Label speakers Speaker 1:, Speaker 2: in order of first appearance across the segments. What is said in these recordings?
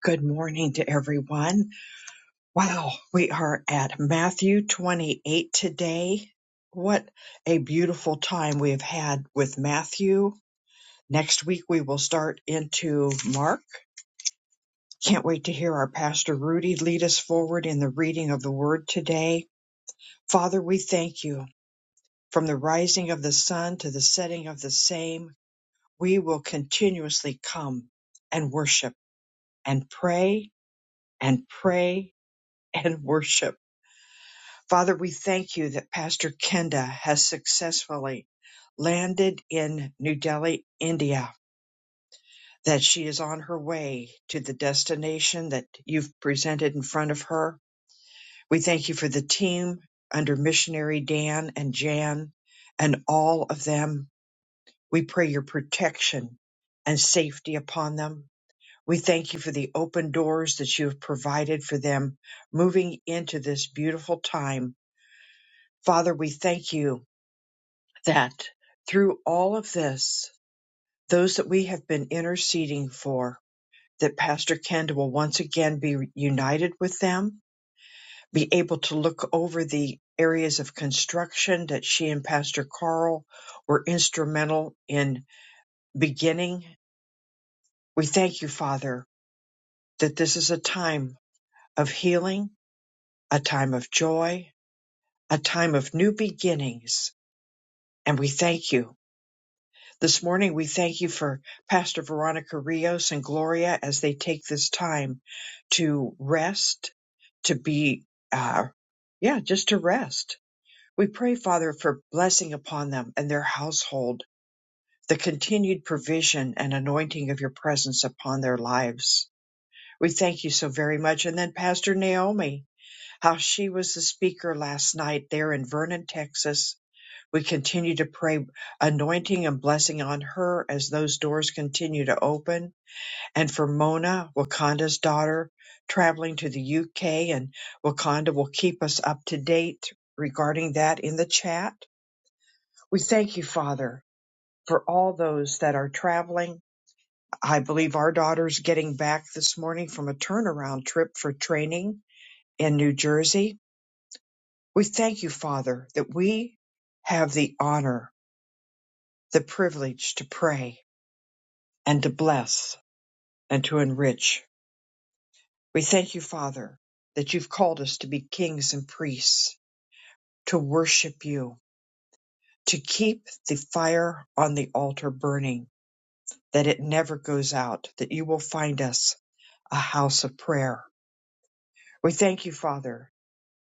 Speaker 1: Good morning to everyone. Wow, we are at Matthew 28 today. What a beautiful time we have had with Matthew. Next week we will start into Mark. Can't wait to hear our Pastor Rudy lead us forward in the reading of the Word today. Father, we thank you. From the rising of the sun to the setting of the same, we will continuously come and worship and pray and pray and worship Father, we thank you that Pastor Kenda has successfully landed in New Delhi, India, that she is on her way to the destination that you've presented in front of her. We thank you for the team under missionary Dan and Jan and all of them. We pray your protection and safety upon them. We thank you for the open doors that you have provided for them moving into this beautiful time. Father, we thank you that through all of this, those that we have been interceding for, that Pastor Kenda will once again be united with them, be able to look over the areas of construction that she and Pastor Carl were instrumental in beginning. We thank you, Father, that this is a time of healing, a time of joy, a time of new beginnings. And we thank you This morning, we thank you for Pastor Veronica Rios and Gloria as they take this time to rest, to be, uh, yeah, just to rest. We pray, Father, for blessing upon them and their household, the continued provision and anointing of your presence upon their lives. We thank you so very much. And then Pastor Naomi, how she was the speaker last night there in Vernon, Texas we continue to pray anointing and blessing on her as those doors continue to open. And for Mona, Wakanda's daughter, traveling to the UK, and Wakanda will keep us up to date regarding that in the chat. We thank you, Father, for all those that are traveling. I believe our daughter's getting back this morning from a turnaround trip for training in New Jersey. We thank you, Father, that we have the honor, the privilege to pray and to bless and to enrich. We thank you, Father, that you've called us to be kings and priests, to worship you, to keep the fire on the altar burning, that it never goes out, that you will find us a house of prayer. We thank you, Father,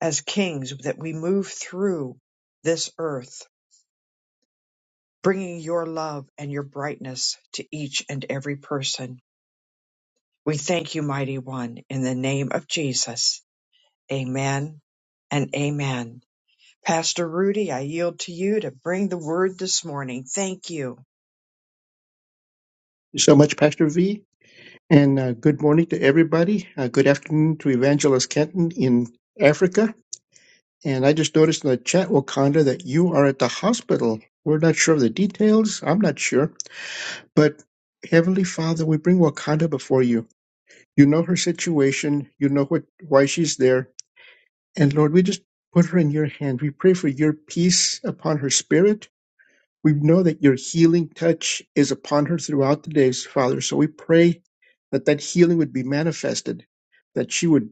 Speaker 1: as kings, that we move through this earth, bringing your love and your brightness to each and every person. We thank you, Mighty One, in the name of Jesus. Amen and amen. Pastor Rudy, I yield to you to bring the word this morning. Thank you.
Speaker 2: so much, Pastor V. And uh, good morning to everybody. Uh, good afternoon to Evangelist Kenton in Africa. And I just noticed in the chat, Wakanda, that you are at the hospital. We're not sure of the details. I'm not sure. But Heavenly Father, we bring Wakanda before you. You know her situation. You know what why she's there. And Lord, we just put her in your hand. We pray for your peace upon her spirit We know that your healing touch is upon her throughout the days, Father. So we pray that that healing would be manifested, that she would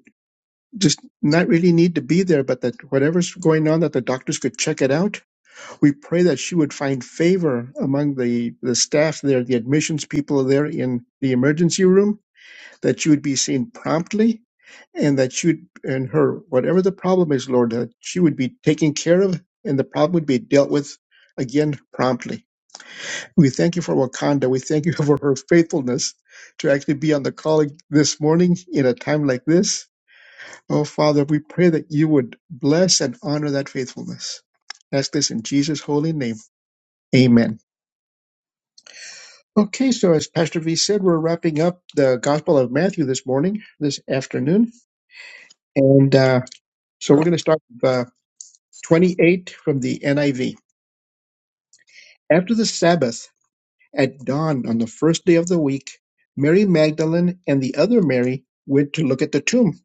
Speaker 2: just not really need to be there, but that whatever's going on, that the doctors could check it out. We pray that she would find favor among the, the staff there, the admissions people there in the emergency room, that she would be seen promptly, and that she would, and her, whatever the problem is, Lord, that she would be taken care of and the problem would be dealt with again promptly. We thank you for Wakanda. We thank you for her faithfulness to actually be on the call this morning in a time like this. Oh, Father, we pray that you would bless and honor that faithfulness. Ask this in Jesus' holy name. Amen. Okay, so as Pastor V said, we're wrapping up the Gospel of Matthew this morning, this afternoon. And uh, so we're going to start with uh, 28 from the NIV. After the Sabbath, At dawn on the first day of the week, Mary Magdalene and the other Mary went to look at the tomb.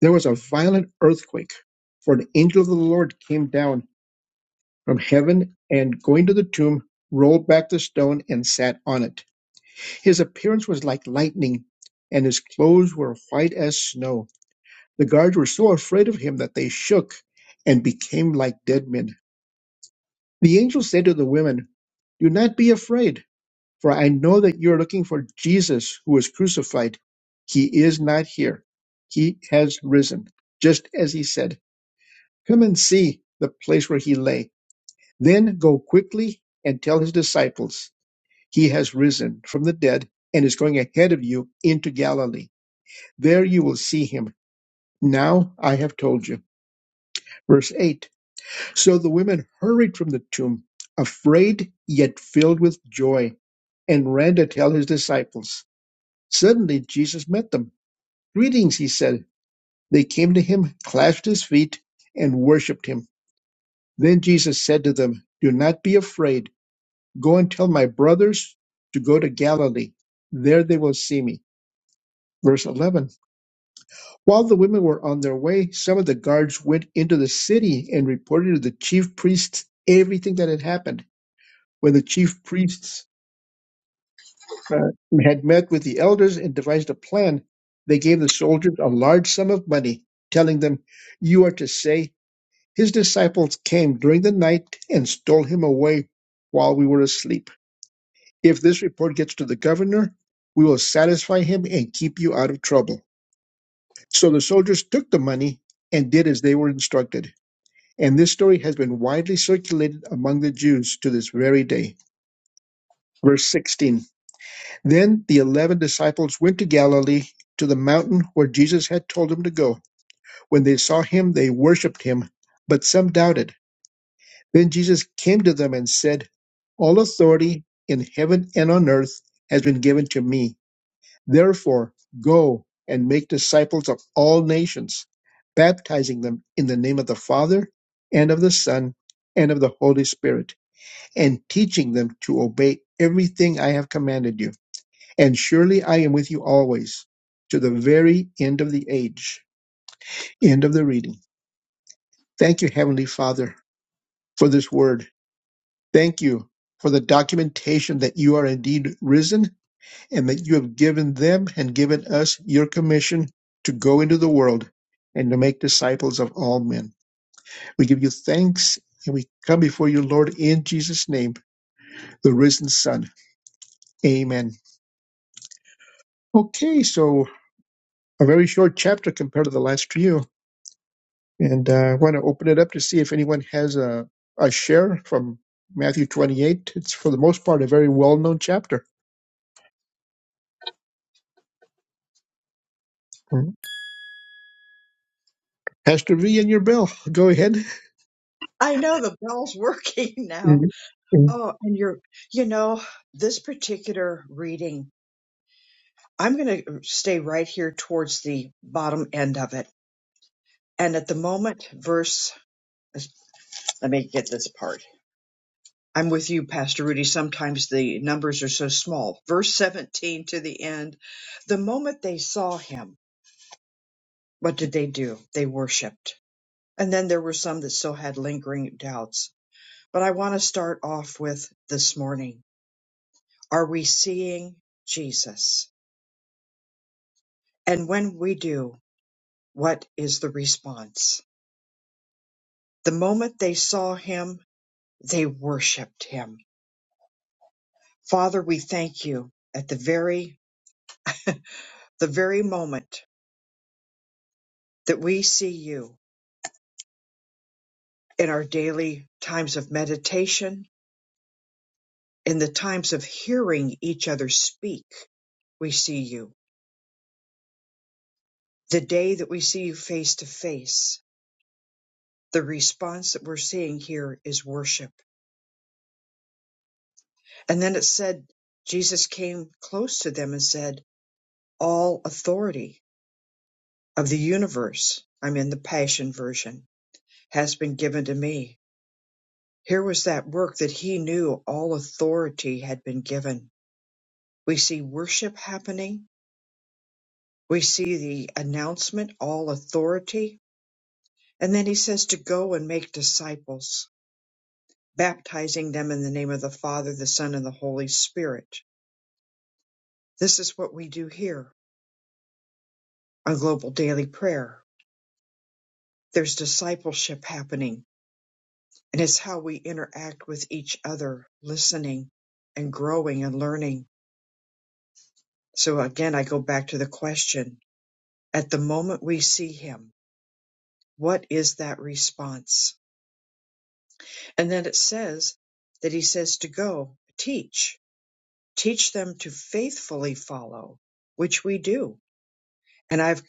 Speaker 2: There was a violent earthquake, for an angel of the Lord came down from heaven and, going to the tomb, rolled back the stone and sat on it. His appearance was like lightning, and his clothes were white as snow. The guards were so afraid of him that they shook and became like dead men. The angel said to the women, Do not be afraid. For I know that you are looking for Jesus who was crucified. He is not here. He has risen, just as he said. Come and see the place where he lay. Then go quickly and tell his disciples, He has risen from the dead and is going ahead of you into Galilee. There you will see him. Now I have told you. Verse 8 So the women hurried from the tomb, afraid yet filled with joy, and ran to tell his disciples. Suddenly Jesus met them. Greetings, he said. They came to him, clasped his feet, and worshipped him. Then Jesus said to them, Do not be afraid. Go and tell my brothers to go to Galilee. There they will see me. Verse 11. While the women were on their way, some of the guards went into the city and reported to the chief priests everything that had happened. When the chief priests uh, had met with the elders and devised a plan. They gave the soldiers a large sum of money, telling them, You are to say, His disciples came during the night and stole him away while we were asleep. If this report gets to the governor, we will satisfy him and keep you out of trouble. So the soldiers took the money and did as they were instructed. And this story has been widely circulated among the Jews to this very day. Verse 16. Then the eleven disciples went to Galilee, to the mountain where Jesus had told them to go. When they saw him, they worshipped him, but some doubted. Then Jesus came to them and said, All authority in heaven and on earth has been given to me. Therefore, go and make disciples of all nations, baptizing them in the name of the Father and of the Son and of the Holy Spirit, and teaching them to obey everything I have commanded you and surely I am with you always to the very end of the age. End of the reading. Thank you, Heavenly Father, for this word. Thank you for the documentation that you are indeed risen and that you have given them and given us your commission to go into the world and to make disciples of all men. We give you thanks and we come before you, Lord, in Jesus' name, the risen Son. Amen. Okay, so a very short chapter compared to the last few. And uh, I want to open it up to see if anyone has a, a share from Matthew 28. It's for the most part a very well known chapter. Mhm. Pastor V and your bell. Go ahead.
Speaker 1: I know the bell's working now.
Speaker 2: Mhm. Mhm.
Speaker 1: Oh, and you're, you know, this particular reading, I'm going to stay right here towards the bottom end of it. And at the moment, verse, let me get this part. I'm with you, Pastor Rudy. Sometimes the numbers are so small. Verse 17 to the end. The moment they saw him, what did they do? They worshiped And then there were some that still had lingering doubts. But I want to start off with this morning. Are we seeing Jesus? And when we do, what is the response? The moment they saw him, they worshiped him. Father, we thank you at the very, the very moment that we see you in our daily times of meditation, in the times of hearing each other speak, we see you. The day that we see you face to face, the response that we're seeing here is worship. And then it said, Jesus came close to them and said, All authority of the universe, I'm in the Passion Version, has been given to me. Here was that work that he knew all authority had been given. We see worship happening. We see the announcement, all authority. And then he says to go and make disciples, baptizing them in the name of the Father, the Son, and the Holy Spirit. This is what we do here on Global Daily Prayer. There's discipleship happening, and it's how we interact with each other, listening and growing and learning. So again, I go back to the question at the moment we see him, what is that response? And then it says that he says to go teach, teach them to faithfully follow, which we do. And I've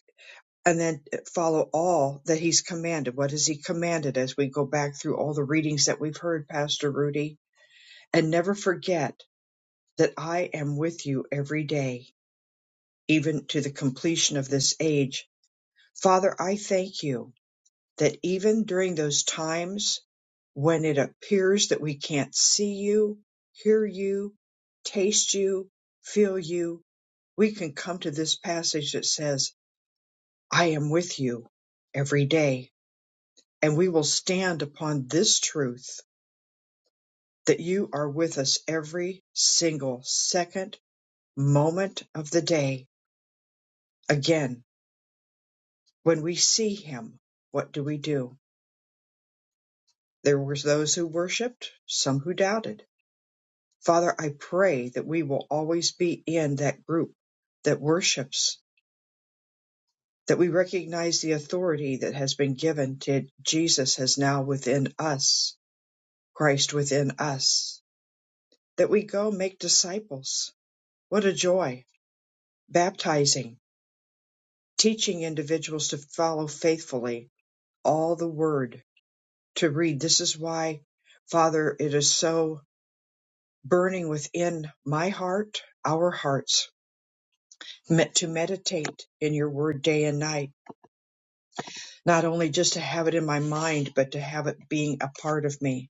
Speaker 1: and then follow all that he's commanded. What has he commanded as we go back through all the readings that we've heard, Pastor Rudy? and never forget that I am with you every day, even to the completion of this age. Father, I thank you that even during those times when it appears that we can't see you, hear you, taste you, feel you, we can come to this passage that says, I am with you every day. And we will stand upon this truth that you are with us every single second moment of the day. Again, when we see him, what do we do? There were those who worshiped, some who doubted. Father, I pray that we will always be in that group that worships, that we recognize the authority that has been given to Jesus has now within us, Christ within us, that we go make disciples. What a joy! Baptizing, teaching individuals to follow faithfully all the word to read. This is why, Father, it is so burning within my heart, our hearts, meant to meditate in your word day and night, not only just to have it in my mind, but to have it being a part of me.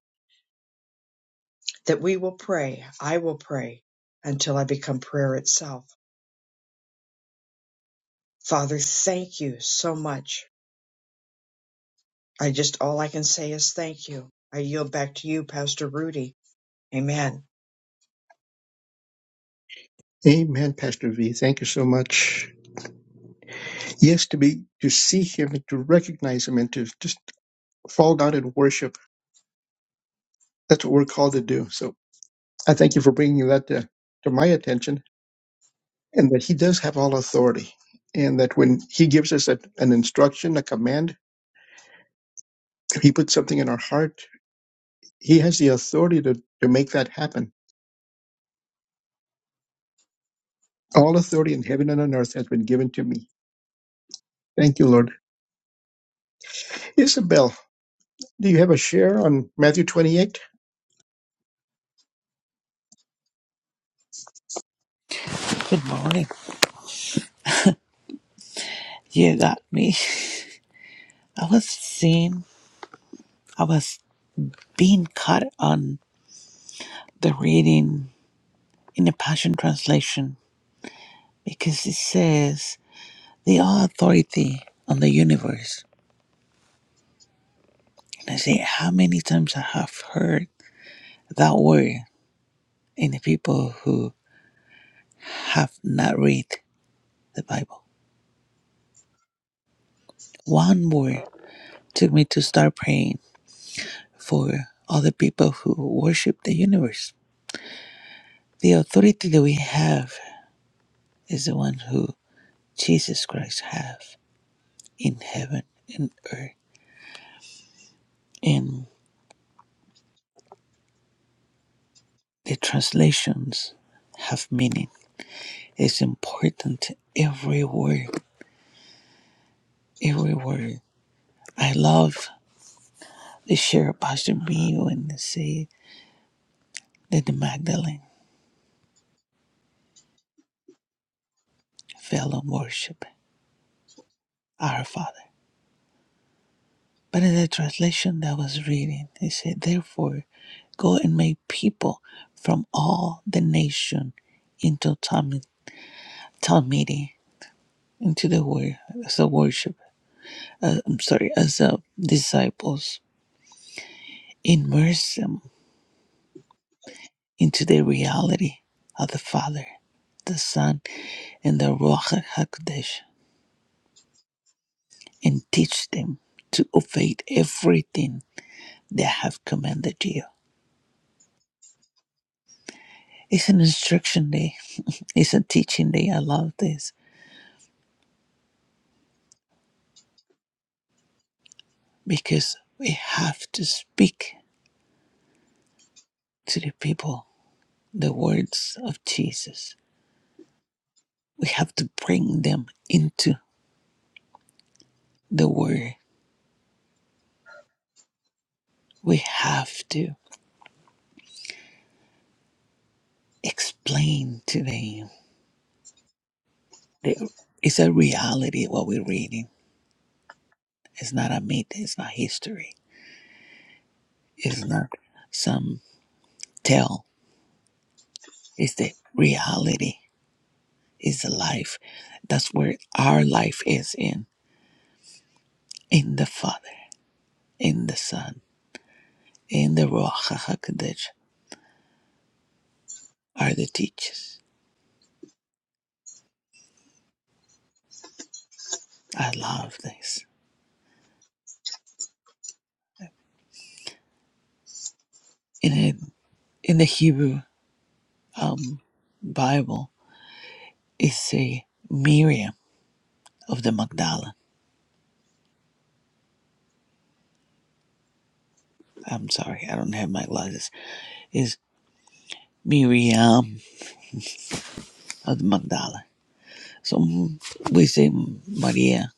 Speaker 1: That we will pray, I will pray until I become prayer itself. Father, thank you so much. I just, all I can say is thank you. I yield back to you, Pastor Rudy. Amen.
Speaker 2: Amen, Pastor V. Thank you so much. Yes, to be to see him and to recognize him and to just fall down and worship. That's what we're called to do. So I thank you for bringing that to, to my attention and that he does have all authority and that when he gives us a, an instruction, a command, he puts something in our heart He has the authority to, to make that happen. All authority in heaven and on earth has been given to me. Thank you, Lord. Isabel, do you have a share on Matthew 28?
Speaker 3: Good morning. You got me. I was seeing, I was being caught on the reading in the Passion Translation because it says, the all authority on the universe. And I say, how many times I have heard that word in the people who have not read the Bible. One word took me to start praying for all the people who worship the universe. The authority that we have is the one who Jesus Christ have in heaven and earth. And the translations have meaning. It's important every word, every word. I love the share of Pastor B when they say that the Magdalene fell on worship our Father. But in the translation that I was reading, it said, Therefore, go and make people from all the nation into Talmud, Talmudi, into the word, as a worship uh, I'm sorry, as uh, disciples, immerse them into the reality of the Father, the Son, and the Ruach Hakodesh, and teach them to obey everything that I have commanded you. It's an instruction day. It's a teaching day. I love this because we have to speak to the people the words of Jesus. We have to bring them into the Word. We have to explain to them that it's a reality what we're reading. It's not a myth, it's not history, it's not some tale. It's the reality, it's the life. That's where our life is in, in the Father, in the Son, in the Ruach HaKodesh are the teachers. I love this. In, a, in the Hebrew um, Bible, it's a Miriam of the Magdala. I'm sorry, I don't have my glasses. Is Miriam of the Magdala. So mm, we say Maria,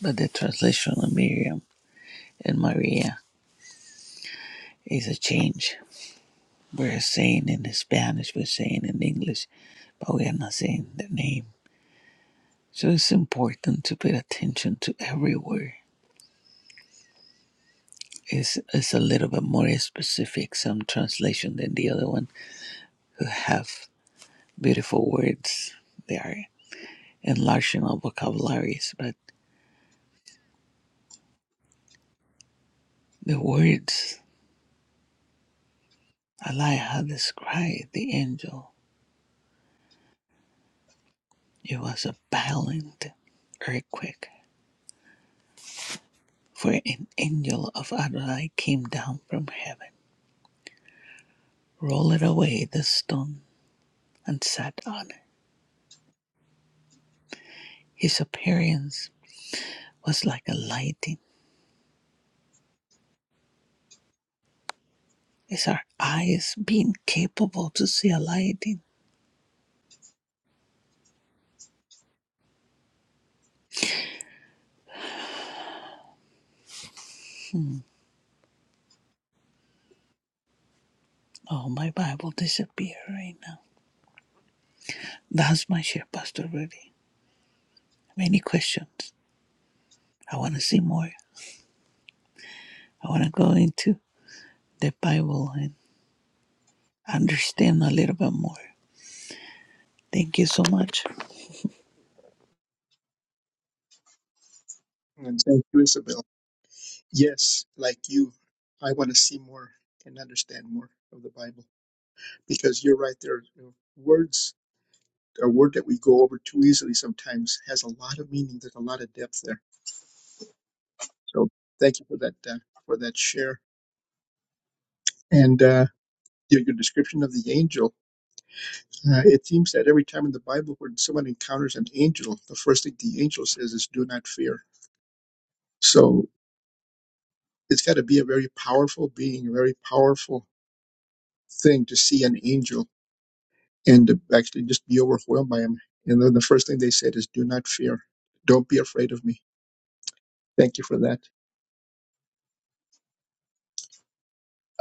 Speaker 3: but the translation of Miriam and Maria is a change. We're saying in Spanish, we're saying in English, but we are not saying the name. So it's important to pay attention to every word. It's, it's a little bit more specific, some translation than the other one, who have beautiful words. They are enlarging our vocabularies, but the words I like how described the angel. It was a violent earthquake, for an angel of Adonai came down from heaven, rolled away the stone, and sat on it. His appearance was like a lightning. Is our eyes being capable to see a lightning? Oh, my Bible disappeared right now. That's my share, Pastor Rudy. Many questions. I want to see more. I want to go into the Bible and understand a little bit more. Thank you so much.
Speaker 2: And thank you, Isabel. Yes, like you, I want to see more and understand more of the Bible because you're right there. you know, words, a word that we go over too easily sometimes has a lot of meaning. There's a lot of depth there. So thank you for that, uh, for that share. And, uh, your, your description of the angel Uh, it seems that every time in the Bible when someone encounters an angel, the first thing the angel says is, Do not fear. So it's got to be a very powerful being, a very powerful thing to see an angel and to actually just be overwhelmed by him. And then the first thing they said is, Do not fear. Don't be afraid of me. Thank you for that.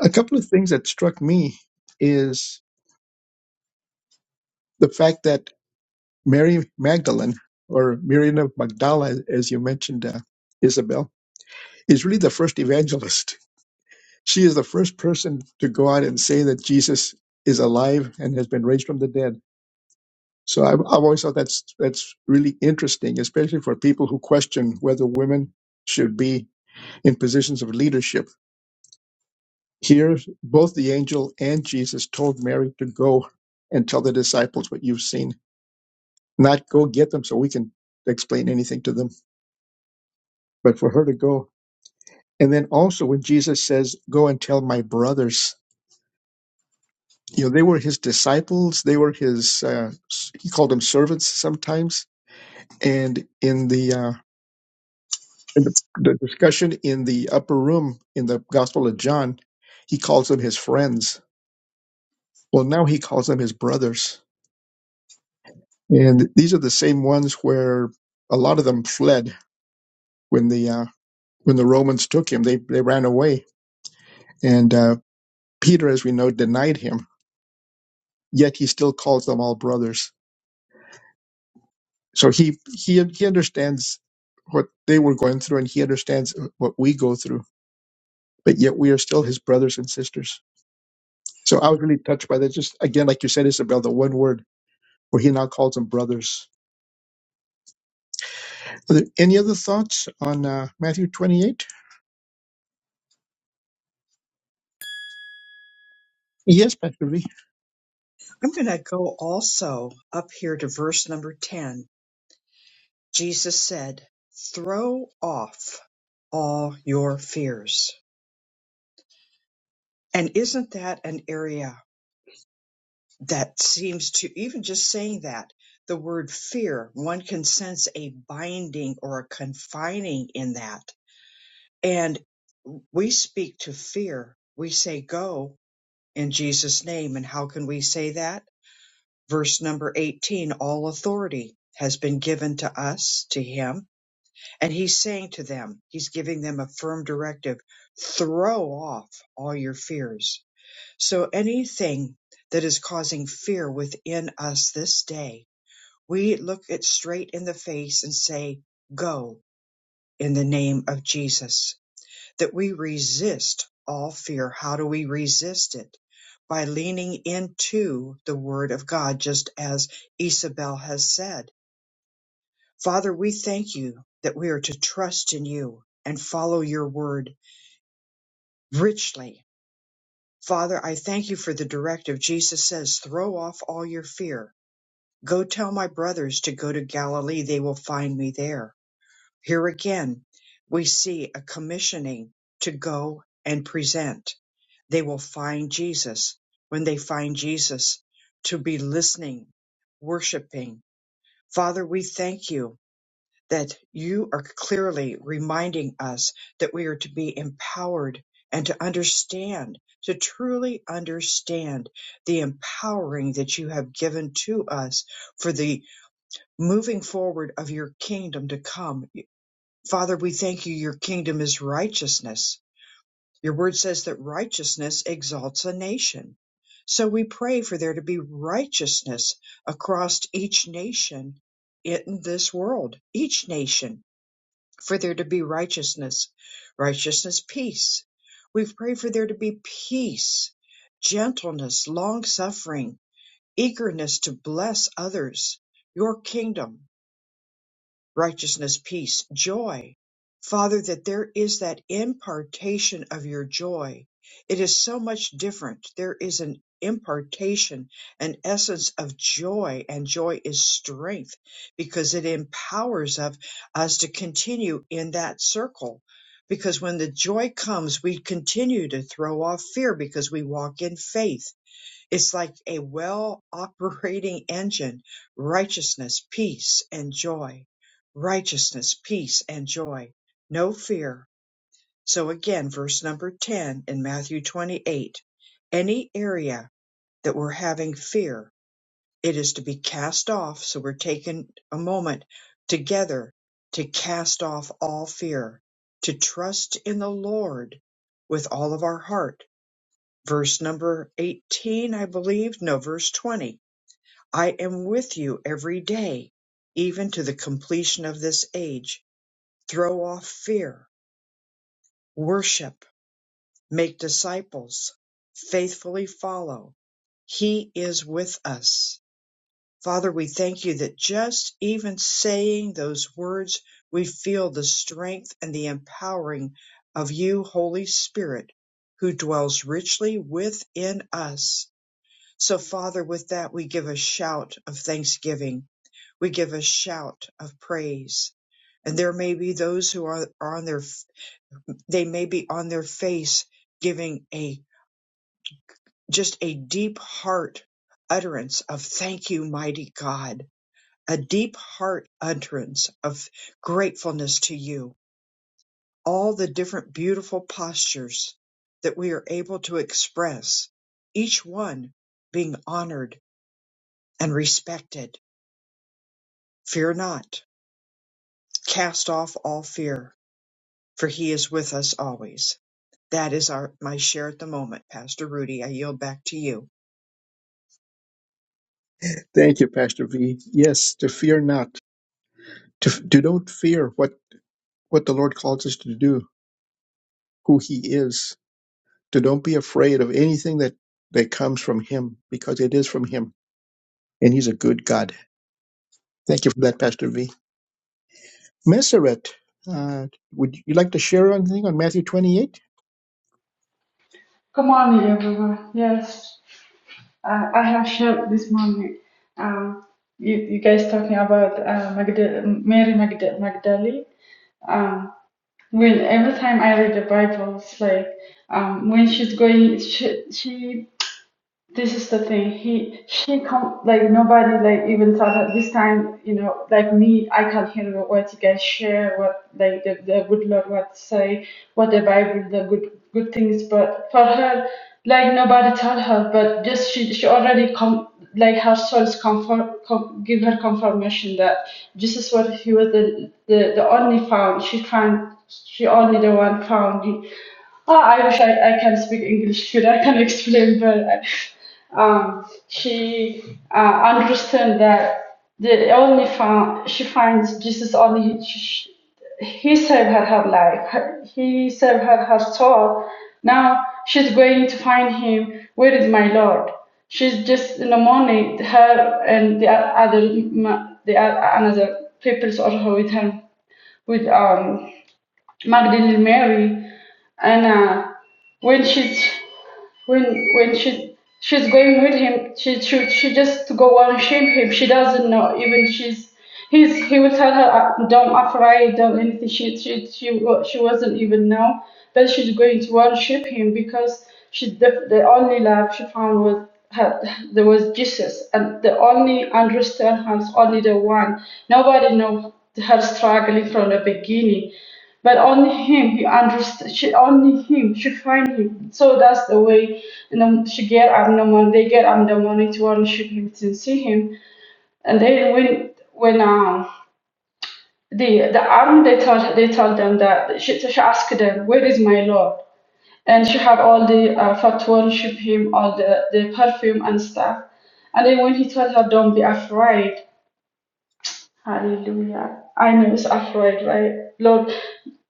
Speaker 2: A couple of things that struck me is the fact that Mary Magdalene, or Miriam of Magdala, as you mentioned, uh, Isabel, is really the first evangelist She is the first person to go out and say that Jesus is alive and has been raised from the dead. So I've, I've always thought that's that's really interesting, especially for people who question whether women should be in positions of leadership. Here, both the angel and Jesus told Mary to go and tell the disciples what you've seen, not go get them so we can explain anything to them, but for her to go. And then also when Jesus says, "Go and tell my brothers," you know they were his disciples they were his uh, he called them servants sometimes and in the uh in the, the discussion in the upper room in the gospel of john he calls them his friends well now he calls them his brothers and these are the same ones where a lot of them fled when the uh when the romans took him they they ran away and uh peter as we know denied him yet he still calls them all brothers so he he he understands what they were going through and he understands what we go through but yet we are still his brothers and sisters so i was really touched by that just again like you said isabel the one word where he now calls them brothers Are there any other thoughts on uh, matthew 28 yes pastor v
Speaker 1: I'm going to go also up here to verse number 10 Jesus said, Throw off all your fears. And isn't that an area that seems to, even just saying that, the word fear, one can sense a binding or a confining in that. And we speak to fear. We say, Go in Jesus' name. And how can we say that? Verse number 18 All authority has been given to us, to Him And he's saying to them, he's giving them a firm directive throw off all your fears. So anything that is causing fear within us this day, we look it straight in the face and say, Go in the name of Jesus. That we resist all fear. How do we resist it? By leaning into the Word of God, just as Isabel has said Father, we thank you that we are to trust in you and follow your word richly. Father, I thank you for the directive Jesus says, throw off all your fear. Go tell my brothers to go to Galilee. They will find me there. Here again, we see a commissioning to go and present. They will find Jesus. When they find Jesus, to be listening, worshiping. Father, we thank you that you are clearly reminding us that we are to be empowered and to understand, to truly understand the empowering that you have given to us for the moving forward of your kingdom to come. Father, we thank you. Your kingdom is righteousness. Your word says that righteousness exalts a nation. So we pray for there to be righteousness across each nation in this world, each nation for there to be righteousness, righteousness, peace. We pray for there to be peace, gentleness, long suffering, eagerness to bless others, your kingdom righteousness, peace, joy. Father, that there is that impartation of your joy. It is so much different. There is an impartation, an essence of joy, and joy is strength because it empowers of us to continue in that circle. Because when the joy comes, we continue to throw off fear because we walk in faith it's like a well operating engine. Righteousness, peace, and joy. Righteousness, peace, and joy. No fear. So again, verse number 10 in Matthew 28. Any area that we're having fear, it is to be cast off. So we're taking a moment together to cast off all fear, to trust in the Lord with all of our heart. Verse number 18, I believe. No, verse 20 I am with you every day, even to the completion of this age. Throw off fear, worship, make disciples, faithfully follow. He is with us. Father, we thank you that just even saying those words, we feel the strength and the empowering of you, Holy Spirit, who dwells richly within us. So, Father, with that, we give a shout of thanksgiving we give a shout of praise. And there may be those who are, are on their, they may be on their face giving a, just a deep heart utterance of thank you, mighty God, a deep heart utterance of gratefulness to you. All the different beautiful postures that we are able to express, each one being honored and respected. Fear not. Cast off all fear for he is with us always. That is our my share at the moment, Pastor Rudy. I yield back to you.
Speaker 2: thank you pastor v yes to fear not to, to don't fear what what the lord calls us to do who he is to don't be afraid of anything that that comes from him because it is from him and he's a good god Thank you for that, Pastor V. Messeret, uh, would you like to share anything on Matthew 28?
Speaker 4: Good morning, everyone. Yes, uh, I have shared this morning. Um, you, you guys talking about uh, Magda- Mary Magda- Magdalene. Um, when every time I read the Bible, it's like um, when she's going, she, she this is the thing he she come like nobody like even thought at this time you know like me i can hear what you guys share what like the, the good lord what say what the bible the good good things but for her like nobody told her but just she, she already come like her soul's comfort com, give her confirmation that jesus was he was the, the the only found she found she only the one found Oh, I wish I, I can speak English good. I can explain, but uh, um, she uh, understand that the only found she finds Jesus only he, she, he saved her her life. Her- He saved her her soul. Now she's going to find him. Where is my Lord? She's just in the morning. Her and the o- other ma- the o- another people also with her with um Magdalene Mary and uh, when she's when when she she's going with him she she, she just to go and shame him she doesn't know even she's he's he will tell her "Uh, don't afraid don't anything she she she, wa- she wasn't even know that she's going to worship him because she the, the only love she found was her, there was Jesus and the only understand her is only the one nobody know her struggling from the beginning but only him he understood she only him she find him so that's the way and then she get up in the morning they get up in the morning to want him to see him and then when when um the the army they told they told them that she, she asked them where is my lord and she have all the uh, fatwa ship him all the, the perfume and stuff and then when he told her don't be afraid hallelujah i know it's afraid right lord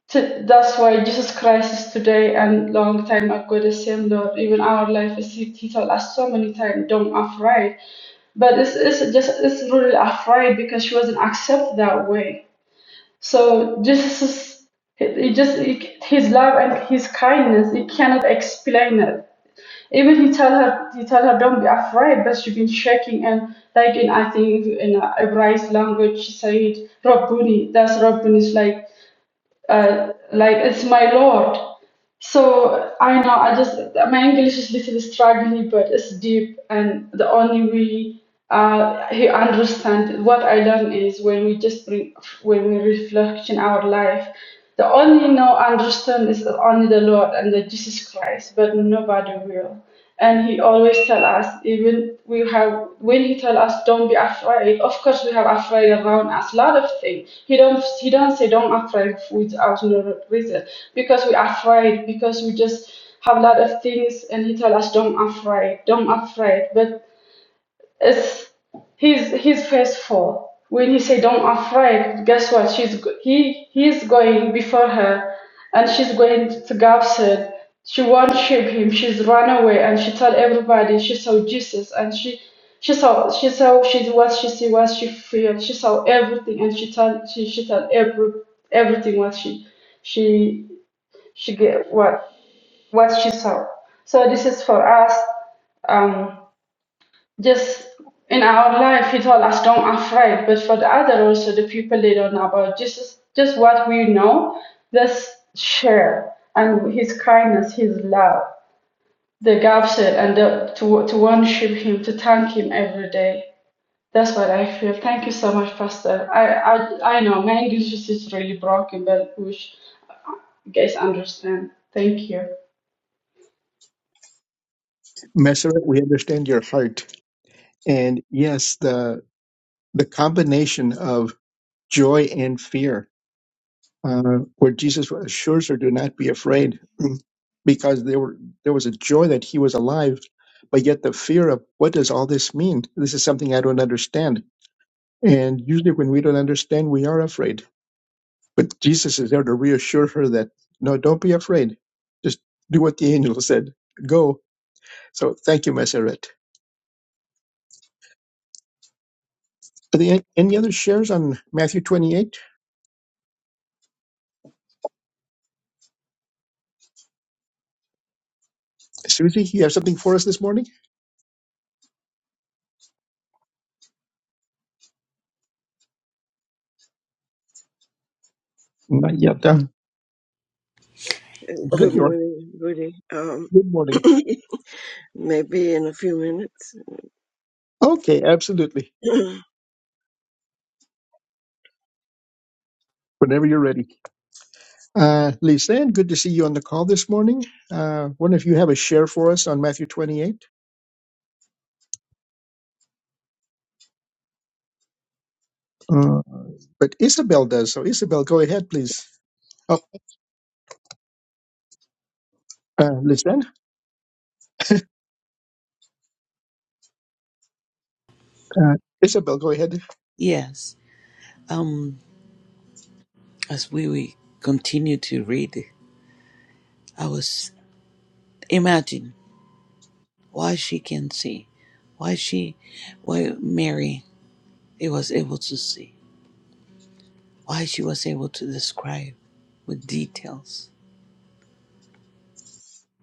Speaker 4: T- that's why Jesus Christ is today and long time ago the same Lord. Even our life is He, he told us so many times, don't afraid. But it's, it's just it's really afraid because she wasn't accept that way. So Jesus is it, it just it, his love and his kindness he cannot explain it. Even he tell her he tell her don't be afraid, but she been shaking and like in I think in a Hebraic language she said Rabboni. That's Rabboni is like uh, like it's my Lord. So I know I just my English is little struggling, but it's deep, and the only way uh, he understand what I learn is when we just re- when we reflect in our life. The only know understand is only the Lord and the Jesus Christ, but nobody will. And He always tell us, even we have when He tell us, don't be afraid. Of course, we have afraid around us, lot of things. He don't He don't say don't afraid without no reason because we're afraid because we just have a lot of things and he tell us don't afraid don't afraid but it's he's he's faithful when he say don't afraid guess what she's go- he he's going before her and she's going to Gabson. She won't ship him. She's run away and she tell everybody she saw Jesus and she she saw she saw she what she see what she feel. She saw everything and she tell she, she tell every everything what she she she get what what she saw. So this is for us. Um, just in our life, he told us don't afraid. But for the other also, the people they don't know about Jesus, just what we know, let's share and His kindness, His love, the gaps and the, to to worship Him, to thank Him every day. That's what I feel. Thank you so much, Pastor. I I, I know my English is really broken, but we you guys understand. Thank you.
Speaker 2: Messeret, we understand your heart. And yes, the the combination of joy and fear, uh, where Jesus assures her, "Do not be afraid," mm, because there were there was a joy that he was alive, but yet the fear of what does all this mean? This is something I don't understand. And usually, when we don't understand, we are afraid. But Jesus is there to reassure her that, no, don't be afraid. Just do what the angel said. Go. So thank you, Maseret. Are there any other shares on Matthew 28? Susie, you have something for us this morning? Not yet. Uh, well,
Speaker 3: No,
Speaker 2: there
Speaker 5: Good
Speaker 3: no.
Speaker 2: you are.
Speaker 5: morning, everybody. Um,
Speaker 2: Good morning.
Speaker 5: maybe in a few minutes.
Speaker 2: Okay, absolutely. Whenever you're ready. Uh, Lisanne, good to see you on the call this morning. Uh, wonder if you have a share for us on Matthew 28? Uh, but Isabel does. So, Isabel, go ahead, please. Oh, uh, Lisanne? Uh, Isabel, go ahead.
Speaker 3: Yes. Um, as we, we continue to read, I was imagine why she can see, why she, why Mary it was able to see, why she was able to describe with details,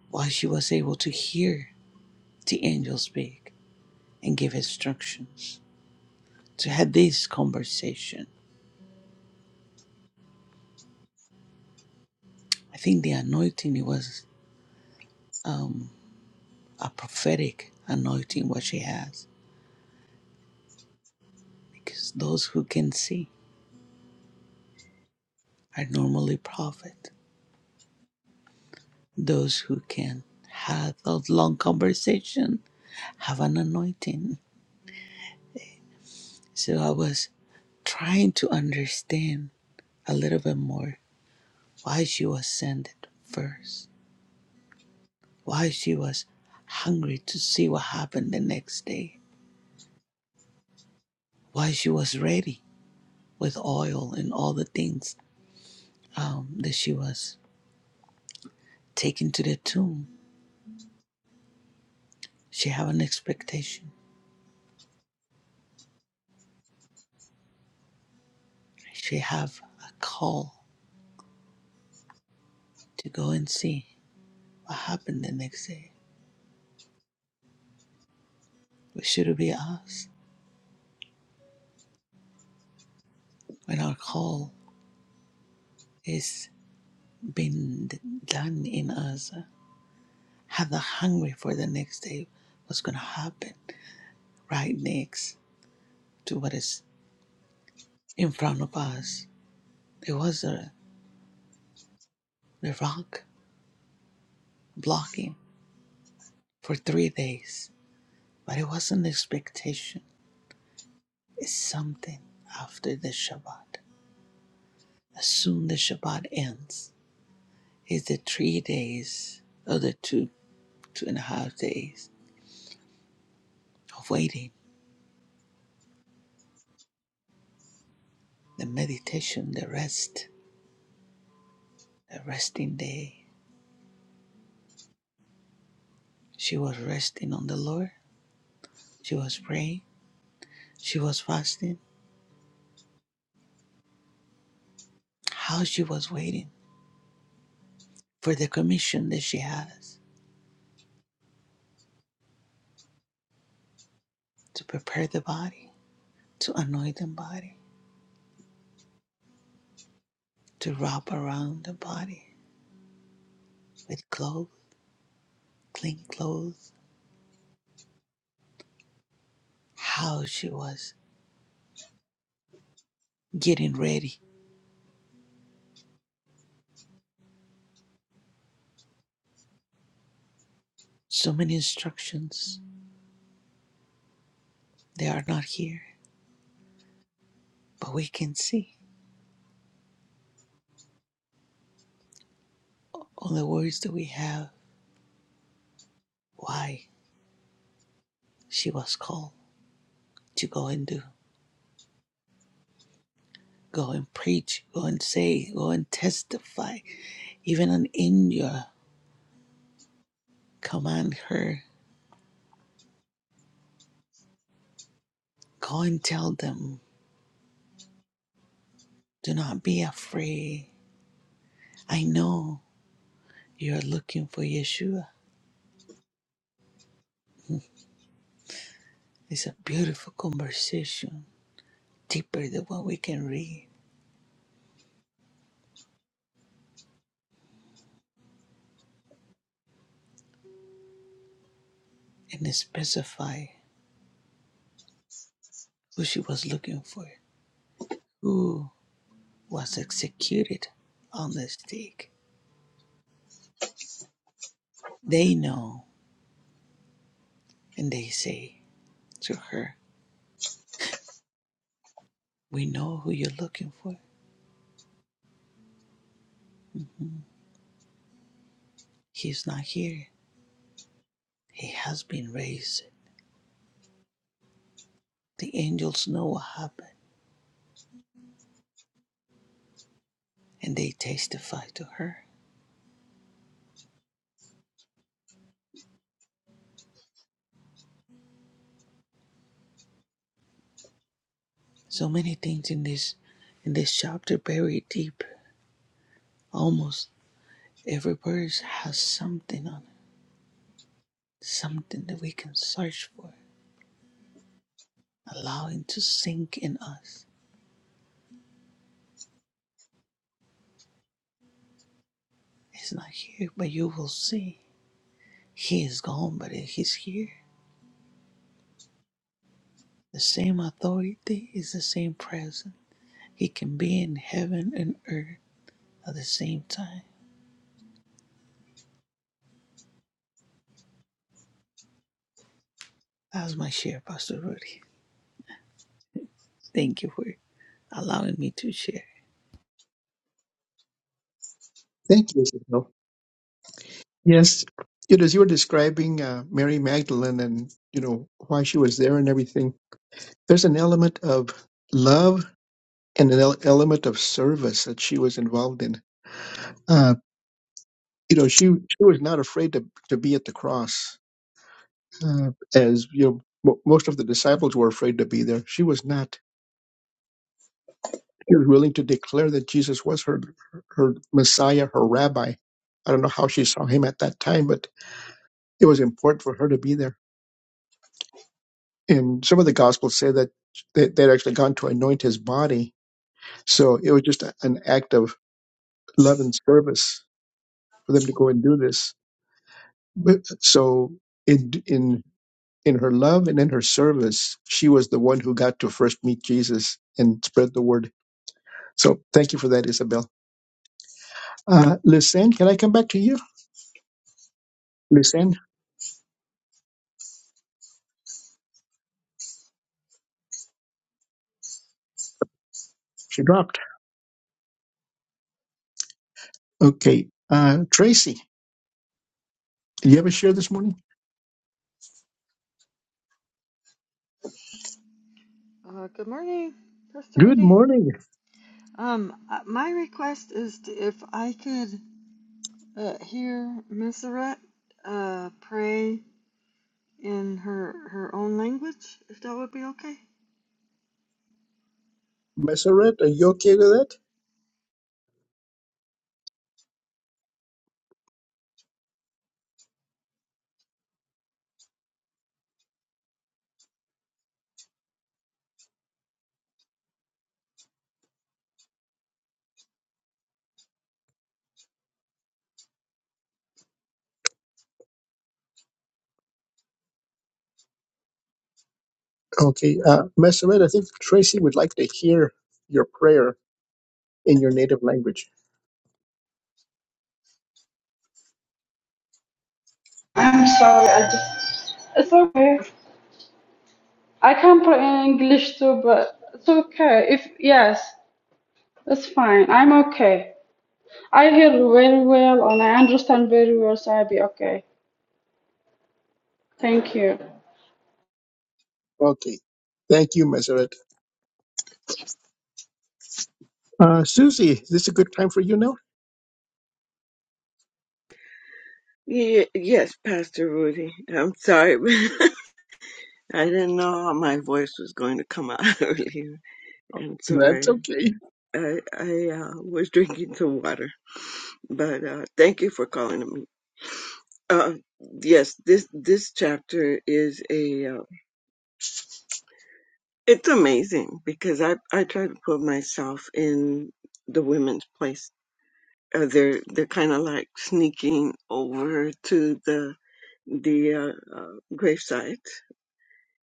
Speaker 3: why she was able to hear the angel speak and give instructions to have this conversation. I think the anointing it was um, a prophetic anointing what she has because those who can see are normally prophet those who can have a long conversation have an anointing so i was trying to understand a little bit more why she was sent first why she was hungry to see what happened the next day why she was ready with oil and all the things um, that she was taken to the tomb she have an expectation she have a call to go and see what happened the next day. What should be us when our call is being done in us? Have the hungry for the next day, what's going to happen right next to what is in front of us. There was a the rock blocking for three days, but it wasn't expectation. It's something after the Shabbat. As soon as the Shabbat ends, is the three days of the two. two and a half days of waiting, the meditation, the rest, the resting day. She was resting on the Lord. She was praying. She was fasting. How she was waiting for the commission that she has to prepare the body, to anoint the body, to wrap around the body with clothes, clean clothes. How she was getting ready. So many instructions. They are not here, but we can see all the words that we have. Why? She was called to go and do, go and preach, go and say, go and testify. Even an India, command her, go and tell them, do not be afraid. I know you're looking for Yeshua. It's a beautiful conversation, deeper than what we can read, and specify who she was looking for, who was executed on the stake. They know, and they say to her, We know who you're looking for. Mhm. He's not here. He has been raised. The angels know what happened and they testify to her. So many things in this in this chapter buried deep. Almost every verse has something on it. Something that we can search for. Allow him to sink in us. He's not here, but you will see. He is gone, but he's here. The same authority is the same presence. He can be in heaven and earth at the same time. That's my share, Pastor Rudy. Thank you for allowing me to share.
Speaker 2: Thank you, Isabel. Yes, you know, as you were describing uh, Mary Magdalene and you know why she was there and everything, there's an element of love and an el- element of service that she was involved in. Uh, you know, she she was not afraid to to be at the cross, uh, as you know, mo most of the disciples were afraid to be there. She was not. She was willing to declare that Jesus was her her Messiah, her Rabbi. I don't know how she saw him at that time, but it was important for her to be there And some of the gospels say that they, they'd actually gone to anoint his body. So it was just a- an act of love and service for them to go and do this. But, so in, in, in her love and in her service, she was the one who got to first meet Jesus and spread the word. So thank you for that, Isabel. Uh, Lisanne, can I come back to you? Lisanne, she dropped. Okay. Uh, Tracy, do you have a share this morning?
Speaker 6: Uh, good morning, Pastor
Speaker 2: Good
Speaker 6: Rudy.
Speaker 2: morning,
Speaker 6: Um, uh, my request is to, if I could uh, hear Misseret uh, pray in her her own language, if that would be okay.
Speaker 2: Messeret. Are you okay with that? Okay, uh, Master I think Tracy would like to hear your prayer in your native language.
Speaker 4: I'm sorry, I just. It's okay. I can put in English too, but it's okay. If yes, it's fine. I'm okay. I hear very well and I understand very well, so I'll be okay. Thank you.
Speaker 2: Okay, thank you, Master Uh, Susie, is this a good time for you now?
Speaker 5: Ye- yes, Pastor Rudy. I'm sorry, but I didn't know how my voice was going to come out earlier, and so
Speaker 2: That's
Speaker 5: I
Speaker 2: okay.
Speaker 5: I, I uh, was drinking some water. But uh, thank you for calling me. Uh, yes, this this chapter is a uh, it's amazing because I I try to put myself in the women's place uh, they're they're kind of like sneaking over to the the uh, uh, gravesite,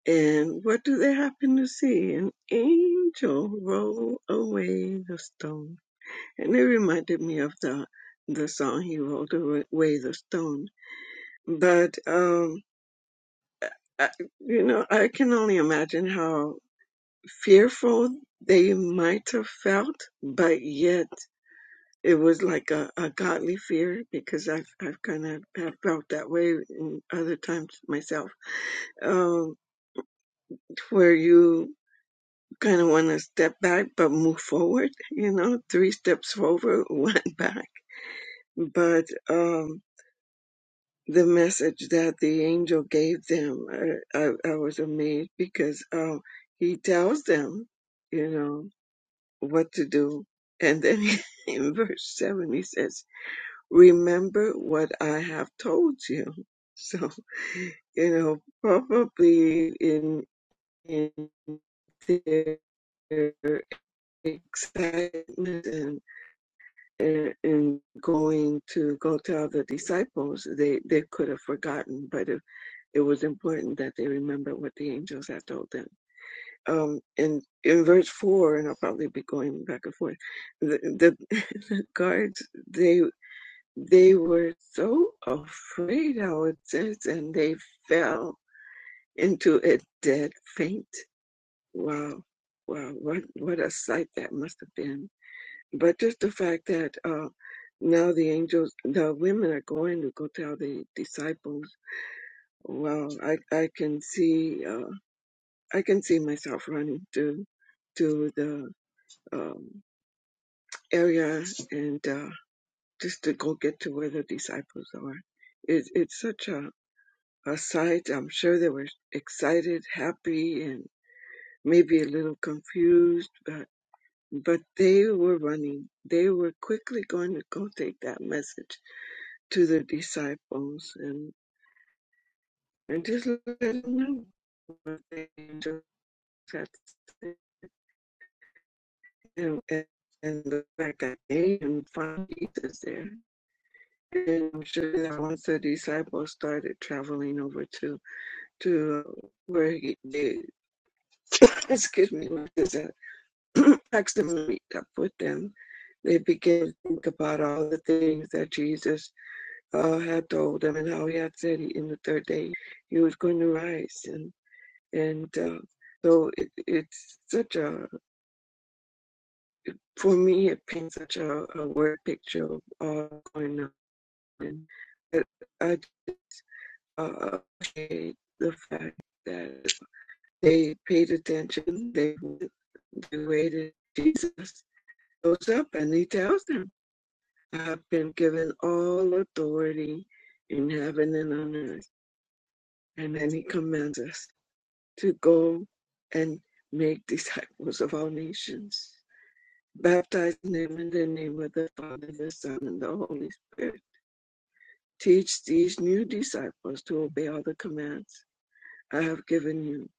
Speaker 5: and what do they happen to see? An angel roll away the stone, and it reminded me of the the song he rolled away the stone. But um, I, you know, I can only imagine how fearful they might have felt, but yet. it was like a, a godly fear because I've I've kind of have felt that way in other times myself, um, where you kind of want to step back but move forward. You know, three steps forward, one back. But um, the message that the angel gave them, I, I, I was amazed because um, he tells them, you know, what to do, and then in verse seven he says. remember what I have told you. So, you know, probably in, in their excitement and, and, and going to go tell the disciples, they, they could have forgotten, but it, it was important that they remember what the angels had told them. Um, and in verse four, and I'll probably be going back and forth, the, the, the guards, they they were so afraid, how it says, and they fell into a dead faint. Wow, wow, what, what a sight that must have been. But just the fact that uh, now the angels, the women are going to go tell the disciples. Wow, I, I can see, uh, I can see myself running to, to the um, area and uh, just to go get to where the disciples are. It, it's such a sight. I'm sure they were excited, happy, and maybe a little confused, but but they were running. They were quickly going to go take that message to the disciples and and just let them know what they just had to say. And, and and the fact that they even found Jesus there. And I'm sure that once the disciples started traveling over to to uh, where he, they excuse me was asked them to meet up with them, they began to think about all the things that Jesus uh, had told them and how he had said he, in the third day he was going to rise. And and uh, so it, it's such a, for me, it paints such a, a word picture of all going on. And I uh, appreciate the fact that they paid attention, they, they waited. Jesus goes up and he tells them. I've been given all authority in heaven and on earth. And then he commands us to go and make disciples of all nations. Baptize them in the name of the Father, the Son, and the Holy Spirit. Teach these new disciples to obey all the commands I have given you.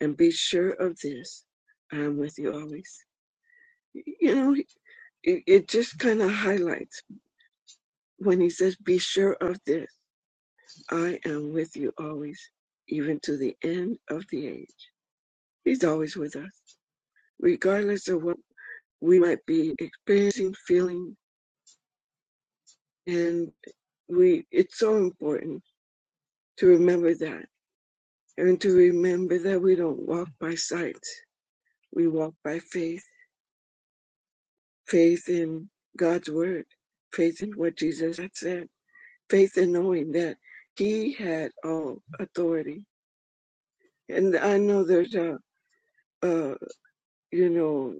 Speaker 5: And be sure of this I am with you always. You know, it, it just kind of highlights when he says, Be sure of this. I am with you always, even to the end of the age. He's always with us, regardless of what we might be experiencing, feeling, and we it's so important to remember that and to remember that we don't walk by sight. We walk by faith. Faith in God's word, faith in what Jesus had said, faith in knowing that he had all authority. And I know there's a uh, you know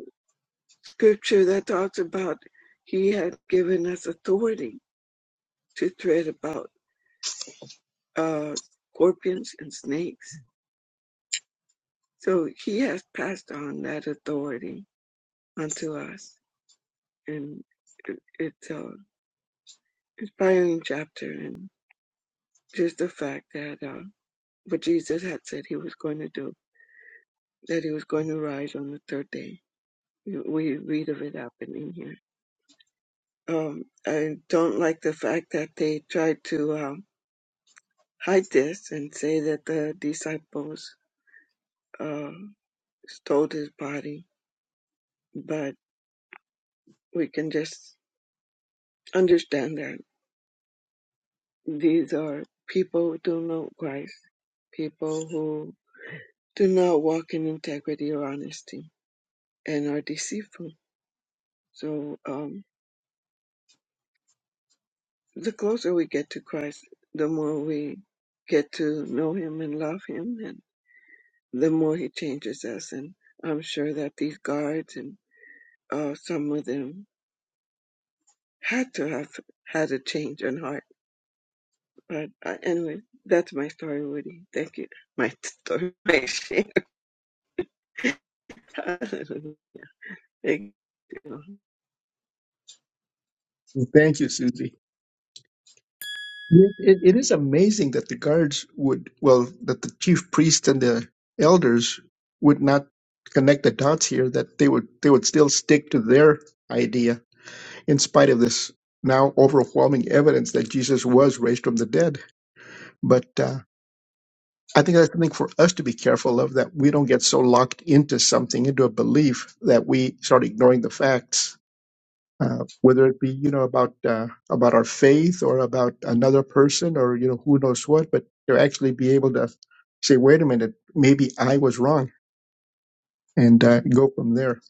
Speaker 5: scripture that talks about he had given us authority to tread about uh, scorpions and snakes. So he has passed on that authority unto us. And it- it's an inspiring chapter. And just the fact that uh, what Jesus had said he was going to do, that he was going to rise on the third day. We read of it happening here. Um, I don't like the fact that they tried to. uh, hide this and say that the disciples um, stole his body, but we can just understand that these are people who do not know Christ, people who do not walk in integrity or honesty and are deceitful. So um, the closer we get to Christ, the more we get to know him and love him, and the more he changes us. And I'm sure that these guards and uh, some of them had to have had a change in heart. But uh, anyway, that's my story, Woody. Thank you. My story, my share. Hallelujah. Thank you.
Speaker 2: Thank you, Susie. It, it it is amazing that the guards would, well, that the chief priest and the elders would not connect the dots here. That they would they would still stick to their idea in spite of this now overwhelming evidence that Jesus was raised from the dead. But uh, I think that's something for us to be careful of that we don't get so locked into something into a belief that we start ignoring the facts uh, whether it be you know about uh, about our faith or about another person or you know who knows what, but to actually be able to say, wait a minute, maybe I was wrong, and uh, go from there.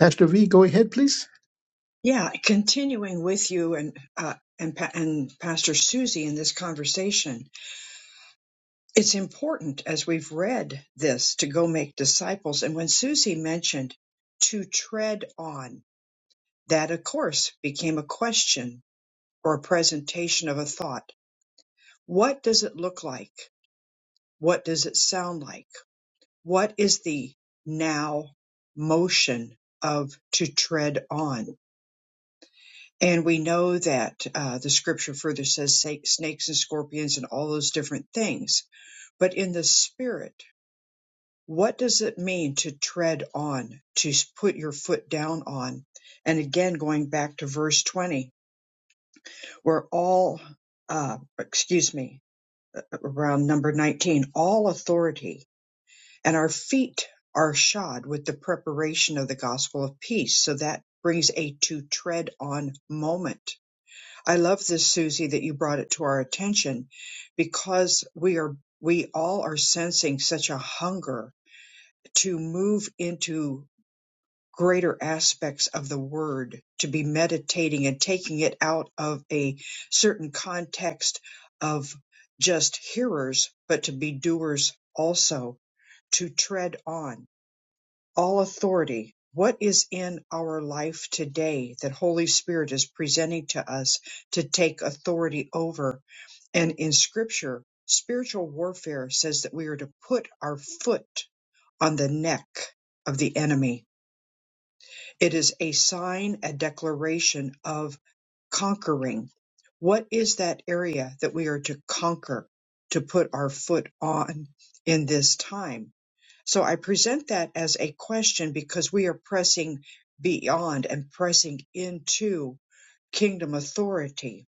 Speaker 2: Pastor V, go ahead, please.
Speaker 1: Yeah, continuing with you and uh, and Pa- and Pastor Susie in this conversation, it's important as we've read this to go make disciples. And when Susie mentioned to tread on, that of course became a question or a presentation of a thought. What does it look like? What does it sound like? What is the now motion of to tread on? And we know that uh, the scripture further says sa- snakes and scorpions and all those different things. But in the spirit, what does it mean to tread on, to s- put your foot down on? And again, going back to verse 20, where all, uh, excuse me, around number 19, all authority and our feet are shod with the preparation of the gospel of peace. So that brings a to tread on moment. I love this, Susie, that you brought it to our attention because we are, we all are sensing such a hunger to move into greater aspects of the word, to be meditating and taking it out of a certain context of just hearers, but to be doers also, to tread on all authority, what is in our life today that Holy Spirit is presenting to us to take authority over? And in scripture, spiritual warfare says that we are to put our foot on the neck of the enemy. It is a sign, a declaration of conquering. What is that area that we are to conquer, to put our foot on in this time? So I present that as a question because we are pressing beyond and pressing into kingdom authority.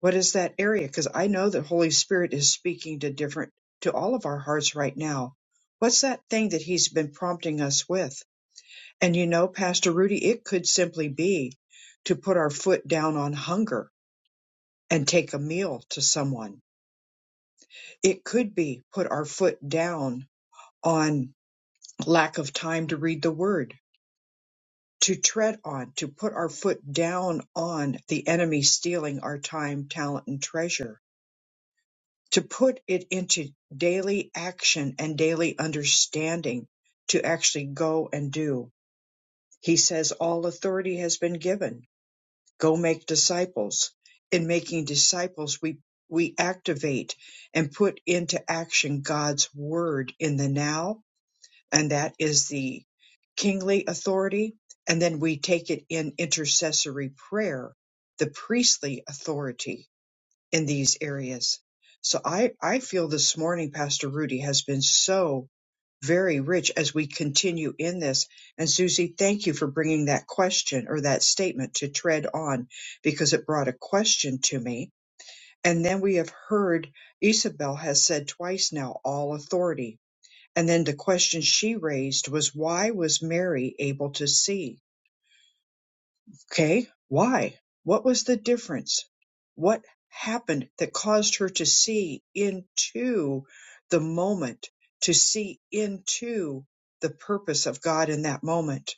Speaker 1: What is that area? Because I know that Holy Spirit is speaking to different, to all of our hearts right now. What's that thing that He's been prompting us with? And you know, Pastor Rudy, it could simply be to put our foot down on hunger and take a meal to someone. It could be put our foot down on lack of time to read the word to tread on, to put our foot down on the enemy stealing our time, talent, and treasure, to put it into daily action and daily understanding to actually go and do. He says, All authority has been given. Go make disciples. In making disciples, we we activate and put into action God's word in the now and that is the kingly authority. And then we take it in intercessory prayer, the priestly authority in these areas. So I, I feel this morning, Pastor Rudy, has been so very rich as we continue in this. And Susie, thank you for bringing that question or that statement to tread on because it brought a question to me. And then we have heard Isabel has said twice now, all authority and then the question she raised was why was Mary able to see? Okay, why? What was the difference? What happened that caused her to see into the moment, to see into the purpose of God in that moment?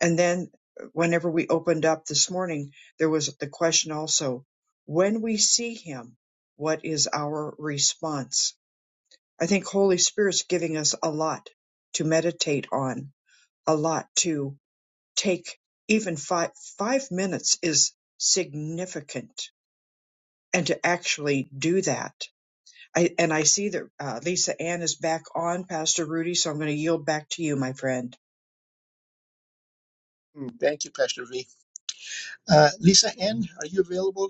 Speaker 1: And then, whenever we opened up this morning, there was the question also when we see Him, what is our response? I think Holy Spirit's giving us a lot to meditate on a lot to take even five five minutes is significant and to actually do that I, and i see that uh, lisa ann is back on pastor rudy so i'm going to yield back to you my friend
Speaker 2: Mm, Thank you, Pastor V. Uh, Lisa N, are you available?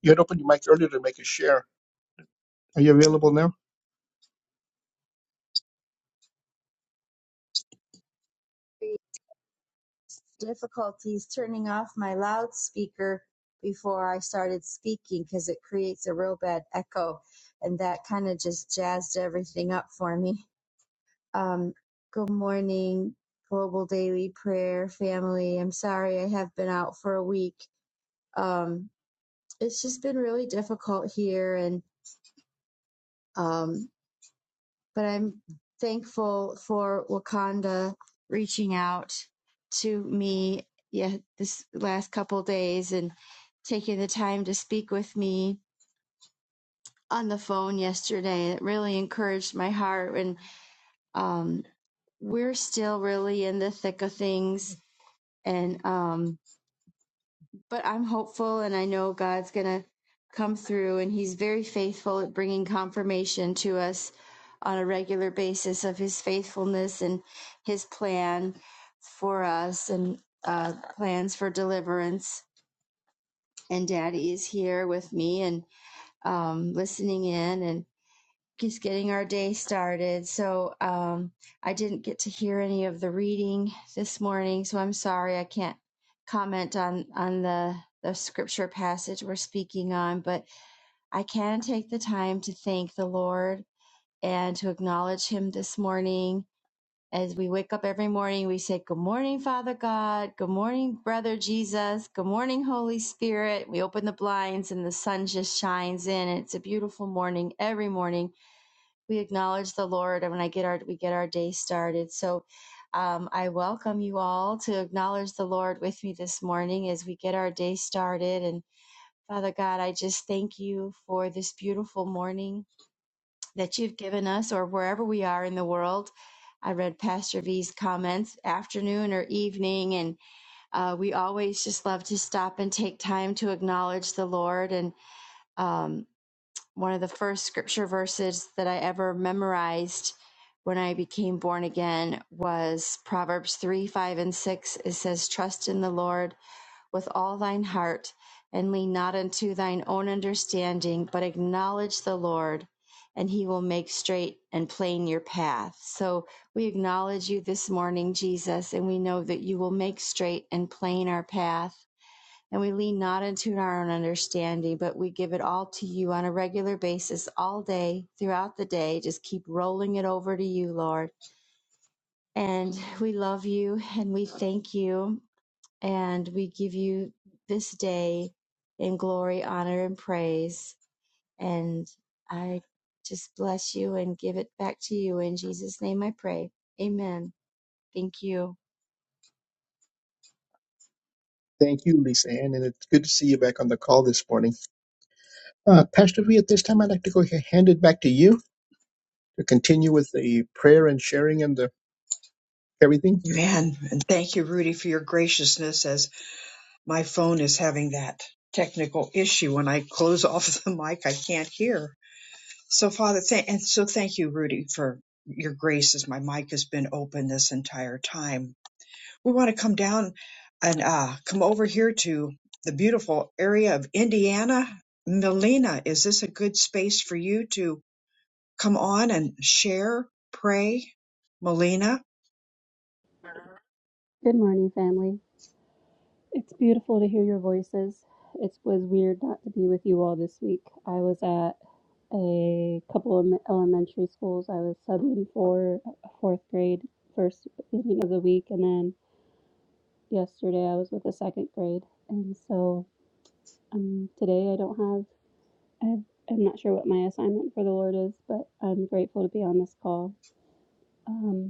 Speaker 2: You had opened your mic earlier to make a share. Are you available now?
Speaker 7: experienced difficulties turning off my loudspeaker before I started speaking because it creates a real bad echo, and that kind of just jazzed everything up for me. Um, good morning, Global Daily Prayer family. I'm sorry I have been out for a week. Um, it's just been really difficult here, and um, but I'm thankful for Wakanda reaching out to me yeah this last couple of days and taking the time to speak with me on the phone yesterday. It really encouraged my heart and um we're still really in the thick of things and um but I'm hopeful and I know God's going to come through and he's very faithful at bringing confirmation to us on a regular basis of his faithfulness and his plan for us and uh, plans for deliverance. And daddy is here with me and um, listening in. and just getting our day started. So um, I didn't get to hear any of the reading this morning, so I'm sorry I can't comment on on the the scripture passage we're speaking on, but I can take the time to thank the Lord and to acknowledge Him this morning. As we wake up every morning, we say, Good morning, Father God. Good morning, Brother Jesus. Good morning, Holy Spirit. We open the blinds and the sun just shines in. It's a beautiful morning every morning we acknowledge the Lord and when I get our we get our day started. So um, I welcome you all to acknowledge the Lord with me this morning as we get our day started. And Father God, I just thank you for this beautiful morning that you've given us, or wherever we are in the world. I read Pastor V's comments, afternoon or evening, and uh, we always just love to stop and take time to acknowledge the Lord and um, one of the first scripture verses that I ever memorized when I became born again was Proverbs 3 5 and 6. It says, Trust in the Lord with all thine heart, and lean not unto thine own understanding, but acknowledge the Lord, and he will make straight and plain your path. So we acknowledge you this morning, Jesus, and we know that you will make straight and plain our path. And we lean not into our own understanding, but we give it all to you on a regular basis, all day, throughout the day. Just keep rolling it over to you, Lord. And we love you and we thank you and we give you this day in glory, honor, and praise. And I just bless you and give it back to you. In Jesus' name I pray. Amen. Thank you.
Speaker 2: Thank you, Lisa Ann, and it's good to see you back on the call this morning. Uh, Pastor V, at this time, I'd like to go ahead hand it back to you to continue with the prayer and sharing and the everything.
Speaker 1: man and thank you rudy for your graciousness as my phone is having that technical issue when i close off the mic i can't hear so father thank and so thank you rudy for your grace as my mic has been open this entire time We want to come down and uh, come over here to the beautiful area of Indiana. Melina, is this a good space for you to come on and share, pray? Melina?
Speaker 8: Good morning, family. It's beautiful to hear your voices. It was weird not to be with you all this week. I was at a couple of elementary schools. I was subbing for fourth grade first evening of the week, and then yesterday I was with the second grade. And so um, today I don't have, I have, I'm not sure what my assignment for the Lord is, but I'm grateful to be on this call. Um,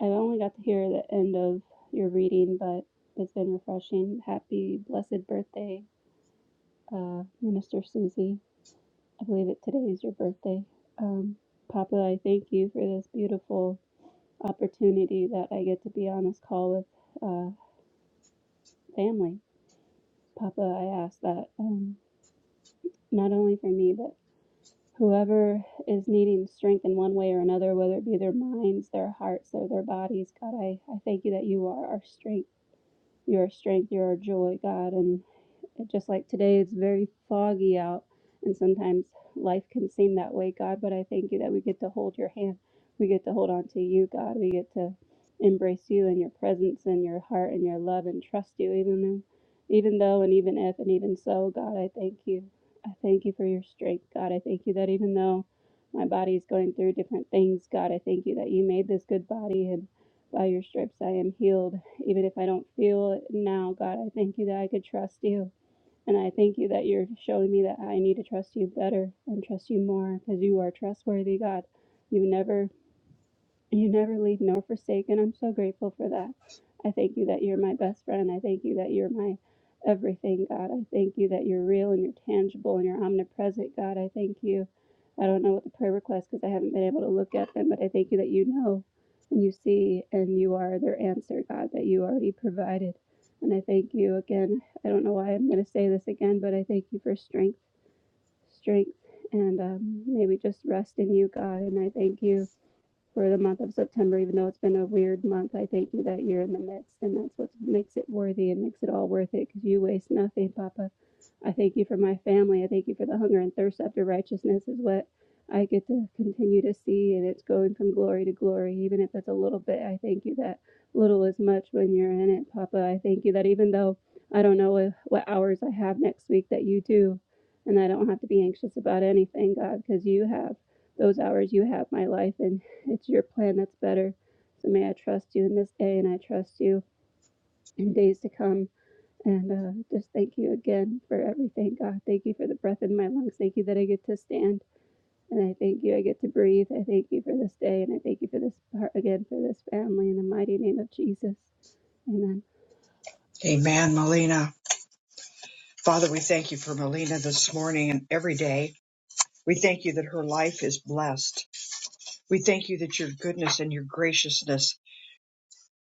Speaker 8: I only got to hear the end of your reading, but it's been refreshing. Happy blessed birthday, uh, Minister Susie. I believe that today is your birthday. Um, Papa, I thank you for this beautiful opportunity that I get to be on this call with uh, family. Papa, I ask that um, not only for me, but whoever is needing strength in one way or another, whether it be their minds, their hearts, or their bodies, God, I, I thank you that you are our strength. Your strength, Your joy, God, and just like today, it's very foggy out, and sometimes life can seem that way, God. But I thank you that we get to hold your hand. We get to hold on to you, God. We get to embrace you and your presence and your heart and your love and trust you, even though, even though, and even if, and even so, God. I thank you. I thank you for your strength, God. I thank you that even though my body is going through different things, God, I thank you that you made this good body and by your stripes I am healed. Even if I don't feel it now, God, I thank you that I could trust you. And I thank you that you're showing me that I need to trust you better and trust you more because you are trustworthy, God. You never you never leave nor forsake, and I'm so grateful for that. I thank you that you're my best friend. I thank you that you're my everything, God. I thank you that you're real and you're tangible and you're omnipresent, God. I thank you. I don't know what the prayer requests because I haven't been able to look at them, but I thank you that you know and you see and you are their answer, God, that you already provided. And I thank you again. I don't know why I'm going to say this again, but I thank you for strength, strength, and um, maybe just rest in you, God. And I thank you for the month of September, even though it's been a weird month. I thank you that you're in the midst, and that's what makes it worthy and makes it all worth it because you waste nothing, Papa. I thank you for my family. I thank you for the hunger and thirst after righteousness, is what I get to continue to see, and it's going from glory to glory, even if it's a little bit. I thank you that little is much when you're in it, Papa. I thank you that even though I don't know what hours I have next week, that you do, and I don't have to be anxious about anything, God, because you have those hours you have my life in it's your plan that's better. So may I trust you in this day, and I trust you in days to come. And uh, just thank you again for everything, God. Thank you for the breath in my lungs. Thank you that I get to stand. And I thank you, I get to breathe. I thank you for this day, and I thank you for this part again for this family in the mighty name of Jesus. Amen.
Speaker 1: Amen, Melina. Father, we thank you for Melina this morning and every day. We thank you that her life is blessed. We thank you that your goodness and your graciousness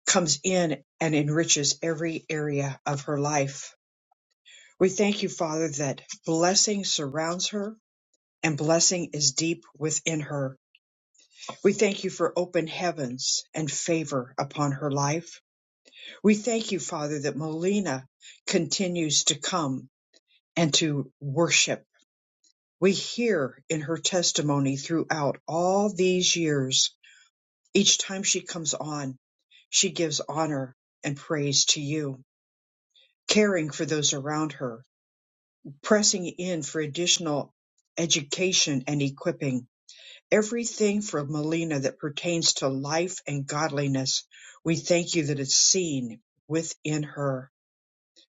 Speaker 1: comes in and enriches every area of her life. We thank you, Father, that blessing surrounds her and blessing is deep within her. We thank you for open heavens and favor upon her life. We thank you, Father, that Melina continues to come and to worship. We hear in her testimony throughout all these years, each time she comes on, she gives honor and praise to you, caring for those around her, pressing in for additional education and equipping everything from Melina that pertains to life and godliness. We thank you that it's seen within her.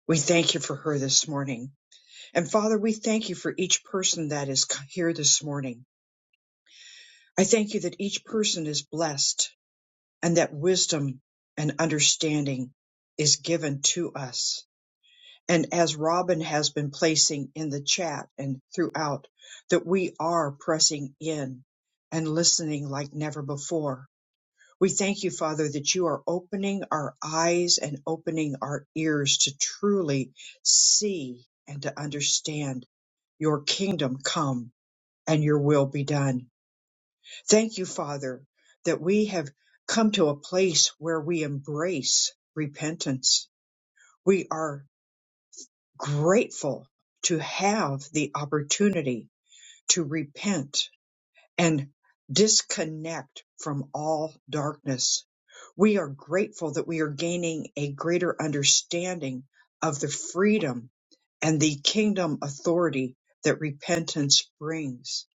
Speaker 1: We thank you for her this morning. And Father, we thank you for each person that is here this morning. I thank you that each person is blessed and that wisdom and understanding is given to us. And as Robin has been placing in the chat and throughout, that we are pressing in and listening like never before We thank you, Father, that you are opening our eyes and opening our ears to truly see and to understand your kingdom come and your will be done. Thank you, Father, that we have come to a place where we embrace repentance. We are grateful to have the opportunity to repent and disconnect from all darkness. We are grateful that we are gaining a greater understanding of the freedom and the kingdom authority that repentance brings.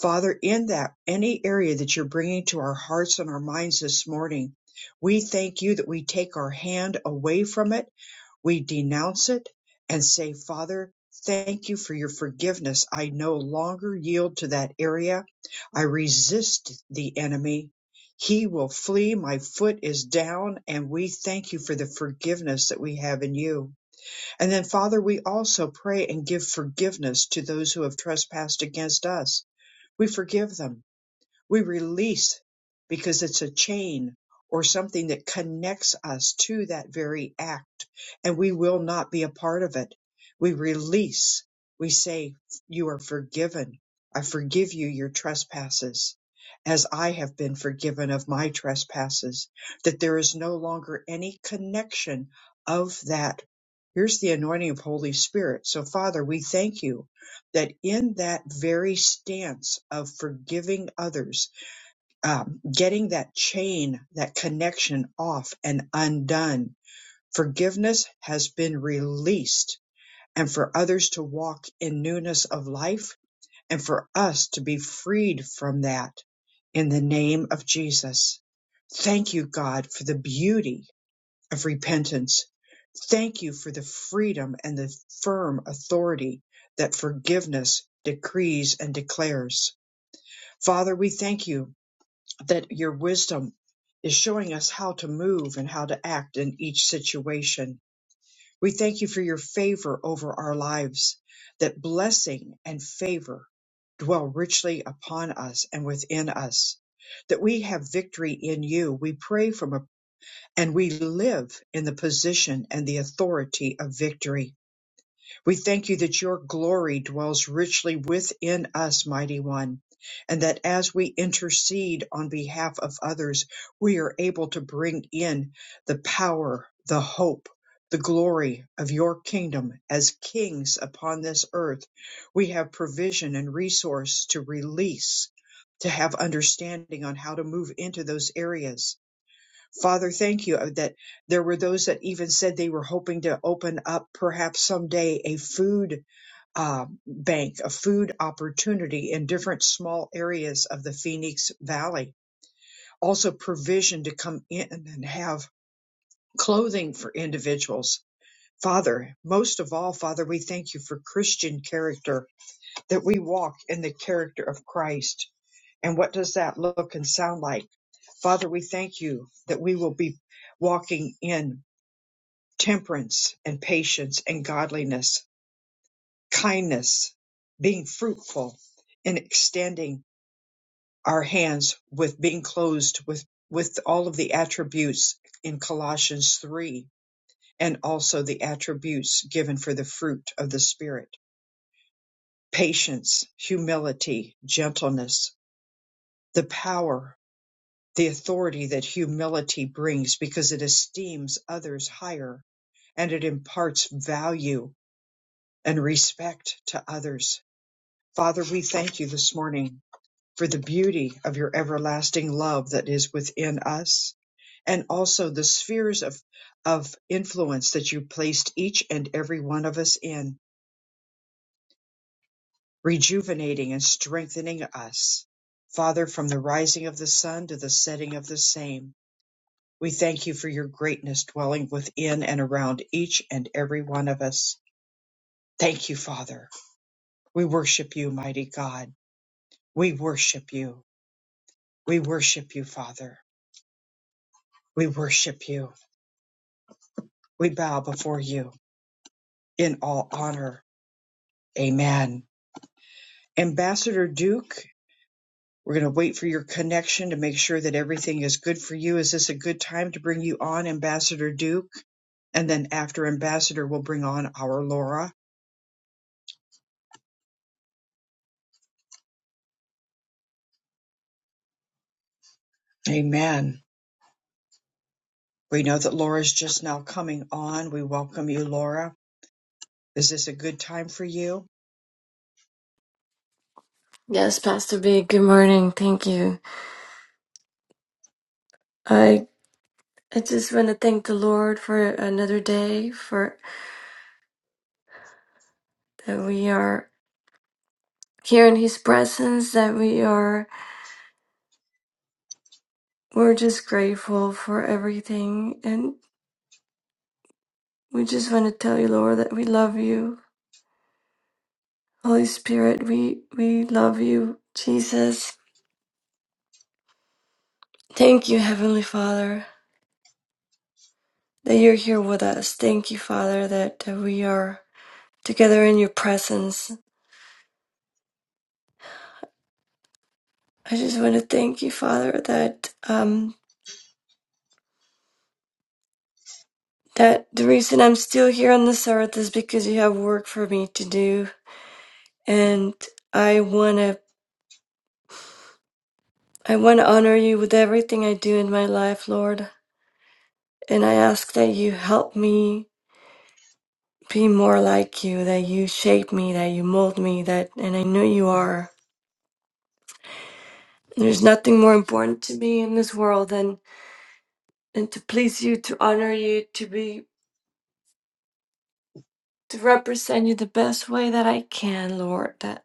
Speaker 1: Father, in that any area that you're bringing to our hearts and our minds this morning, we thank you that we take our hand away from it we denounce it and say, Father, thank you for your forgiveness. I no longer yield to that area. I resist the enemy. He will flee. My foot is down. And we thank you for the forgiveness that we have in you. And then, Father, we also pray and give forgiveness to those who have trespassed against us. We forgive them we release because it's a chain or something that connects us to that very act, and we will not be a part of it. We release. We say, You are forgiven. I forgive you your trespasses as I have been forgiven of my trespasses, that there is no longer any connection of that. Here's the anointing of Holy Spirit. So, Father, we thank you that in that very stance of forgiving others, um, getting that chain, that connection off and undone. Forgiveness has been released, and for others to walk in newness of life, and for us to be freed from that in the name of Jesus. Thank you, God, for the beauty of repentance. Thank you for the freedom and the firm authority that forgiveness decrees and declares. Father, we thank you that your wisdom is showing us how to move and how to act in each situation. We thank you for your favor over our lives, that blessing and favor dwell richly upon us and within us, that we have victory in you. We pray from a, and we live in the position and the authority of victory. We thank you that your glory dwells richly within us, mighty one, and that as we intercede on behalf of others, we are able to bring in the power, the hope, the glory of your kingdom as kings upon this earth. We have provision and resource to release, to have understanding on how to move into those areas Father, thank you uh, that there were those that even said they were hoping to open up perhaps someday a food uh, bank, a food opportunity in different small areas of the Phoenix Valley. Also, provision to come in and have clothing for individuals. Father, most of all, Father, we thank you for Christian character, that we walk in the character of Christ. And what does that look and sound like? Father, we thank you that we will be walking in temperance and patience and godliness, kindness, being fruitful in extending our hands with being closed with, with all of the attributes in Colossians 3 and also the attributes given for the fruit of the Spirit. Patience, humility, gentleness, the power, the authority that humility brings because it esteems others higher and it imparts value and respect to others. Father, we thank you this morning for the beauty of your everlasting love that is within us and also the spheres of, of influence that you placed each and every one of us in, rejuvenating and strengthening us. Father, from the rising of the sun to the setting of the same, we thank you for your greatness dwelling within and around each and every one of us. Thank you, Father. We worship you, mighty God. We worship you. We worship you, Father. We worship you. We bow before you in all honor. Amen. Ambassador Duke, we're going to wait for your connection to make sure that everything is good for you. Is this a good time to bring you on, Ambassador Duke? And then after Ambassador, we'll bring on our Laura. Amen. We know that Laura's just now coming on. We welcome you, Laura. Is this a good time for you?
Speaker 9: Yes, Pastor B, good morning. Thank you. I I just want to thank the Lord for another day for that we are here in his presence, that we are we're just grateful for everything and we just want to tell you, Lord, that we love you. Holy Spirit, we we love you. Jesus, thank you, Heavenly Father, that you're here with us. Thank you, Father, that, that we are together in your presence. I just want to thank you, Father, that um that the reason I'm still here on this earth is because you have work for me to do, and I wanna I wanna honor you with everything I do in my life, Lord. And I ask that you help me be more like you, that you shape me, that you mold me, that and I know you are. There's nothing more important to me in this world than and to please you, to honor you, to be to represent you the best way that I can, Lord.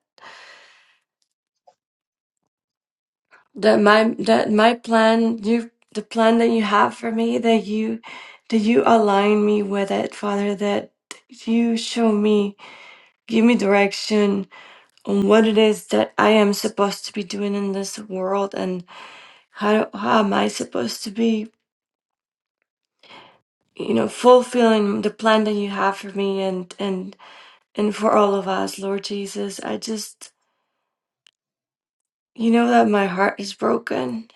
Speaker 9: that my that my plan you the plan that you have for me that you that you align me with it father that you show me give me direction on what it is that i am supposed to be doing in this world and how how am i supposed to be you know fulfilling the plan that you have for me and and and for all of us lord jesus i just you know that my heart is broken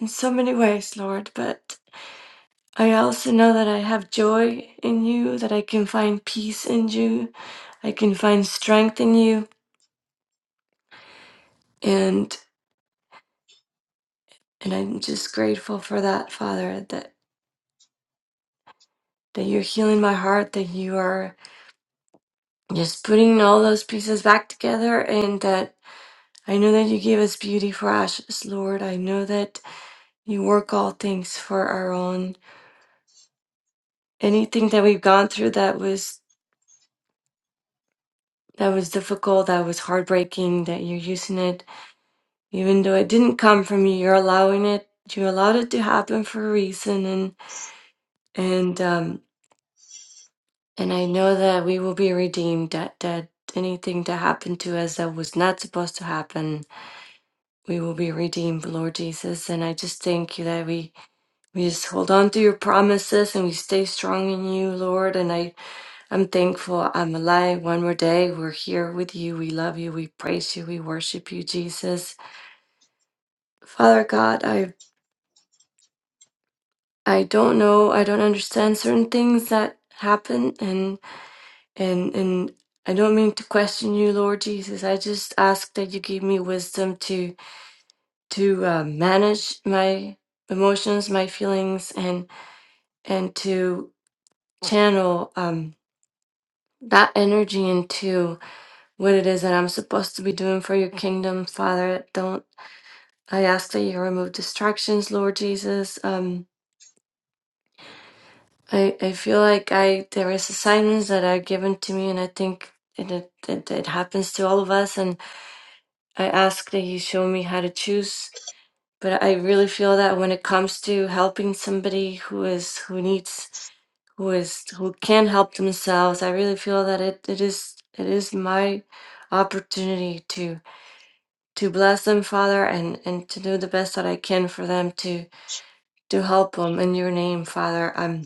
Speaker 9: in so many ways lord but I also know that I have joy in you, that I can find peace in you, I can find strength in you, and and I'm just grateful for that, Father, that that you're healing my heart, that you are just putting all those pieces back together, and that I know that you give us beauty for ashes, Lord. I know that you work all things for our own. Anything that we've gone through that was that was difficult, that was heartbreaking, that you're using it even though it didn't come from you you're allowing it you allowed it to happen for a reason and and um and i know that we will be redeemed that that anything that happened to us that was not supposed to happen we will be redeemed lord jesus and i just thank you that we we just hold on to your promises and we stay strong in you lord and i i'm thankful i'm alive one more day we're here with you we love you we praise you we worship you jesus father god I. I don't know. I don't understand certain things that happen, and and and I don't mean to question you, Lord Jesus. I just ask that you give me wisdom to to uh, manage my emotions, my feelings, and and to channel um, that energy into what it is that I'm supposed to be doing for your kingdom, Father. Don't I ask that you remove distractions, Lord Jesus? Um, I, I feel like I there is assignments that are given to me, and I think it, it, it, it happens to all of us. And I ask that you show me how to choose. But I really feel that when it comes to helping somebody who is who needs who is who can't help themselves, I really feel that it, it is it is my opportunity to to bless them, Father, and and to do the best that I can for them to to help them in your name, Father.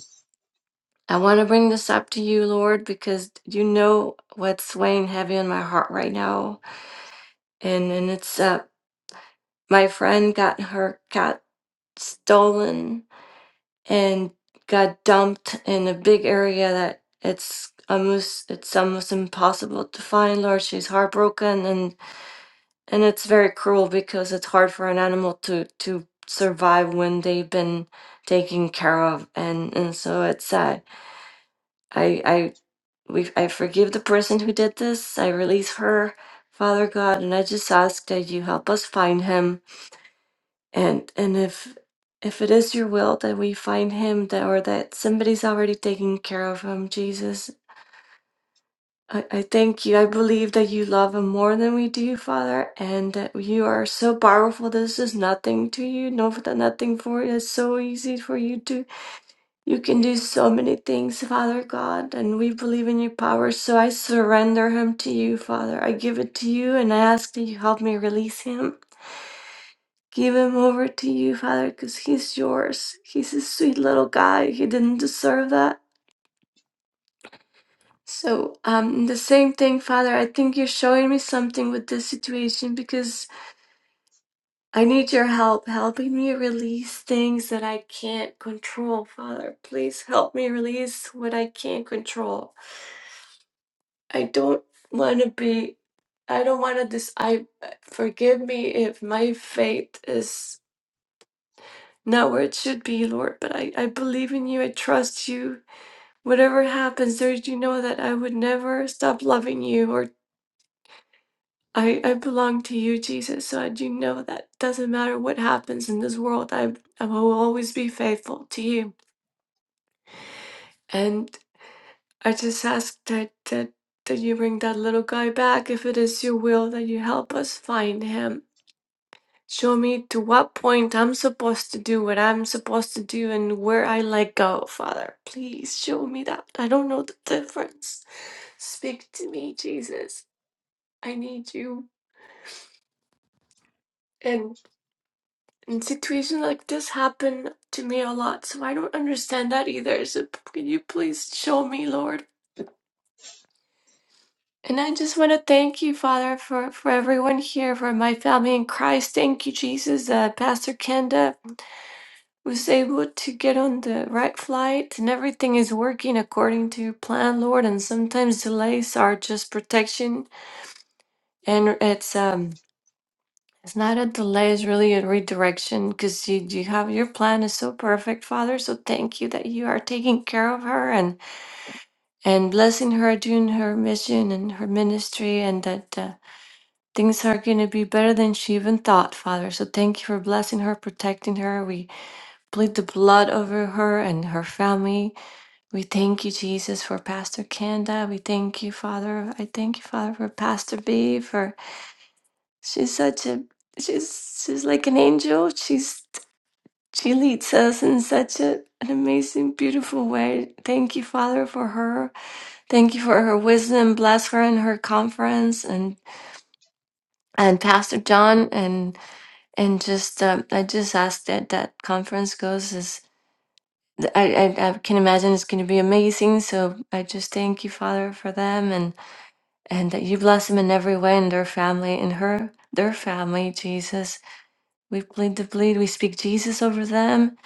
Speaker 9: I want to bring this up to you, Lord, because you know what's weighing heavy on my heart right now. And and it's uh my friend got her got stolen and got dumped in a big area that it's almost it's almost impossible to find, Lord. She's heartbroken and and it's very cruel because it's hard for an animal to to survive when they've been taken care of and and so it's sad. we I forgive the person who did this. I release her, Father God, and I just ask that you help us find him. And and if if it is your will that we find him that or that somebody's already taking care of him, Jesus. I, I thank you. I believe that you love him more than we do, Father, and that you are so powerful. This is nothing to you, no, nothing for you. It's so easy for you you can do so many things, Father God, and we believe in your power. So I surrender him to you, Father. I give it to you and I ask that you help me release him. Give him over to you, Father, because he's yours. He's a sweet little guy. He didn't deserve that. So, um, the same thing, Father. I think you're showing me something with this situation because I need your help, helping me release things that I can't control, Father. Please help me release what I can't control. I don't want to be. I don't want to. Dis- I forgive me if my faith is not where it should be, Lord. But I, I believe in you. I trust you. Whatever happens, Lord, you know that I would never stop loving you, or I, I belong to you, Jesus. So I do know that doesn't matter what happens in this world. I I will always be faithful to you. And I just ask that that that you bring that little guy back if it is your will that you help us find him Show me to what point I'm supposed to do what I'm supposed to do and where I let go, Father. Please show me that. I don't know the difference. Speak to me, Jesus. I need you. And and situations like this happen to me a lot, so I don't understand that either. So p- can you please show me, Lord? And I just want to thank you, Father, for, for everyone here, for my family in Christ. Thank you, Jesus, uh, Pastor Kenda, was able to get on the right flight and everything is working according to plan lord and sometimes delays are just protection and it's um it's not a delay it's really a redirection because you, you have your plan is so perfect father so thank you that you are taking care of her and and blessing her doing her mission and her ministry and that uh, things are going to be better than she even thought father so thank you for blessing her protecting her we plead the blood over her and her family We thank you, Jesus, for Pastor Kenda. We thank you, Father. I thank you, Father, for Pastor B. For she's such a she's she's like an angel. She's she leads us in such a, an amazing, beautiful way. Thank you, Father, for her. Thank you for her wisdom. Bless her in her conference and and Pastor John and and just um, I just ask that that conference goes as I I, I can imagine it's going to be amazing. So I just thank you, Father, for them and and that you bless them in every way in their family, in her, their family, Jesus. We plead the bleed, we speak Jesus over them,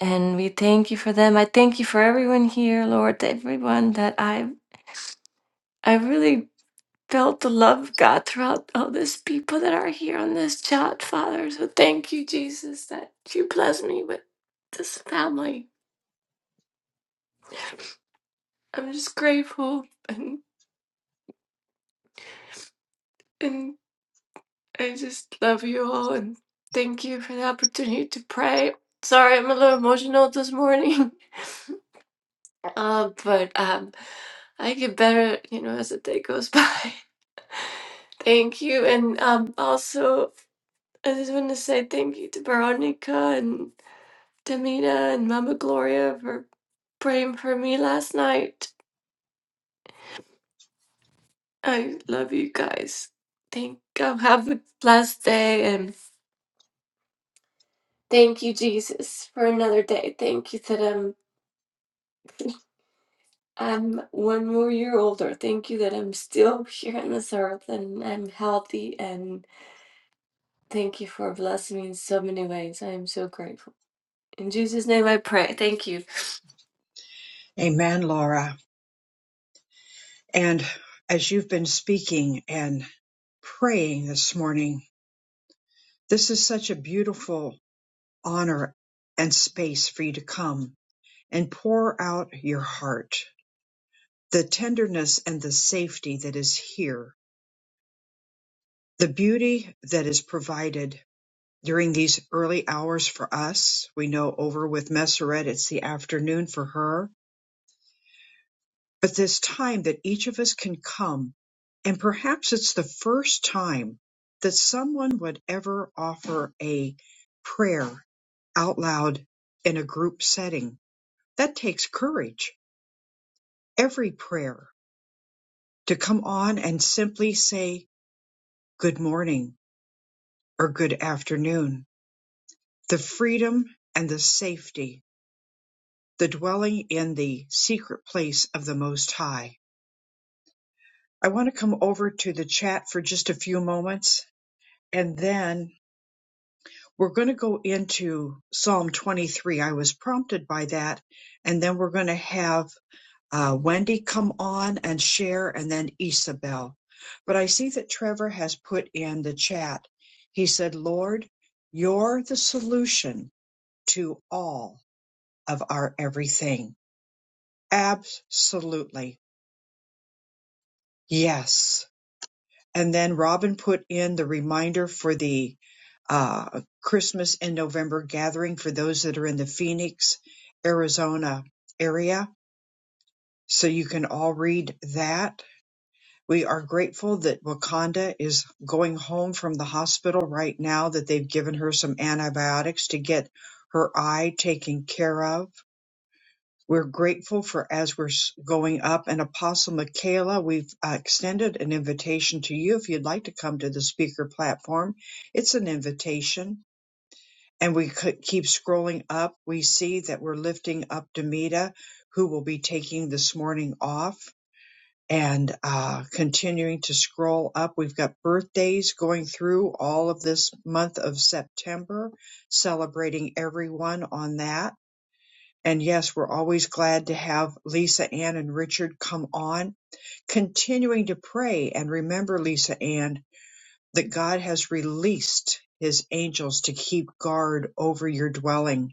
Speaker 9: and we thank you for them. I thank you for everyone here, Lord, everyone that I I really felt the love of God throughout all these people that are here on this chat, Father. So thank you, Jesus, that you bless me with this family. I'm just grateful and, I just love you all and thank you for the opportunity to pray. Sorry, I'm a little emotional this morning, uh, but um, I get better, you know, as the day goes by. thank you, and um, also I just want to say thank you to Veronica and Tamina and Mama Gloria for praying for me last night. I love you guys. Thank God. Have a blessed day and thank you, Jesus, for another day. Thank you that I'm I'm one more year older. Thank you that I'm still here on this earth and I'm healthy. And thank you for blessing me in so many ways. I am so grateful. In Jesus' name I pray. Thank you.
Speaker 1: Amen, Laura. And as you've been speaking and praying this morning, This is such a beautiful honor and space for you to come and pour out your heart, the tenderness and the safety that is here, the beauty that is provided during these early hours for us. We know over with Messeret, it's the afternoon for her, but this time that each of us can come, and perhaps it's the first time that someone would ever offer a prayer out loud in a group setting That takes courage, every prayer, to come on and simply say good morning or good afternoon. The freedom and the safety, the dwelling in the secret place of the Most High. I want to come over to the chat for just a few moments and then we're going to go into Psalm 23. I was prompted by that. And then we're going to have uh, Wendy come on and share, and then Isabel. But I see that Trevor has put in the chat. He said, Lord, you're the solution to all of our everything. Absolutely. Yes. And then Robin put in the reminder for the uh, Christmas in November gathering for those that are in the Phoenix, Arizona area. So you can all read that We are grateful that Wakanda is going home from the hospital right now, that they've given her some antibiotics to get her eye taken care of. We're grateful for as we're s- going up. And Apostle Michaela, we've uh, extended an invitation to you if you'd like to come to the speaker platform. It's an invitation. And we could keep scrolling up. We see that we're lifting up Demita, who will be taking this morning off and uh, continuing to scroll up. We've got birthdays going through all of this month of September, celebrating everyone on that. And yes, we're always glad to have Lisa Ann and Richard come on, continuing to pray and remember, Lisa Ann, that God has released his angels to keep guard over your dwelling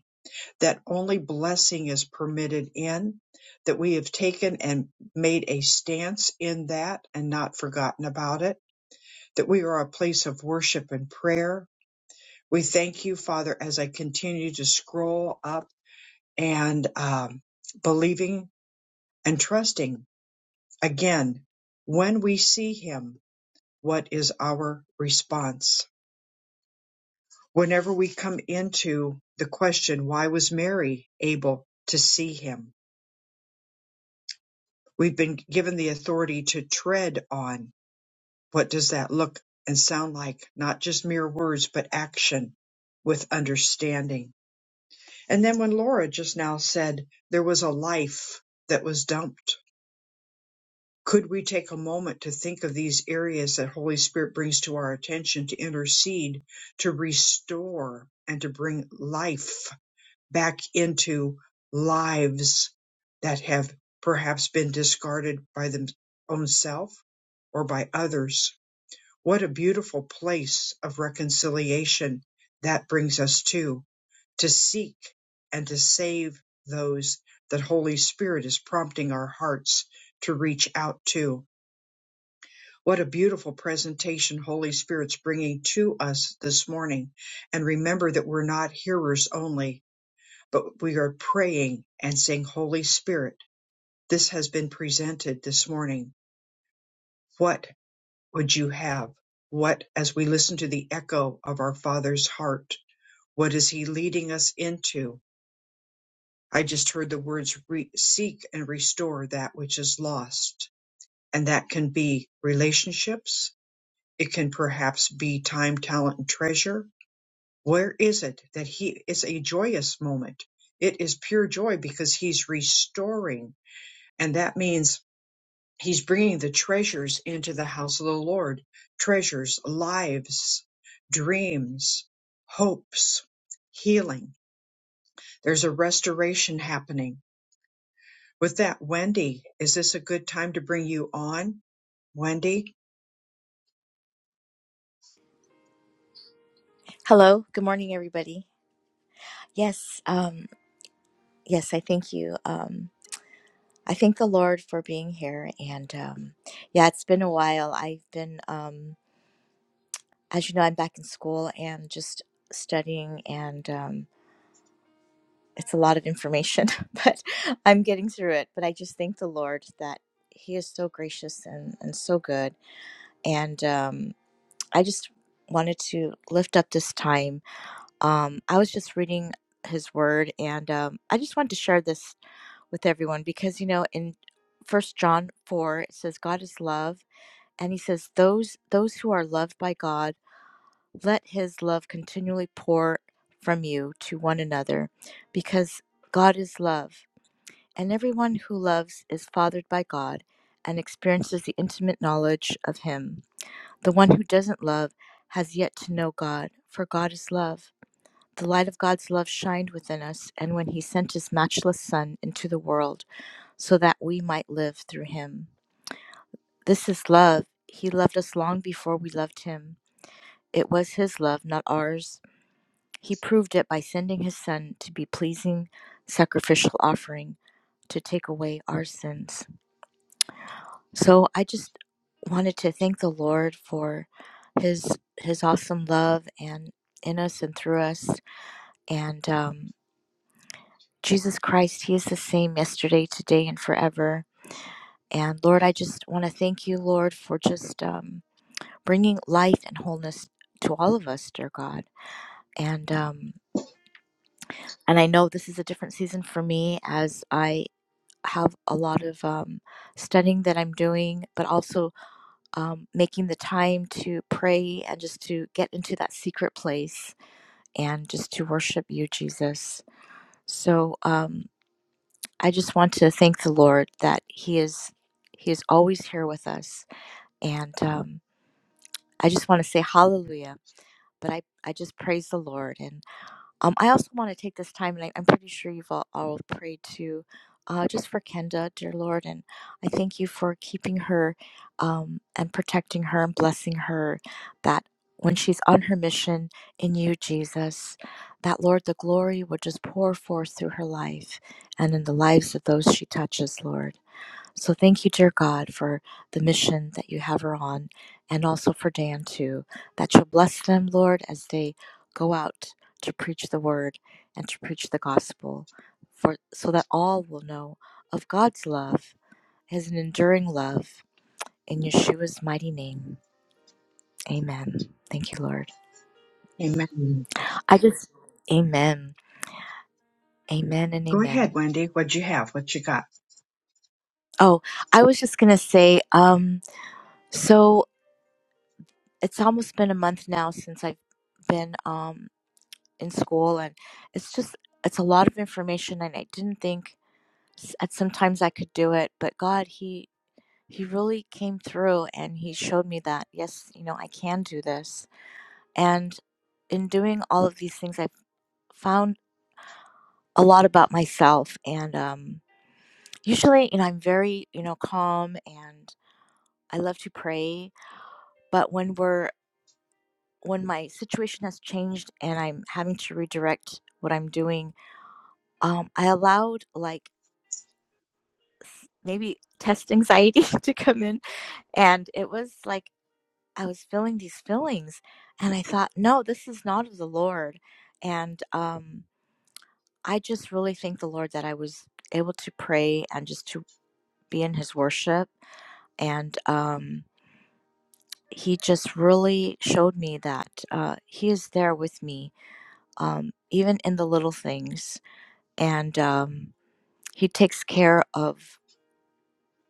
Speaker 1: that only blessing is permitted in, that we have taken and made a stance in that and not forgotten about it, that we are a place of worship and prayer. We thank you, Father, as I continue to scroll up and um, believing and trusting. Again, when we see Him, what is our response? Whenever we come into the question, why was Mary able to see Him? We've been given the authority to tread on. What does that look and sound like? Not just mere words, but action with understanding. And then when Laura just now said there was a life that was dumped, could we take a moment to think of these areas that Holy Spirit brings to our attention to intercede, to restore, and to bring life? back into lives that have perhaps been discarded by them own self or by others. What a beautiful place of reconciliation that brings us to, to seek and to save those that Holy Spirit is prompting our hearts to reach out to. What a beautiful presentation Holy Spirit's bringing to us this morning. And remember that we're not hearers only, but we are praying and saying, Holy Spirit, this has been presented this morning. What would you have? What, as we listen to the echo of our Father's heart, what is He leading us into? I just heard the words re- seek and restore that which is lost. And that can be relationships. It can perhaps be time, talent, and treasure. Where is it that He is a joyous moment? It is pure joy because He's restoring. And that means He's bringing the treasures into the house of the Lord treasures, lives, dreams, hopes, healing. There's a restoration happening. With that, Wendy, is this a good time to bring you on? Wendy?
Speaker 10: Hello, good morning, everybody. Yes, um, yes, I thank you. Um, I thank the Lord for being here. And um, yeah, it's been a while. I've been, um, as you know, I'm back in school and just studying, and um, it's a lot of information, but I'm getting through it. But I just thank the Lord that He is so gracious and, and so good. And um, I just wanted to lift up this time Um, I was just reading his word, and um, I just wanted to share this with everyone because you know in First John four it says God is love, and he says those those who are loved by God let His love continually pour from you to one another, because God is love, and everyone who loves is fathered by God and experiences the intimate knowledge of Him. The one who doesn't love has yet to know God, for God is love. The light of God's love shined within us, and when He sent His matchless Son into the world so that we might live through Him. This is love. He loved us long before we loved Him. It was His love, not ours. He proved it by sending His Son to be pleasing, sacrificial offering to take away our sins. So I just wanted to thank the Lord for His His awesome love and in us and through us, and um, Jesus Christ, He is the same yesterday, today, and forever. And Lord, I just want to thank you, Lord, for just um, bringing life and wholeness to all of us, dear God. And um, and I know this is a different season for me as I have a lot of um, studying that I'm doing, but also um, making the time to pray and just to get into that secret place and just to worship you, Jesus. So. Um, I just want to thank the Lord that He is He is always here with us, and um, I just want to say Hallelujah. But I, I just praise the Lord, and um, I also want to take this time, and I, I'm pretty sure you've all, all prayed too, uh, just for Kenda, dear Lord, and I thank you for keeping her, um, and protecting her and blessing her, that when she's on her mission in you, Jesus, that Lord, the glory would just pour forth through her life and in the lives of those she touches, Lord. So thank you, dear God, for the mission that you have her on, and also for Dan, too, that you'll bless them, Lord, as they go out to preach the word and to preach the gospel, for, so that all will know of God's love as an enduring love. In Yeshua's mighty name, amen. Thank you, Lord.
Speaker 1: Amen.
Speaker 10: I just, amen, amen, and
Speaker 1: Go ahead,
Speaker 10: amen.
Speaker 1: Wendy. What you have? What you got?
Speaker 10: Oh, I was just going to say, um, so it's almost been a month now since I've been. Um, in school and it's just it's a lot of information and I didn't think s- at sometimes I could do it but God he he really came through and he showed me that yes you know I can do this and in doing all of these things I found a lot about myself and um usually you know I'm very you know calm and I love to pray but when we're when my situation has changed and I'm having to redirect what I'm doing um, I allowed like maybe test anxiety to come in. And it was like I was feeling these feelings. And I thought, no, this is not of the Lord. And um, I just really thank the Lord that I was able to pray and just to be in his worship. And um, he just really showed me that uh, he is there with me, um, even in the little things. And um, he takes care of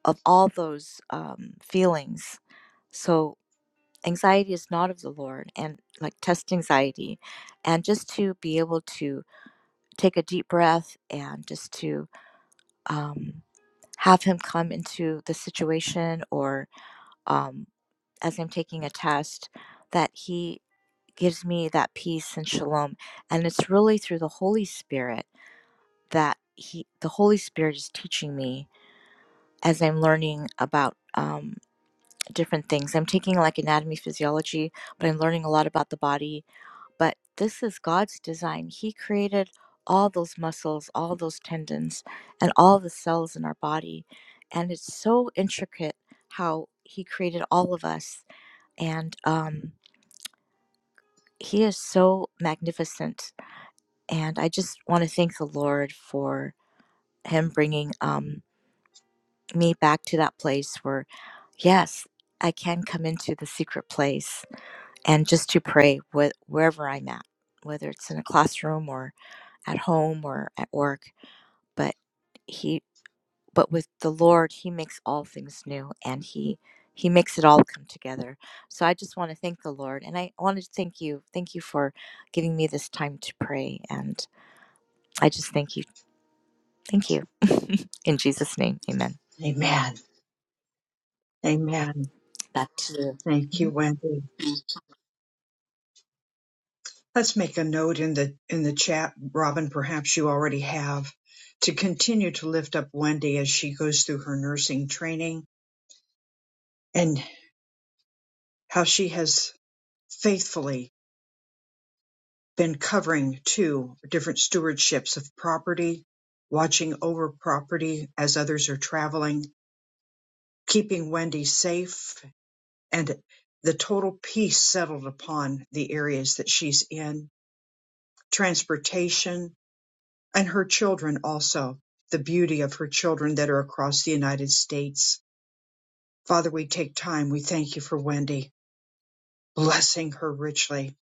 Speaker 10: of all those um, feelings. So anxiety is not of the Lord and like test anxiety. And just to be able to take a deep breath and just to um, have Him come into the situation or um, as I'm taking a test, that He gives me that peace and shalom. And it's really through the Holy Spirit that He, the Holy Spirit is teaching me as I'm learning about um, different things. I'm taking like anatomy, physiology, but I'm learning a lot about the body But this is God's design. He created all those muscles, all those tendons, and all the cells in our body. And it's so intricate how He created all of us. And um, He is so magnificent. And I just want to thank the Lord for Him bringing um, me back to that place where, yes, I can come into the secret place and just to pray wh- wherever I'm at, whether it's in a classroom or at home or at work, but he but with the Lord, he makes all things new and he he makes it all come together. So I just want to thank the Lord and I want to thank you. Thank you for giving me this time to pray and I just thank you. Thank you. In Jesus name. Amen.
Speaker 1: Amen. Amen.
Speaker 10: Back to you.
Speaker 1: Thank
Speaker 10: Mm-hmm.
Speaker 1: you, Wendy. Let's make a note in the in the chat, Robin, perhaps you already have, to continue to lift up Wendy as she goes through her nursing training and how she has faithfully been covering two different stewardships of property, watching over property as others are traveling, keeping Wendy safe and the total peace settled upon the areas that she's in, transportation, and her children also, the beauty of her children that are across the United States. Father, we take time. We thank you for Wendy, blessing her richly.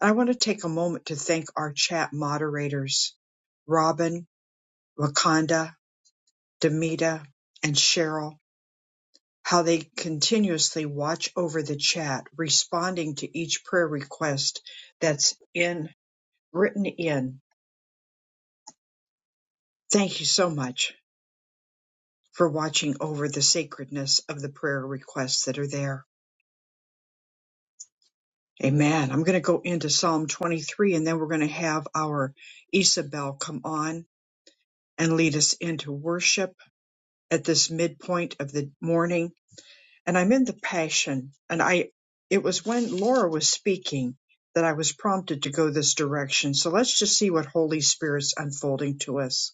Speaker 1: I want to take a moment to thank our chat moderators, Robin, Wakanda, Demita, and Cheryl, how they continuously watch over the chat, responding to each prayer request that's in written in. Thank you so much for watching over the sacredness of the prayer requests that are there. Amen. I'm going to go into Psalm 23 and then we're going to have our Isabel come on and lead us into worship at this midpoint of the morning. And I'm in the passion and I, it was when Laura was speaking that I was prompted to go this direction. So let's just see what Holy Spirit's unfolding to us.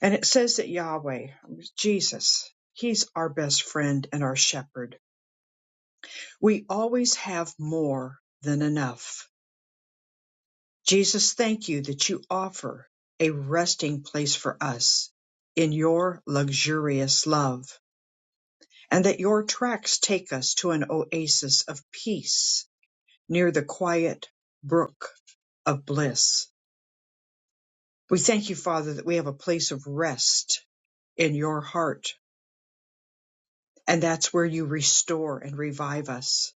Speaker 1: And it says that Yahweh, Jesus, He's our best friend and our shepherd. We always have more than enough. Jesus, thank you that you offer a resting place for us in your luxurious love, and that your tracks take us to an oasis of peace near the quiet brook of bliss. We thank you, Father, that we have a place of rest in your heart, and that's where you restore and revive us.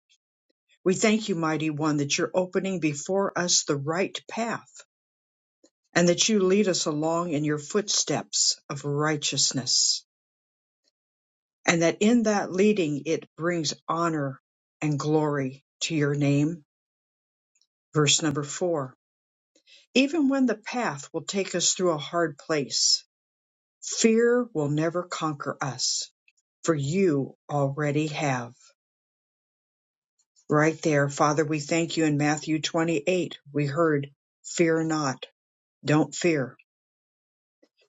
Speaker 1: We thank you, Mighty One, that you're opening before us the right path, and that you lead us along in your footsteps of righteousness. and that in that leading it brings honor and glory to your name. Verse number four. Even when the path will take us through a hard place, fear will never conquer us, for you already have. Right there, Father, we thank you in Matthew 28. We heard, Fear not, don't fear.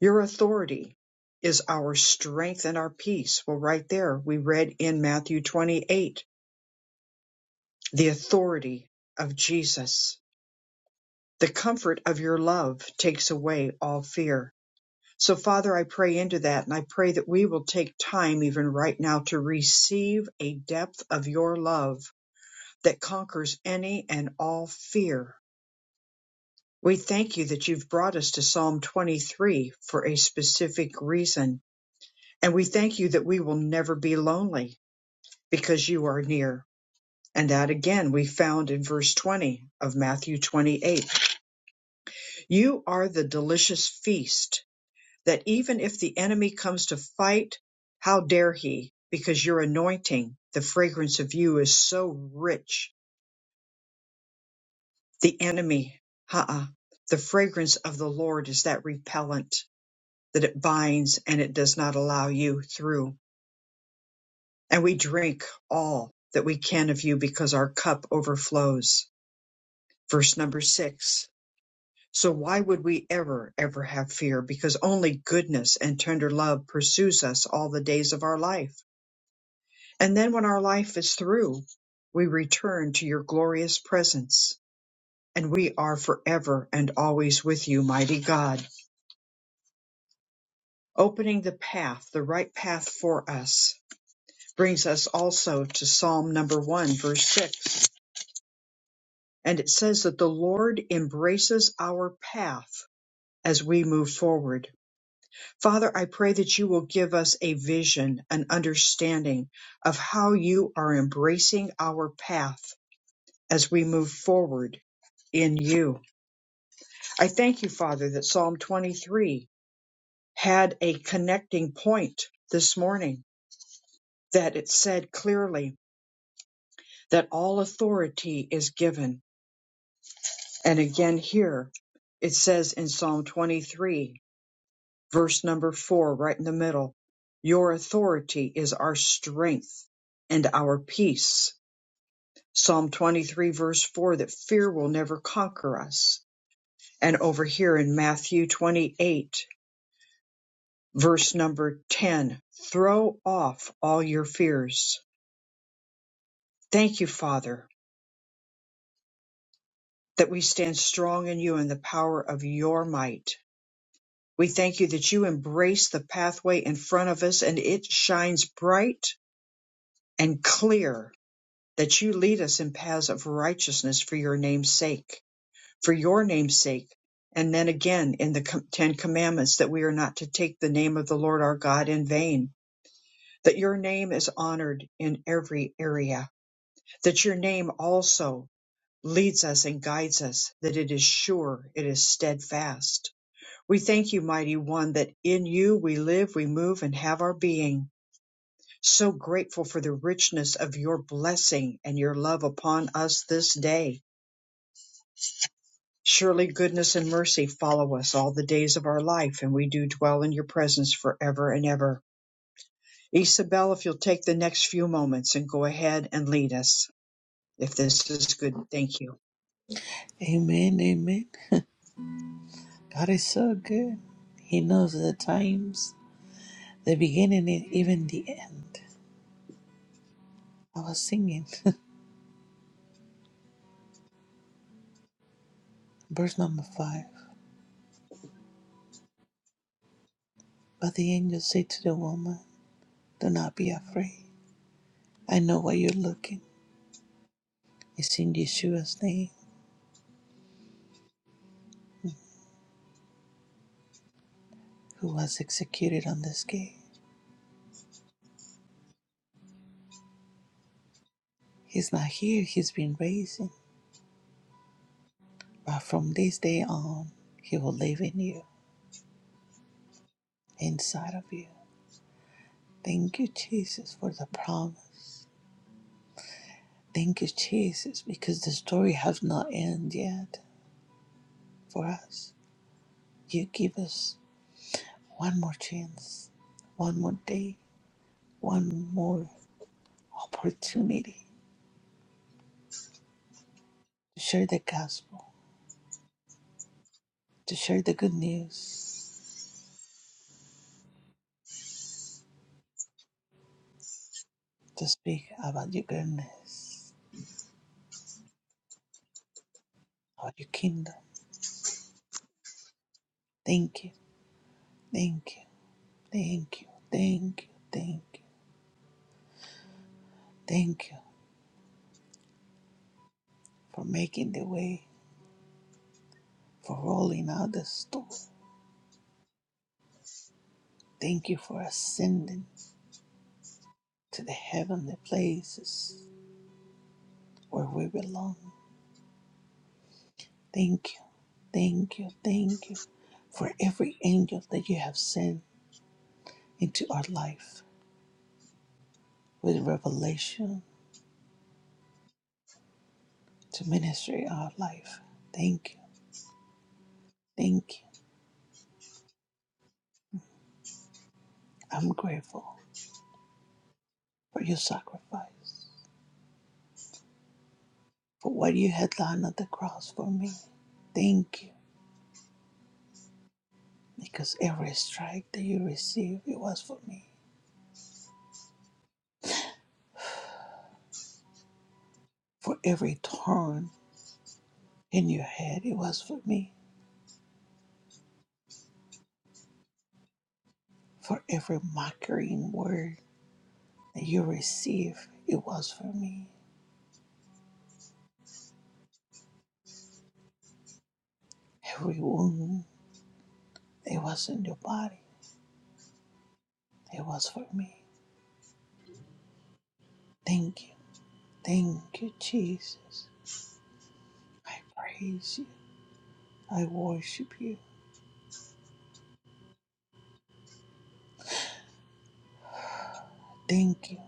Speaker 1: Your authority is our strength and our peace. Well, right there, we read in Matthew 28 the authority of Jesus the comfort of your love takes away all fear. So, Father, I pray into that and I pray that we will take time even right now to receive a depth of your love that conquers any and all fear. We thank you that you've brought us to Psalm 23 for a specific reason. And we thank you that we will never be lonely because you are near. And that again we found in verse 20 of Matthew 28. You are the delicious feast that even if the enemy comes to fight, how dare he? Because your anointing, the fragrance of you is so rich. The enemy, uh-uh. The fragrance of the Lord is that repellent that it binds and it does not allow you through. And we drink all that we can of you because our cup overflows. Verse number six. So why would we ever, ever have fear? Because only goodness and tender love pursues us all the days of our life And then when our life is through, we return to your glorious presence, and we are forever and always with you, mighty God. Opening the path, the right path for us, brings us also to Psalm number one, verse six. And it says that the Lord embraces our path as we move forward. Father, I pray that you will give us a vision, an understanding of how you are embracing our path as we move forward in you. I thank you, Father, that Psalm 23 had a connecting point this morning, that it said clearly that all authority is given. And again, here it says in Psalm 23, verse number four, right in the middle, your authority is our strength and our peace. Psalm 23, verse 4, that fear will never conquer us. And over here in Matthew 28, Verse number 10 Throw off all your fears. Thank you, Father, that we stand strong in you and the power of your might. We thank you that you embrace the pathway in front of us and it shines bright and clear, that you lead us in paths of righteousness for your name's sake, for your name's sake. And then again in the Com- Ten Commandments that we are not to take the name of the Lord our God in vain, that your name is honored in every area. that your name also leads us and guides us, that it is sure, it is steadfast. We thank you, mighty one, that in you we live, we move, and have our being. So grateful for the richness of your blessing and your love upon us this day. Surely goodness and mercy follow us all the days of our life, and we do dwell in your presence forever and ever. Isabel, if you'll take the next few moments and go ahead and lead us, if this is good, thank you.
Speaker 3: Amen, amen. God is so good. He knows the times, the beginning, and even the end. I was singing verse number five. But the angel said to the woman, Do not be afraid. I know why you're looking. It's in Yeshua's name, who was executed on the scale. He's not here, he's been raised. But from this day on, he will live in you, inside of you. Thank you, Jesus, for the promise. Thank you, Jesus, because the story has not ended yet for us. You give us one more chance, one more day, one more opportunity to share the gospel, to share the good news, to speak about your goodness, about your kingdom. Thank you, thank you, thank you, thank you, thank you, thank you for making the way, for rolling out the store. Thank you for ascending. to the heavenly places where we belong. Thank you, thank you, thank you for every angel that you have sent into our life with revelation to minister our life. Thank you, thank you. I'm grateful for your sacrifice, for what you had done at the cross for me. Thank you, because every strike that you received, it was for me. For every turn in your head, it was for me. For every mocking word that you receive, it was for me. Every wound that was in your body, it was for me. Thank you. Thank you, Jesus. I praise you. I worship you. Thank you.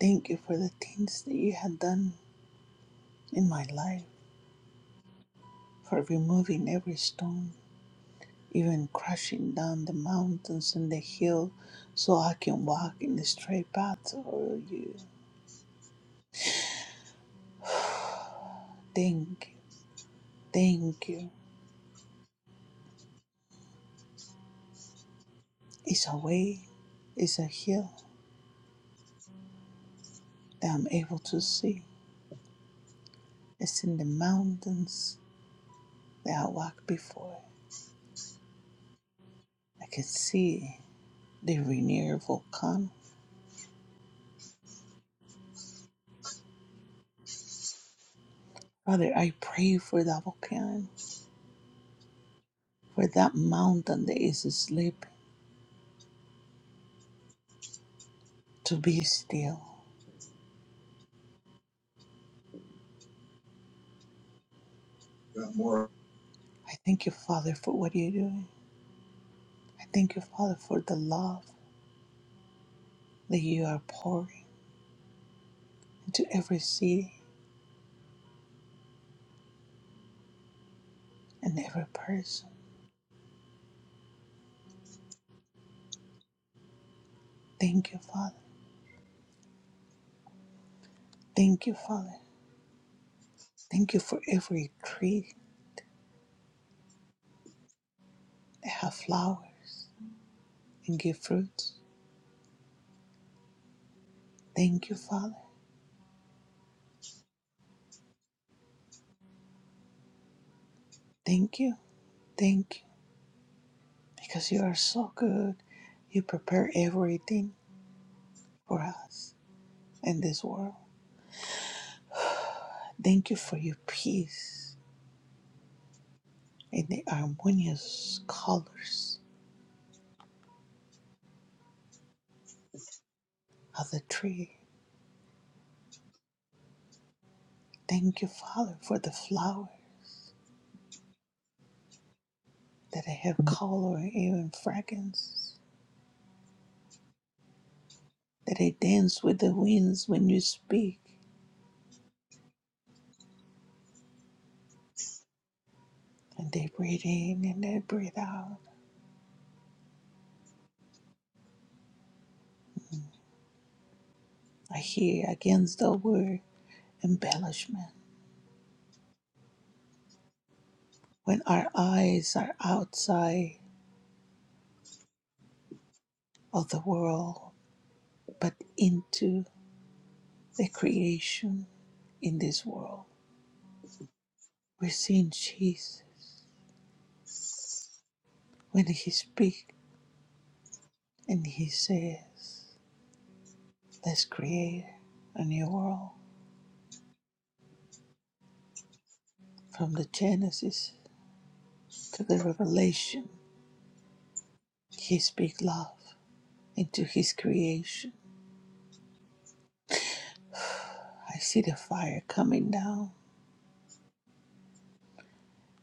Speaker 3: Thank you for the things that you had done in my life, for removing every stone, even crushing down the mountains and the hill so I can walk in the straight path of you. Thank you. Thank you. It's a way, it's a hill. that I'm able to see. It's in the mountains that I walk before. I can see the Rainier volcano. Father, I pray for that volcano, for that mountain that is asleep to be still. I thank you, Father, for what you're doing. I thank you, Father, for the love that you are pouring into every city and every person. Thank you, Father. Thank you, Father. Thank you for every tree that have flowers and give fruits. Thank you, Father. Thank you, thank you, because you are so good. You prepare everything for us in this world. Thank you for your peace in the harmonious colors of the tree. Thank you, Father, for the flower that I have color and even fragrance, that I dance with the winds when you speak, and they breathe in and they breathe out. I hear against the word embellishment. When our eyes are outside of the world, but into the creation in this world. We're seeing Jesus when He speaks and He says, Let's create a new world. From the Genesis to the Revelation, He speaks love into His creation. I see the fire coming down.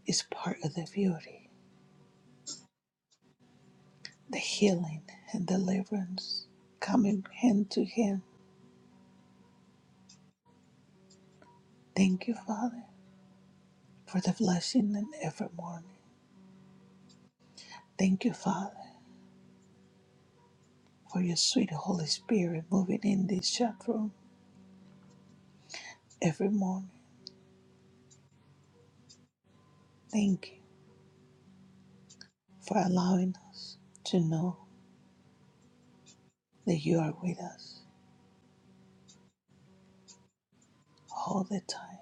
Speaker 3: It's part of the beauty, the healing and deliverance coming hand to hand. Thank you, Father, for the blessing and evermore. Thank you, Father, for your sweet Holy Spirit moving in this chat room every morning. Thank you for allowing us to know that you are with us all the time.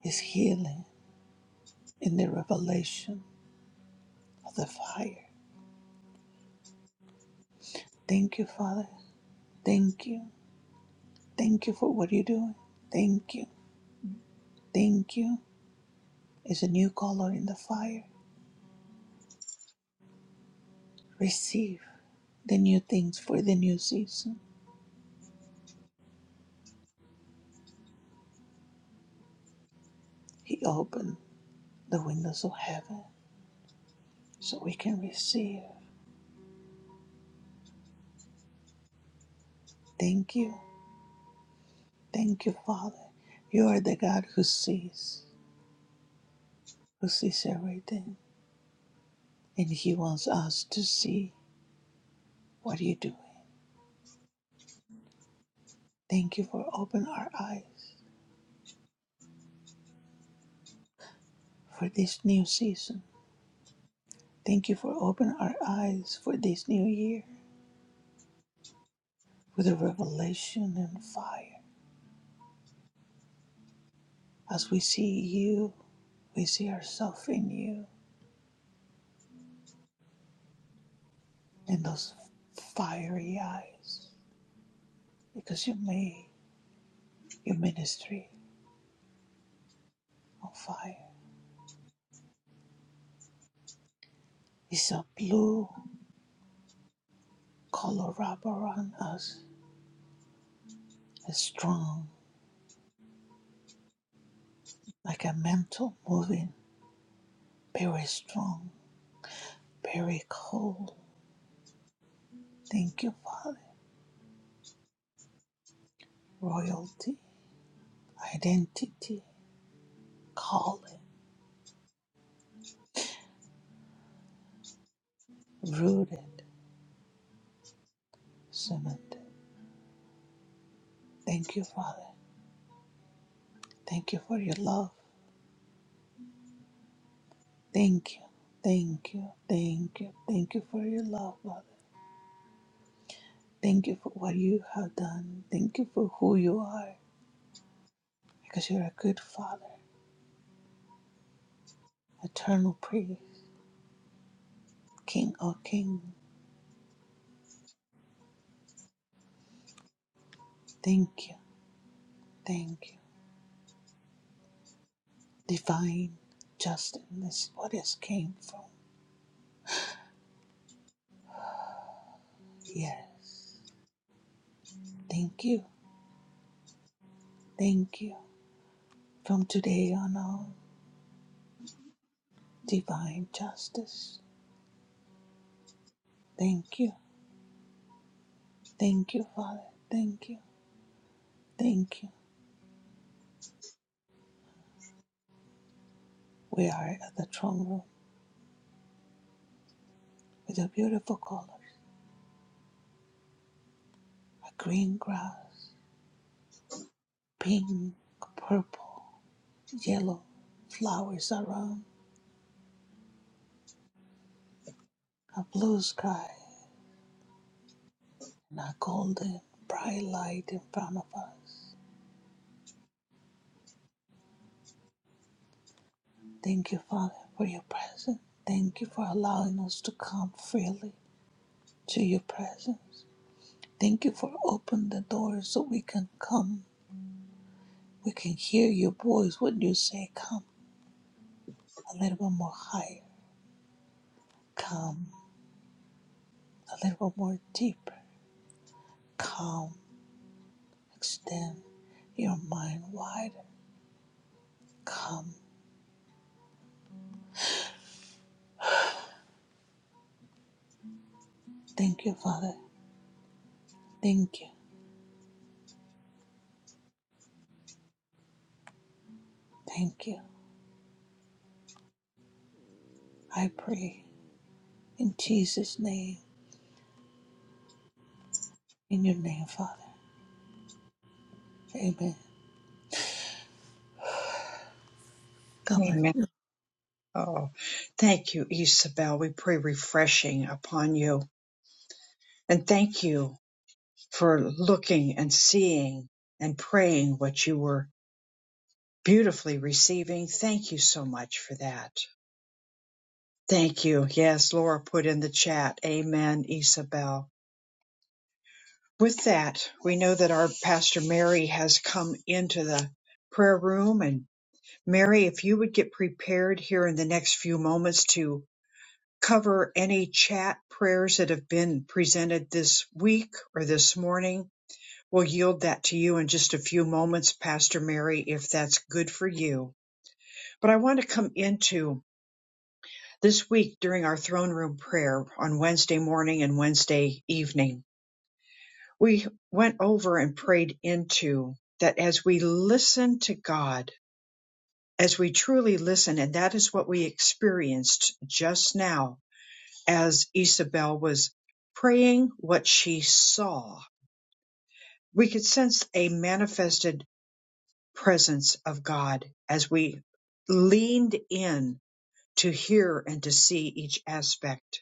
Speaker 3: His healing in the revelation of the fire. Thank you, Father. Thank you. Thank you for what you're doing. Thank you. Thank you. It's a new color in the fire. Receive the new things for the new season. He opened the windows of heaven so we can receive Thank you. Thank you, Father. You are the God who sees, who sees everything. And He wants us to see what you're doing. Thank you for opening our eyes for this new season. Thank you for opening our eyes for this new year with a revelation and fire. As we see you, we see ourselves in you and those fiery eyes because you made your ministry on fire. It's so blue Colorado around us is strong, like a mantle moving, very strong, very cold. Thank you, Father. Royalty, identity, calling, rooted, cemented. Thank you, Father. Thank you for your love. Thank you. Thank you. Thank you. Thank you for your love, Father. Thank you for what you have done. Thank you for who you are, because you're a good Father, eternal priest, King of kings. Thank you. Thank you. Divine justice what has came from. Yes. Thank you. Thank you. From today on all, divine justice. Thank you. Thank you, Father. Thank you. Thank you. We are at the throne room with a beautiful color. A green grass, pink, purple, yellow, flowers around, a blue sky, and a golden bright light in front of us. Thank you, Father, for your presence. Thank you for allowing us to come freely to your presence. Thank you for opening the doors so we can come. We can hear your voice when you say, Come a little bit more higher, come a little bit more deeper, come, extend your mind wider. come. Thank you, Father. Thank you. Thank you. I pray in Jesus' name, in your name, Father. Amen. God bless. you.
Speaker 1: Oh, thank you, Isabel. We pray refreshing upon you. And thank you for looking and seeing and praying what you were beautifully receiving. Thank you so much for that. Thank you. Yes, Laura put in the chat. Amen, Isabel. With that, we know that our Pastor Mary has come into the prayer room. And Mary, if you would get prepared here in the next few moments to cover any chat prayers that have been presented this week or this morning. We'll yield that to you in just a few moments, Pastor Mary, if that's good for you. But I want to come into this week during our throne room prayer on Wednesday morning and Wednesday evening. We went over and prayed into that as we listen to God, as we truly listen, and that is what we experienced just now as Isabel was praying what she saw. We could sense a manifested presence of God as we leaned in to hear and to see each aspect.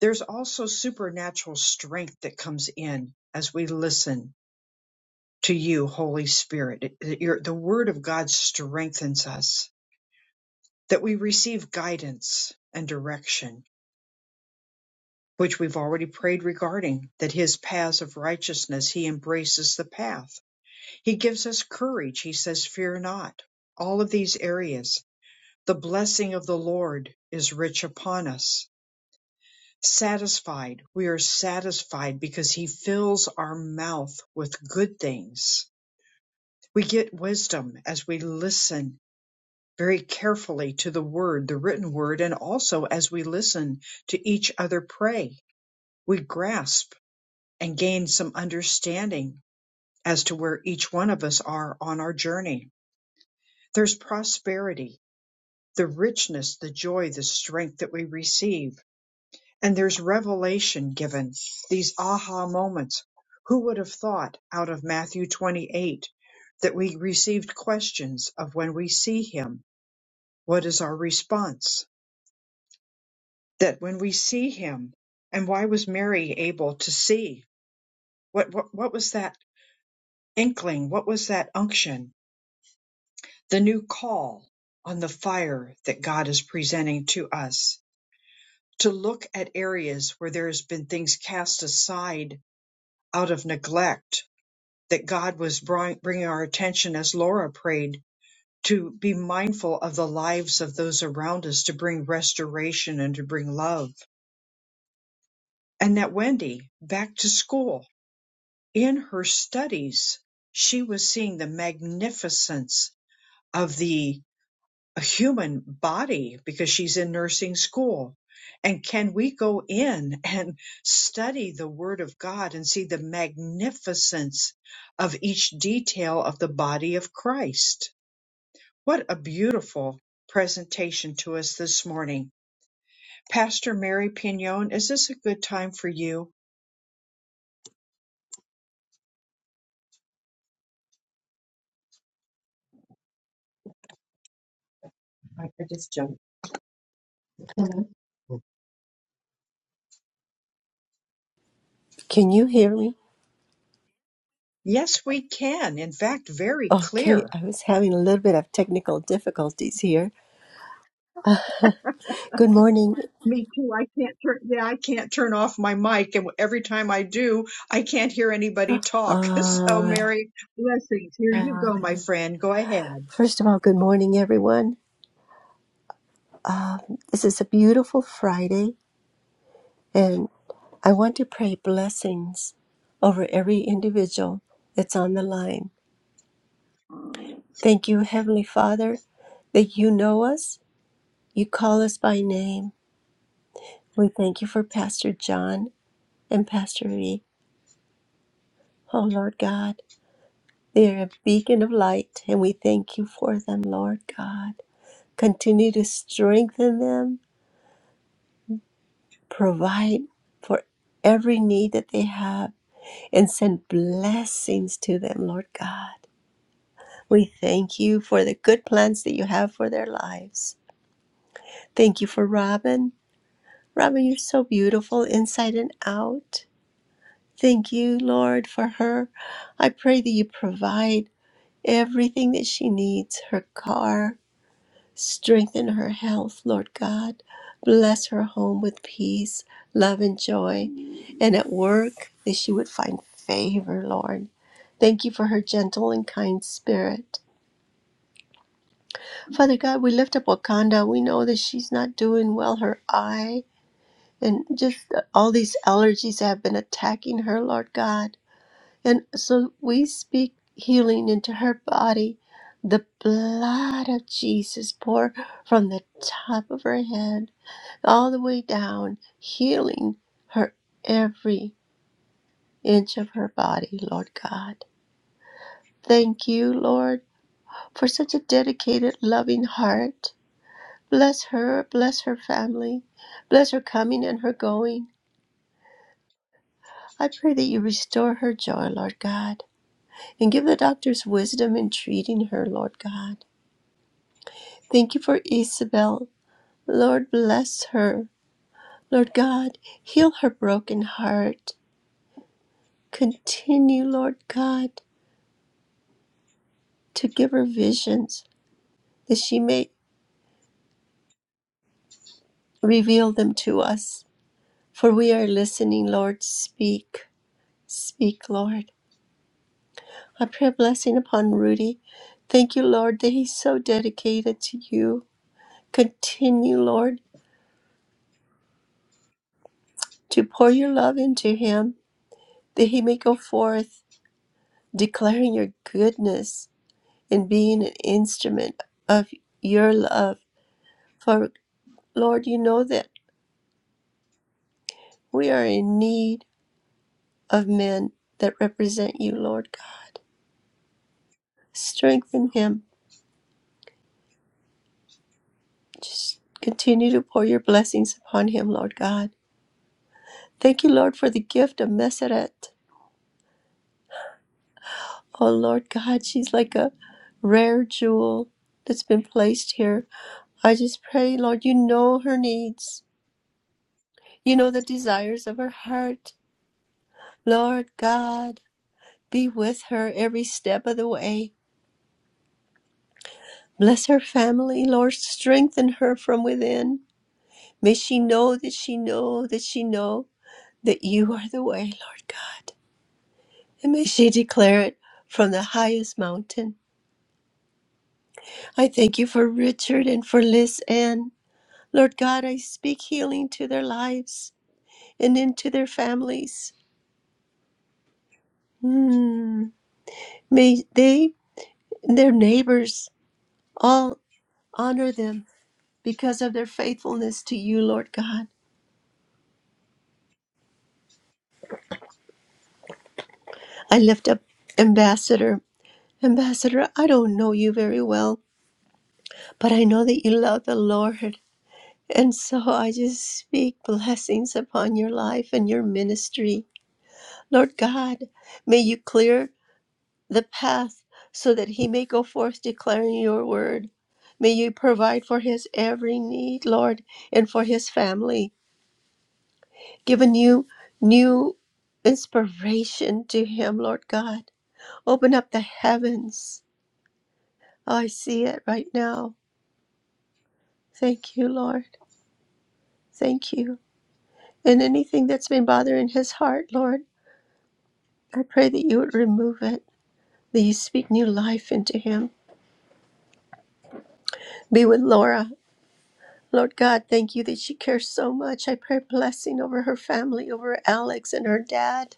Speaker 1: There's also supernatural strength that comes in as we listen to you, Holy Spirit. It- it- your- the Word of God strengthens us, that we receive guidance and direction which we've already prayed regarding, that his paths of righteousness, he embraces the path. He gives us courage. He says, Fear not. All of these areas, the blessing of the Lord is rich upon us. Satisfied, we are satisfied because he fills our mouth with good things. We get wisdom as we listen very carefully to the word, the written word, and also as we listen to each other pray. We grasp and gain some understanding as to where each one of us are on our journey. There's prosperity, the richness, the joy, the strength that we receive, and there's revelation given, these aha moments. Who would have thought out of Matthew 28 that we received questions of when we see him, what is our response? That when we see him, and why was Mary able to see? What, what, what was that inkling? What was that unction? the new call on the fire that God is presenting to us to look at areas where there has been things cast aside out of neglect that God was bring- bringing our attention as Laura prayed to be mindful of the lives of those around us to bring restoration and to bring love. And that Wendy back to school in her studies, she was seeing the magnificence of the a human body because she's in nursing school. And can we go in and study the Word of God and see the magnificence of each detail of the body of Christ? What a beautiful presentation to us this morning. Pastor Mary Pignon, is this a good time for you?
Speaker 11: Can you hear me?
Speaker 1: Yes, we can. In fact, very
Speaker 11: Okay,
Speaker 1: clear.
Speaker 11: I was having a little bit of technical difficulties here. Good morning.
Speaker 1: Me too. I can't turn. Yeah, I can't turn off my mic, and every time I do, I can't hear anybody talk. So,
Speaker 11: Uh,
Speaker 1: Mary, blessings. Here you go, my friend. Go ahead.
Speaker 11: first of all, good morning, everyone. This is a beautiful Friday, and I want to pray blessings over every individual that's on the line. Thank you, Heavenly Father, that you know us, you call us by name. We thank you for Pastor John and Pastor V. Oh, Lord God. They're a beacon of light, and we thank you for them, Lord God. Continue to strengthen them, provide for every need that they have, and send blessings to them, Lord God. We thank you for the good plans that you have for their lives. Thank you for Robin. Robin, you're so beautiful inside and out. Thank you, Lord, for her. I pray that you provide everything that she needs her car, Strengthen her health, Lord God. Bless her home with peace, love, and joy. And at work, that she would find favor, Lord. Thank you for her gentle and kind spirit. Father God, we lift up Wakanda. We know that she's not doing well, her eye, and just all these allergies have been attacking her, Lord God. And so we speak healing into her body. The blood of Jesus pour from the top of her head all the way down, healing her every inch of her body, Lord God. Thank you, Lord, for such a dedicated, loving heart. Bless her, bless her family, bless her coming and her going. I pray that you restore her joy, Lord God, and give the doctors wisdom in treating her, Lord God. Thank you for Isabel. Lord, bless her. Lord God, heal her broken heart. Continue, Lord God to give her visions, that she may reveal them to us. For we are listening, Lord. Speak, speak, Lord. I pray a blessing upon Rudy. Thank you, Lord, that he's so dedicated to you. Continue, Lord, to pour your love into him, that he may go forth declaring your goodness and being an instrument of your love. For, Lord, you know that we are in need of men that represent you, Lord God. Strengthen him. Just continue to pour your blessings upon him, Lord God. Thank you, Lord, for the gift of Meseret. Oh, Lord God, she's like a rare jewel that's been placed here. I just pray, Lord, you know her needs. You know the desires of her heart. Lord God, be with her every step of the way. Bless her family, Lord. Strengthen her from within. May she know that she know that she know that you are the way, Lord God. And may she declare it from the highest mountain. I thank you for Richard and for Liz Ann. Lord God, I speak healing to their lives and into their families. Hmm. May they and their neighbors all honor them because of their faithfulness to you, Lord God. I lift up Ambassador. Ambassador, I don't know you very well, But I know that you love the Lord. And so I just speak blessings upon your life and your ministry. Lord God, may you clear the path so that he may go forth declaring your word. May you provide for his every need, Lord, and for his family. Give a new, new inspiration to him, Lord God. Open up the heavens. Oh, I see it right now. Thank you, Lord. Thank you. And anything that's been bothering his heart, Lord, I pray that you would remove it, that you speak new life into him. Be with Laura. Lord God, thank you that she cares so much. I pray blessing over her family, over Alex and her dad.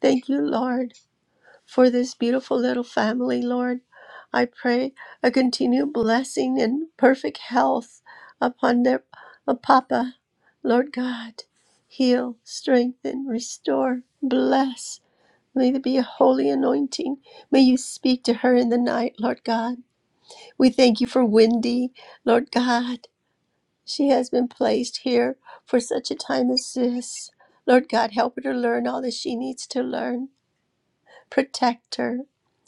Speaker 11: Thank you, Lord, for this beautiful little family, Lord. I pray a continued blessing and perfect health upon their uh, Papa. Lord God, heal, strengthen, restore, bless. May there be a holy anointing. May you speak to her in the night, Lord God. We thank you for Wendy, Lord God. She has been placed here for such a time as this. Lord God, help her to learn all that she needs to learn. Protect her.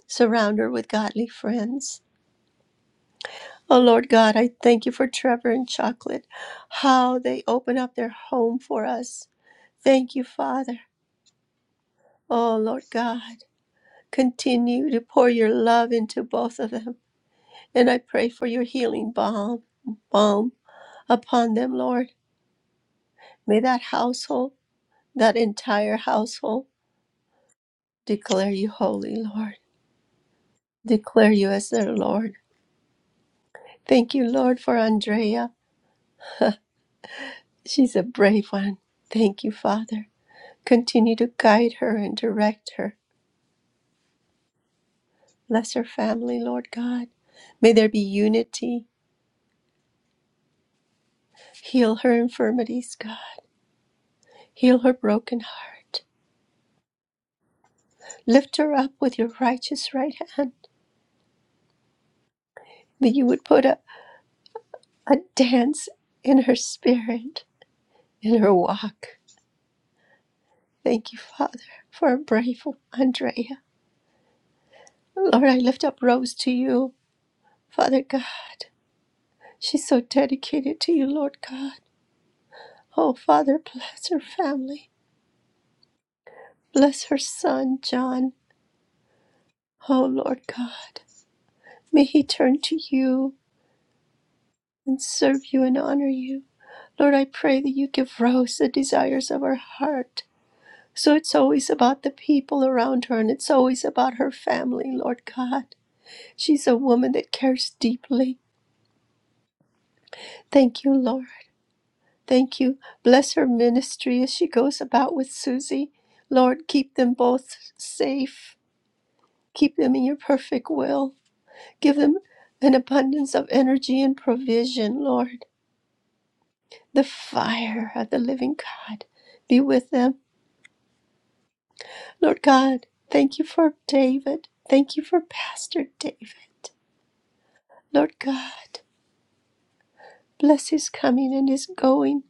Speaker 11: Surround her with godly friends. Oh, Lord God, I thank you for Trevor and Chocolate, how they open up their home for us. Thank you, Father. Oh, Lord God, continue to pour your love into both of them. And I pray for your healing balm, balm upon them, Lord. May that household, that entire household, declare you holy, Lord. Declare you as their Lord. Thank you, Lord, for Andrea. She's a brave one. Thank you, Father. Continue to guide her and direct her. Bless her family, Lord God. May there be unity. Heal her infirmities, God. Heal her broken heart. Lift her up with your righteous right hand that you would put a a dance in her spirit, in her walk. Thank you, Father, for a brave Andrea. Lord, I lift up Rose to you, Father God. She's so dedicated to you, Lord God. Oh, Father, bless her family. Bless her son, John. Oh, Lord God, may he turn to you and serve you and honor you. Lord, I pray that you give Rose the desires of her heart. So it's always about the people around her and it's always about her family, Lord God. She's a woman that cares deeply. Thank you, Lord. Thank you. Bless her ministry as she goes about with Susie. Lord, keep them both safe. Keep them in your perfect will. Give them an abundance of energy and provision, Lord. The fire of the living God be with them. Lord God, thank you for David. Thank you for Pastor David. Lord God, bless his coming and his going.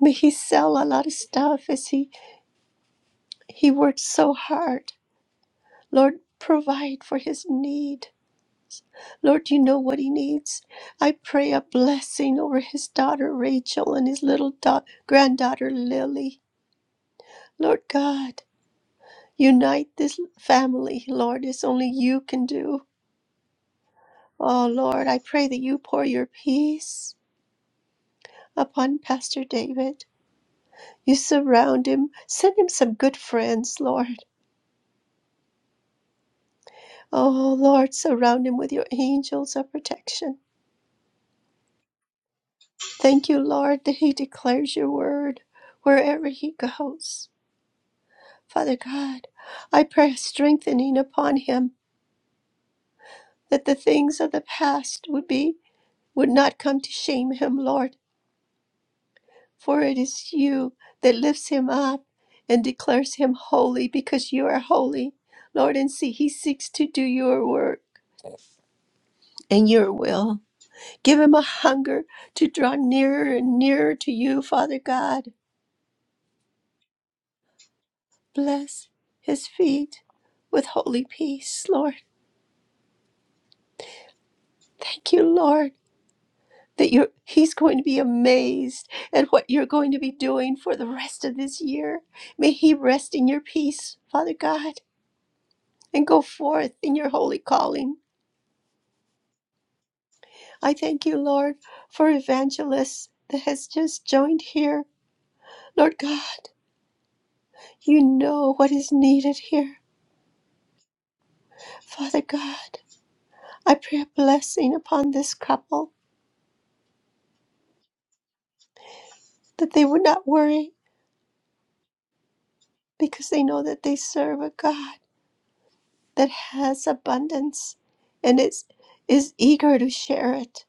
Speaker 11: May he sell a lot of stuff as he, he works so hard. Lord, provide for his need. Lord, you know what he needs. I pray a blessing over his daughter Rachel and his little da- granddaughter Lily. Lord God, unite this family, Lord, as only you can do. Oh, Lord, I pray that you pour your peace upon Pastor David. You surround him. Send him some good friends, Lord. Oh, Lord, surround him with your angels of protection. Thank you, Lord, that he declares your word wherever he goes. Father God, I pray a strengthening upon him that the things of the past would be would not come to shame him, Lord, for it is you that lifts him up and declares him holy because you are holy, Lord, and see he seeks to do your work and your will. Give him a hunger to draw nearer and nearer to you, Father God. Bless his feet with holy peace, Lord. Thank you, Lord, that you're, he's going to be amazed at what you're going to be doing for the rest of this year. May he rest in your peace, Father God, and go forth in your holy calling. I thank you, Lord, for Evangelist that has just joined here. Lord God, you know what is needed here, Father God. I pray a blessing upon this couple that they would not worry because they know that they serve a God that has abundance and is, is eager to share it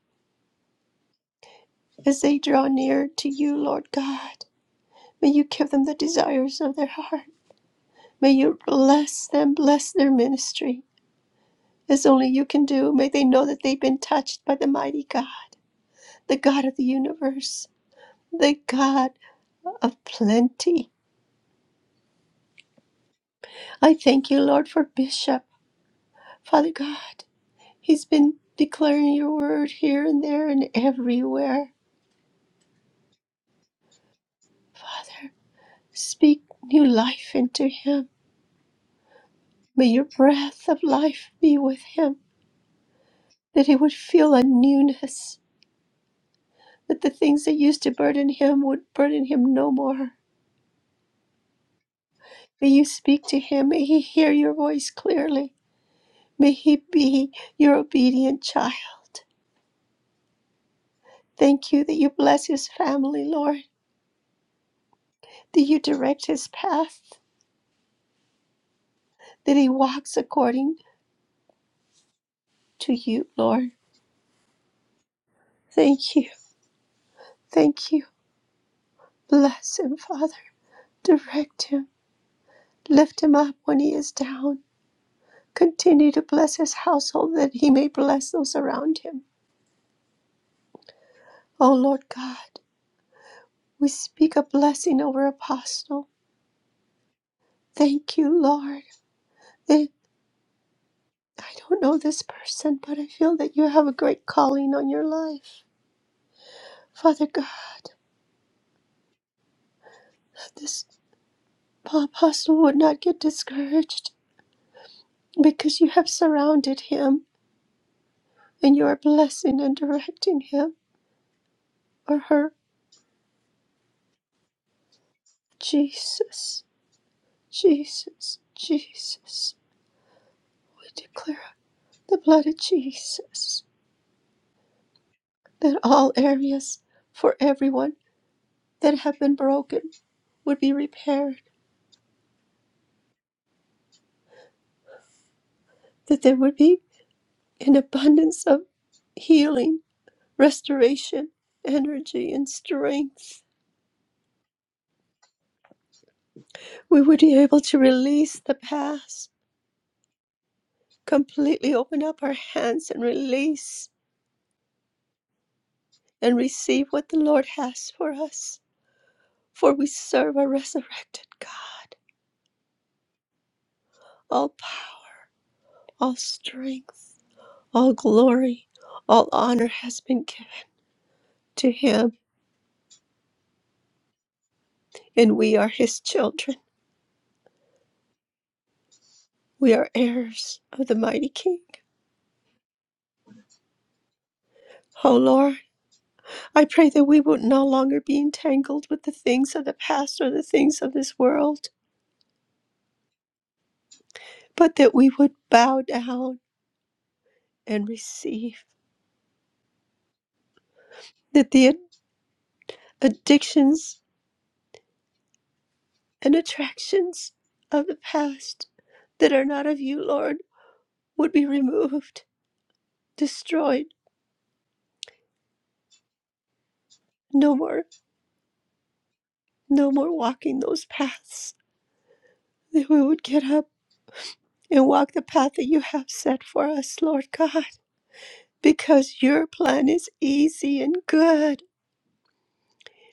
Speaker 11: as they draw near to you, Lord God. May you give them the desires of their heart. May you bless them, bless their ministry as only you can do. May they know that they've been touched by the mighty God, the God of the universe, the God of plenty. I thank you, Lord, for Bishop, Father God. He's been declaring your word here and there and everywhere. Father, speak new life into him. May your breath of life be with him, that he would feel a newness, that the things that used to burden him would burden him no more. May you speak to him. May he hear your voice clearly. May he be your obedient child. Thank you that you bless his family, Lord, that you direct his path, that he walks according to you, Lord. Thank you. Thank you. Bless him, Father. Direct him. Lift him up when he is down. Continue to bless his household that he may bless those around him. O Lord God, we speak a blessing over Apostle. Thank you, Lord. They- I don't know this person, but I feel that you have a great calling on your life. Father God, that this apostle would not get discouraged because you have surrounded him and you are blessing and directing him or her Jesus, Jesus, Jesus. We declare the blood of Jesus that all areas for everyone that have been broken would be repaired, that there would be an abundance of healing, restoration, energy, and strength. We would be able to release the past, completely open up our hands and release and receive what the Lord has for us, for we serve a resurrected God All power, all strength, all glory, all honor has been given to him, and we are his children. We are heirs of the mighty King. O Lord, I pray that we will no longer be entangled with the things of the past or the things of this world, but that we would bow down and receive that the ad- addictions and attractions of the past that are not of you, Lord, would be removed, destroyed, no more No more walking those paths. That we would get up and walk the path that you have set for us, Lord God, because your plan is easy and good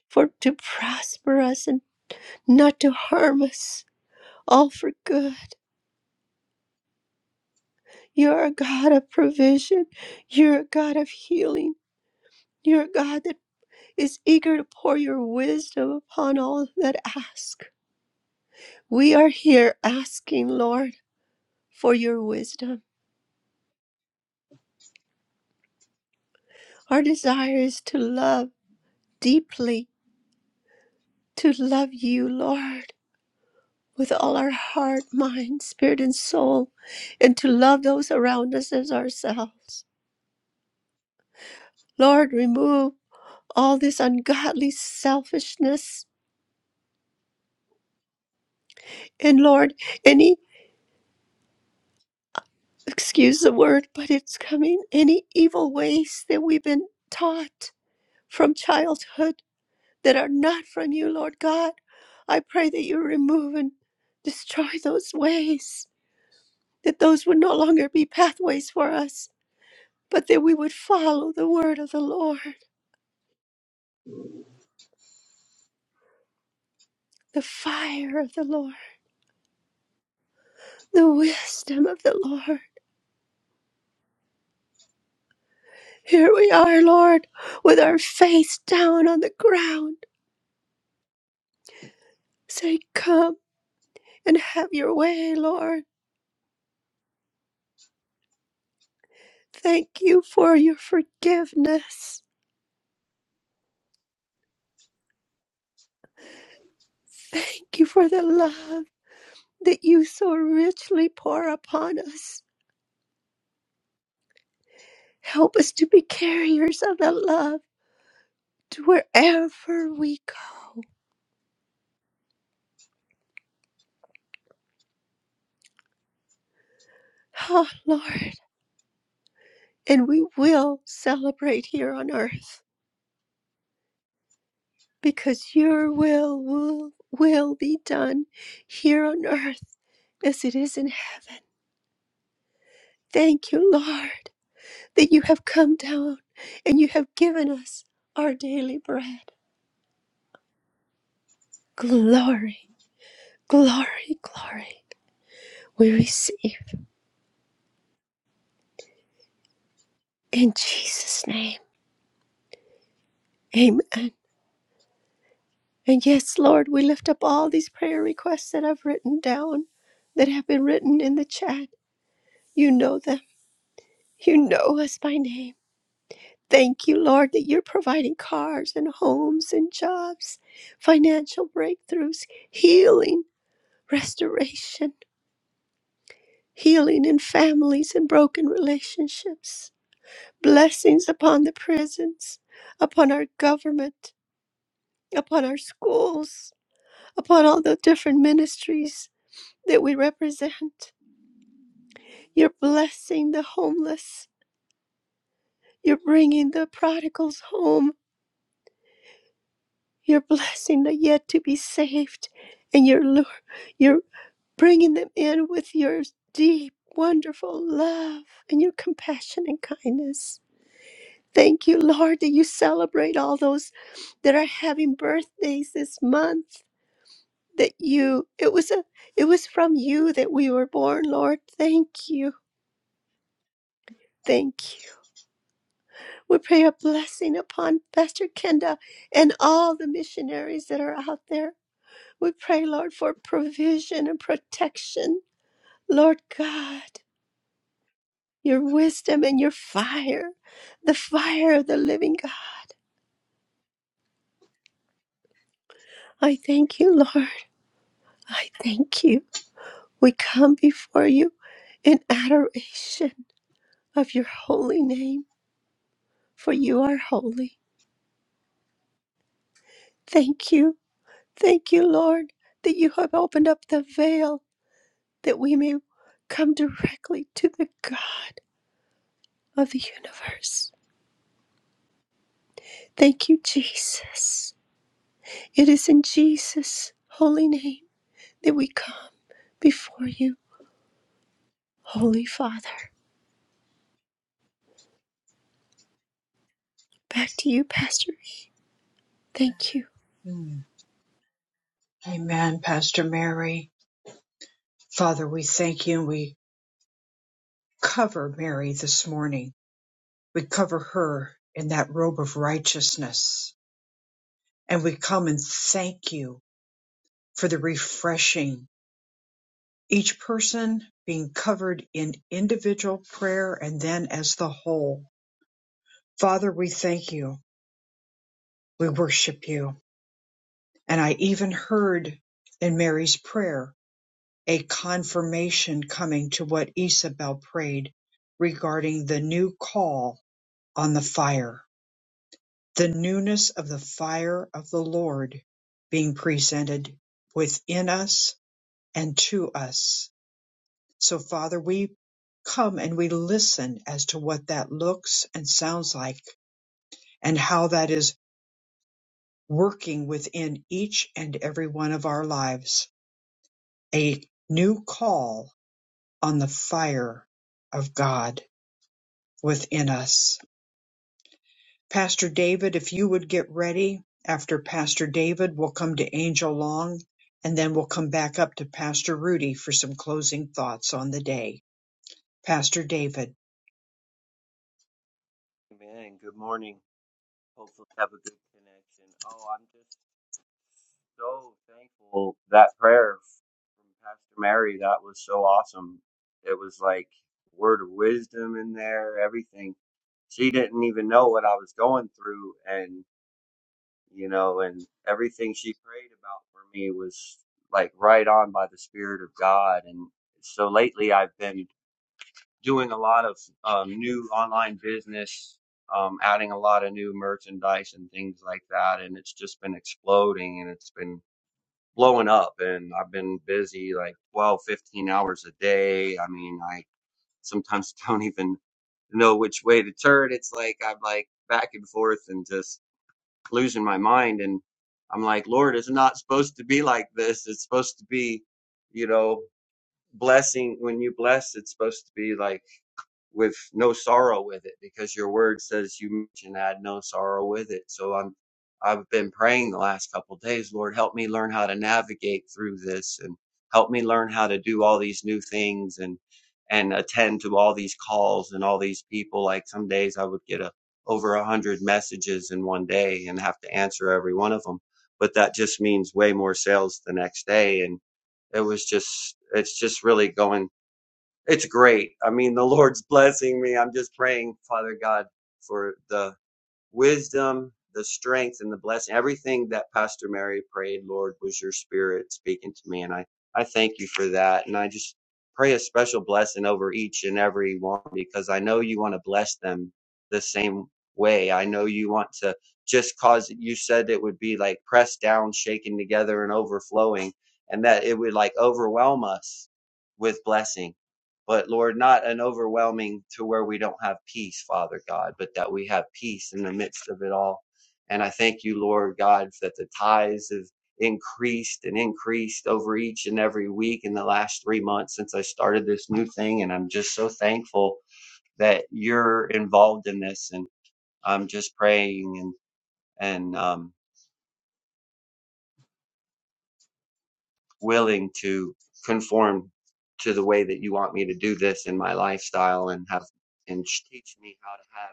Speaker 11: for to prosper us and not to harm us, all for good. You're a God of provision. You're a God of healing. You're a God that is eager to pour your wisdom upon all that ask. We are here asking, Lord, for your wisdom. Our desire is to love. deeply to love you, Lord, with all our heart, mind, spirit, and soul, and to love those around us as ourselves. Lord, remove all this ungodly selfishness. And Lord, any, excuse the word, but it's coming, any evil ways that we've been taught from childhood that are not from you, Lord God, I pray that you remove and destroy those ways, that those would no longer be pathways for us but that we would follow the word of the Lord, the fire of the Lord, the wisdom of the Lord. Here we are, Lord, with our face down on the ground. Say, Come and have your way, Lord. Thank you for your forgiveness. Thank you for the love that you so richly pour upon us. Help us to be carriers of the love to wherever we go. Oh, Lord. And we will celebrate here on earth because your will will, will be done here on earth as it is in heaven. Thank you, Lord, that you have come down and you have given us our daily bread. Glory, glory, glory. We receive in Jesus' name. Amen. And yes, Lord, we lift up all these prayer requests that I've written down, that have been written in the chat. You know them. You know us by name. Thank you, Lord, that you're providing cars and homes and jobs, financial breakthroughs, healing, restoration, healing in families and broken relationships, blessings upon the prisons, upon our government, upon our schools, upon all the different ministries that we represent. You're blessing the homeless. You're bringing the prodigals home You're blessing the yet to be saved, and you're, lu- you're bringing them in with your deep, wonderful love and your compassion and kindness. Thank you, Lord, that you celebrate all those that are having birthdays this month. That you, it was a, it was from you that we were born, Lord. Thank you, thank you. We pray a blessing upon Pastor Kenda and all the missionaries that are out there We pray, Lord, for provision and protection. Lord God, your wisdom and your fire, the fire of the living God. I thank you, Lord. I thank you. We come before you in adoration of your holy name, for you are holy. Thank you. Thank you, Lord, that you have opened up the veil that we may come directly to the God of the universe. Thank you, Jesus. It is in Jesus' holy name that we come before you, Holy Father. Back to you, Pastor E. Thank you.
Speaker 1: Mm. Amen, Pastor Mary. Father, we thank you and we cover Mary this morning. We cover her in that robe of righteousness. And we come and thank you for the refreshing, each person being covered in individual prayer and then as the whole. Father, we thank you. We worship you. And I even heard in Mary's prayer a confirmation coming to what Isabel prayed regarding the new call on the fire, the newness of the fire of the Lord being presented within us and to us. So, Father, we come and we listen as to what that looks and sounds like and how that is working within each and every one of our lives, a new call on the fire of God within us. Pastor David, if you would get ready, after Pastor David, we'll come to Angel Long and then we'll come back up to Pastor Rudy for some closing thoughts on the day. Pastor David.
Speaker 12: Man, good morning. Hopefully, have a good connection. Oh, I'm just so thankful that prayer from Pastor Mary. That was so awesome. It was like word of wisdom in there. Everything. She didn't even know what I was going through, and you know, and everything she prayed about for me was like right on by the Spirit of God. And so lately, I've been doing a lot of um, new online business, um, adding a lot of new merchandise and things like that. And it's just been exploding and it's been blowing up. And I've been busy like 12, 15 hours a day. I mean, I sometimes don't even know which way to turn. It's like I'm like back and forth and just losing my mind. And I'm like, Lord, it's not supposed to be like this. It's supposed to be, you know, blessing. When you bless, it's supposed to be like, with no sorrow with it because your word says you mentioned I no sorrow with it. So I'm I've been praying the last couple of days, Lord, help me learn how to navigate through this and help me learn how to do all these new things and and attend to all these calls and all these people. Like some days I would get a, over a hundred messages in one day and have to answer every one of them. But that just means way more sales the next day. And it was just, it's just really going. It's great. I mean, the Lord's blessing me. I'm just praying, Father God, for the wisdom, the strength, and the blessing. Everything that Pastor Mary prayed, Lord, was your spirit speaking to me. And I, I thank you for that. And I just pray a special blessing over each and every one because I know you want to bless them the same way. I know you want to just cause, you said it would be like pressed down, shaken together, and overflowing, and that it would like overwhelm us with blessing but Lord, not an overwhelming to where we don't have peace, Father God, but that we have peace in the midst of it all. And I thank you, Lord God, that the tithes have increased and increased over each and every week in the last three months since I started this new thing. And I'm just so thankful that you're involved in this. And I'm just praying and, and um, willing to conform to the way that you want me to do this in my lifestyle and have and teach me how to have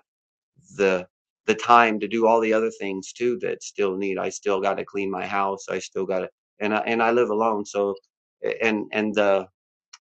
Speaker 12: the the time to do all the other things too that still need i still got to clean my house i still got to and I, and i live alone so and and the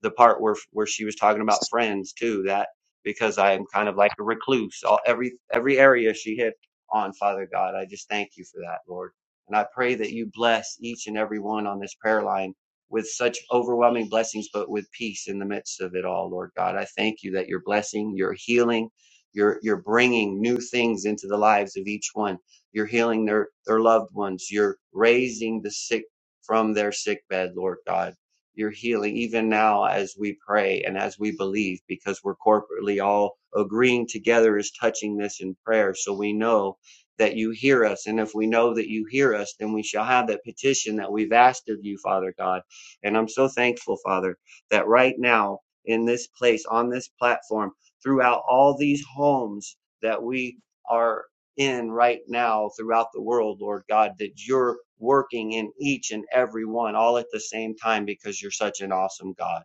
Speaker 12: the part where where she was talking about friends too that because I am kind of like a recluse all every every area she hit on Father God I just thank you for that Lord and I pray that you bless each and every one on this prayer line with such overwhelming blessings but with peace in the midst of it all Lord God I thank you that you're blessing you're healing you're you're bringing new things into the lives of each one you're healing their their loved ones you're raising the sick from their sick bed Lord God your healing even now as we pray and as we believe because we're corporately all agreeing together is touching this in prayer so we know that you hear us and if we know that you hear us then we shall have that petition that we've asked of you father god and i'm so thankful father that right now in this place on this platform throughout all these homes that we are in right now throughout the world, Lord God, that you're working in each and every one all at the same time because you're such an awesome God.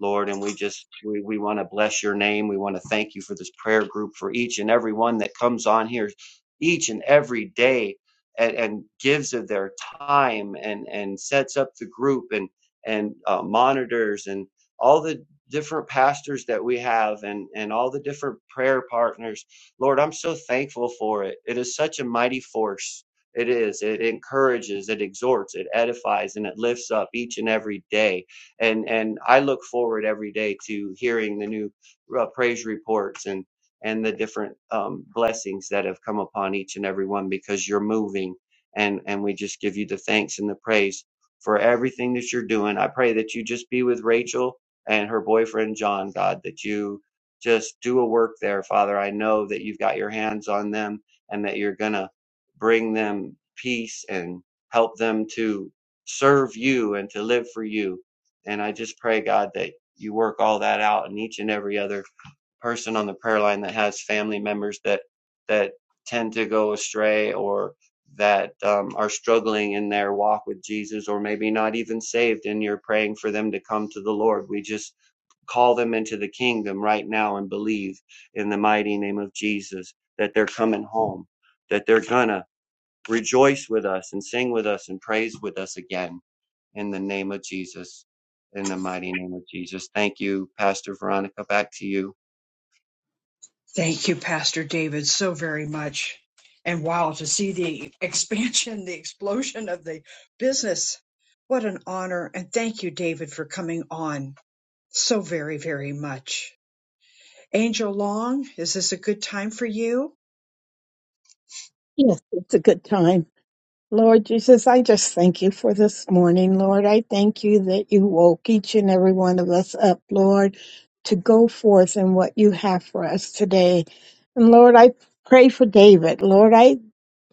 Speaker 12: Lord, and we just we, we want to bless your name. We want to thank you for this prayer group, for each and every one that comes on here each and every day and, and gives of their time and and sets up the group and and uh, monitors and all the different pastors that we have and and all the different prayer partners. Lord, I'm so thankful for it. It is such a mighty force. It is. It encourages, it exhorts, it edifies, and it lifts up each and every day and and I look forward every day to hearing the new uh, praise reports and and the different um, blessings that have come upon each and every one because you're moving and and we just give you the thanks and the praise for everything that you're doing. I pray that you just be with Rachel and her boyfriend John, God, that you just do a work there, Father. I know that you've got your hands on them and that you're gonna bring them peace and help them to serve you and to live for you and I just pray, God, that you work all that out in each and every other person on the prayer line that has family members that that tend to go astray or that um, are struggling in their walk with Jesus or maybe not even saved and you're praying for them to come to the Lord. We just call them into the kingdom right now and believe in the mighty name of Jesus that they're coming home, that they're gonna Rejoice with us and sing with us and praise with us again in the name of Jesus. In the mighty name of Jesus. Thank you, Pastor Veronica. Back to you.
Speaker 1: Thank you, Pastor David, so very much. And wow, to see the expansion, the explosion of the business. What an honor. And thank you, David, for coming on so very, very much. Angel Long, is this a good time for you?
Speaker 13: Yes, it's a good time. Lord Jesus, I just thank you for this morning, Lord. I thank you that you woke each and every one of us up, Lord, to go forth in what you have for us today. And Lord, I pray for David. Lord, I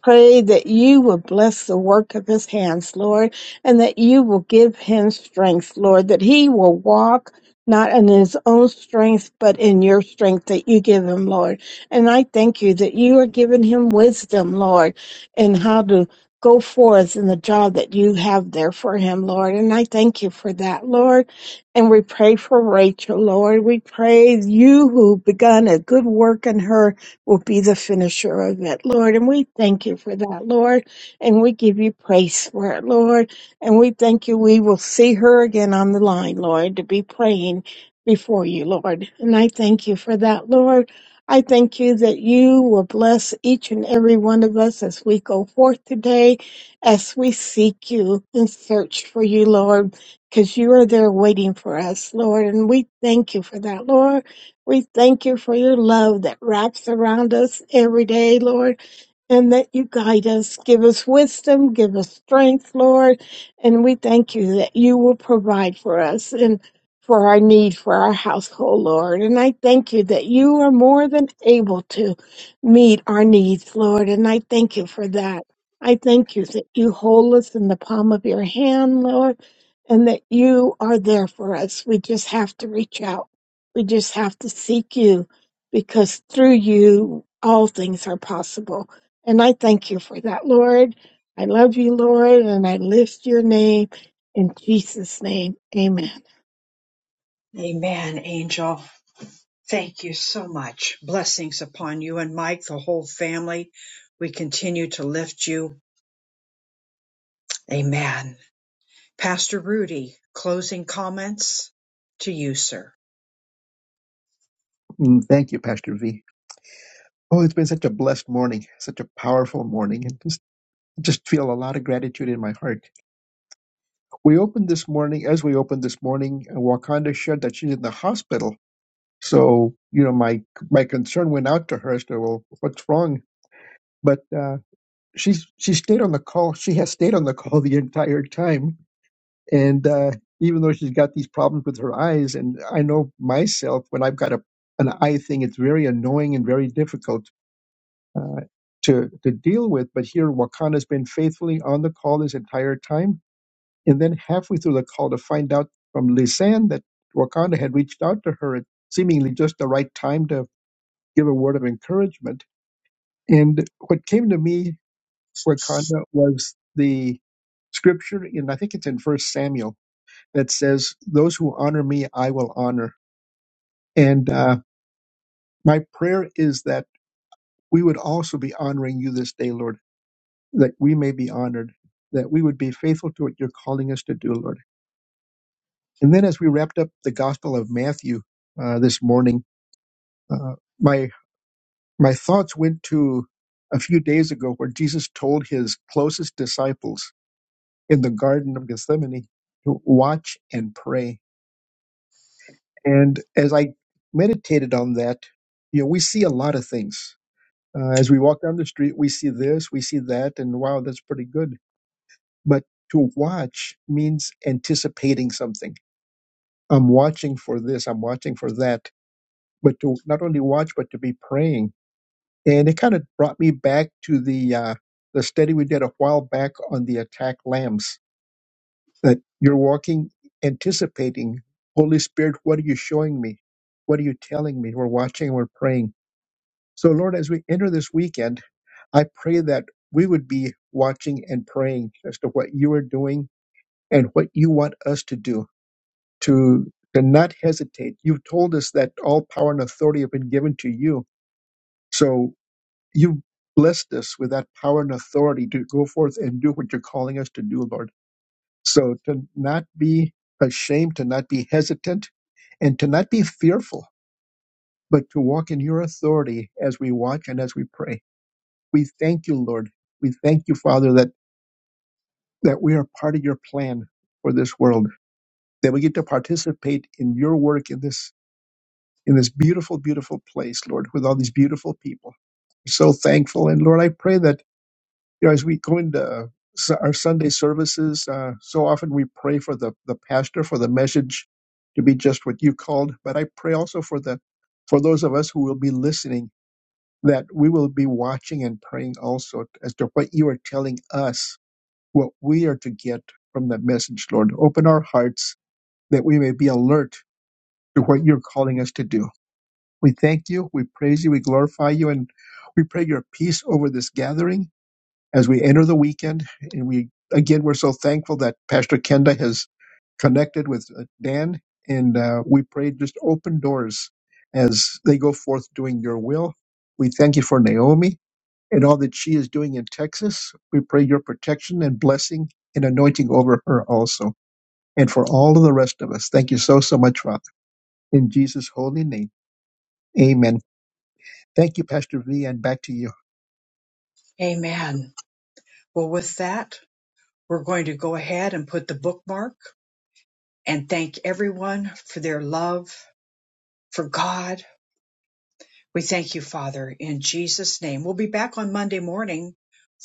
Speaker 13: Pray that you will bless the work of his hands, Lord, and that you will give him strength, Lord, that he will walk not in his own strength, but in your strength that you give him, Lord. And I thank you that you are giving him wisdom, Lord, in how to go forth in the job that you have there for him, Lord. And I thank you for that, Lord. And we pray for Rachel, Lord. We pray you who begun a good work in her will be the finisher of it, Lord. And we thank you for that, Lord. And we give you praise for it, Lord. And we thank you we will see her again on the line, Lord, to be praying before you, Lord. And I thank you for that, Lord. I thank you that you will bless each and every one of us as we go forth today, as we seek you and search for you, Lord, because you are there waiting for us, Lord. And we thank you for that, Lord. We thank you for your love that wraps around us every day, Lord and that you guide us. Give us wisdom, give us strength, Lord. And we thank you that you will provide for us and for our need for our household, Lord. And I thank you that you are more than able to meet our needs, Lord. And I thank you for that. I thank you that you hold us in the palm of your hand, Lord, and that you are there for us. We just have to reach out. We just have to seek you because through you, all things are possible. And I thank you for that, Lord. I love you, Lord, and I lift your name in Jesus' name. Amen.
Speaker 1: Amen, Angel. Thank you so much. Blessings upon you and Mike, the whole family. We continue to lift you. Amen. Pastor Rudy, closing comments to you, sir.
Speaker 2: Mm, Thank you, Pastor V. Oh, it's been such a blessed morning, such a powerful morning, and just just feel a lot of gratitude in my heart. We opened this morning, as we opened this morning, uh, Wakanda shared that she's in the hospital. So, you know, my my concern went out to her as to well, what's wrong? But uh, she's she stayed on the call. She has stayed on the call the entire time, and uh, even though she's got these problems with her eyes, and I know myself when I've got a an eye thing, it's very annoying and very difficult uh, to to deal with. But here, Wakanda's been faithfully on the call this entire time, and then halfway through the call to find out from Lisanne that Wakanda had reached out to her at seemingly just the right time to give a word of encouragement. And what came to me, Wakanda, was the scripture, and I think it's in First Samuel that says, "Those who honor me, I will honor." And uh, my prayer is that we would also be honoring you this day, Lord that we may be honored, that we would be faithful to what you're calling us to do, Lord. And then as we wrapped up the Gospel of Matthew uh, this morning, uh, my my thoughts went to a few days ago where Jesus told his closest disciples in the Garden of Gethsemane to watch and pray. And as I meditated on that, you know, we see a lot of things. Uh, as we walk down the street, we see this, we see that, and wow, that's pretty good but to watch means anticipating something. I'm watching for this, I'm watching for that, but to not only watch, but to be praying. And it kind of brought me back to the, uh, the study we did a while back on the attack lambs that you're walking, anticipating, Holy Spirit, what are you showing me? What are you telling me? We're watching, we're praying. So, Lord, as we enter this weekend, I pray that we would be watching and praying as to what you are doing and what you want us to do to to not hesitate. You've told us that all power and authority have been given to you. So you blessed us with that power and authority to go forth and do what you're calling us to do, Lord. So to not be ashamed, to not be hesitant, and to not be fearful, but to walk in your authority as we watch and as we pray. We thank you, Lord. We thank you, Father, that, that we are part of your plan for this world, that we get to participate in your work in this in this beautiful, beautiful place, Lord, with all these beautiful people. We're so thankful. And Lord, I pray that, you know, as we go into uh, s- our Sunday services, uh, so often we pray for the, the pastor, for the message to be just what you called. But I pray also for the, for those of us who will be listening, that we will be watching and praying also as to what you are telling us, what we are to get from that message, Lord. Open our hearts that we may be alert to what you're calling us to do. We thank you, we praise you, we glorify you, and we pray your peace over this gathering as we enter the weekend. And we, again, we're so thankful that Pastor Kenda has connected with uh, Dan, and uh, we pray just open doors as they go forth doing your will. We thank you for Naomi and all that she is doing in Texas. We pray your protection and blessing and anointing over her also, and for all of the rest of us. Thank you so, so much, Father. In Jesus' holy name, amen. Thank you, Pastor V, and back to you.
Speaker 1: Amen. Well, with that, we're going to go ahead and put the bookmark and thank everyone for their love for God. We thank you, Father, in Jesus' name. We'll be back on Monday morning,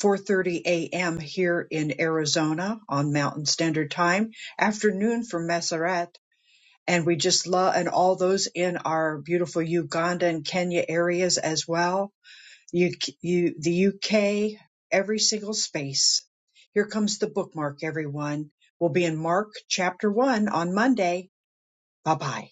Speaker 1: 4:30 a.m. here in Arizona on Mountain Standard Time, afternoon for Maseret. And we just love, and all those in our beautiful Uganda and Kenya areas as well. You, you, the UK, every single space. Here comes the bookmark, everyone. We'll be in Mark chapter one on Monday. Bye bye.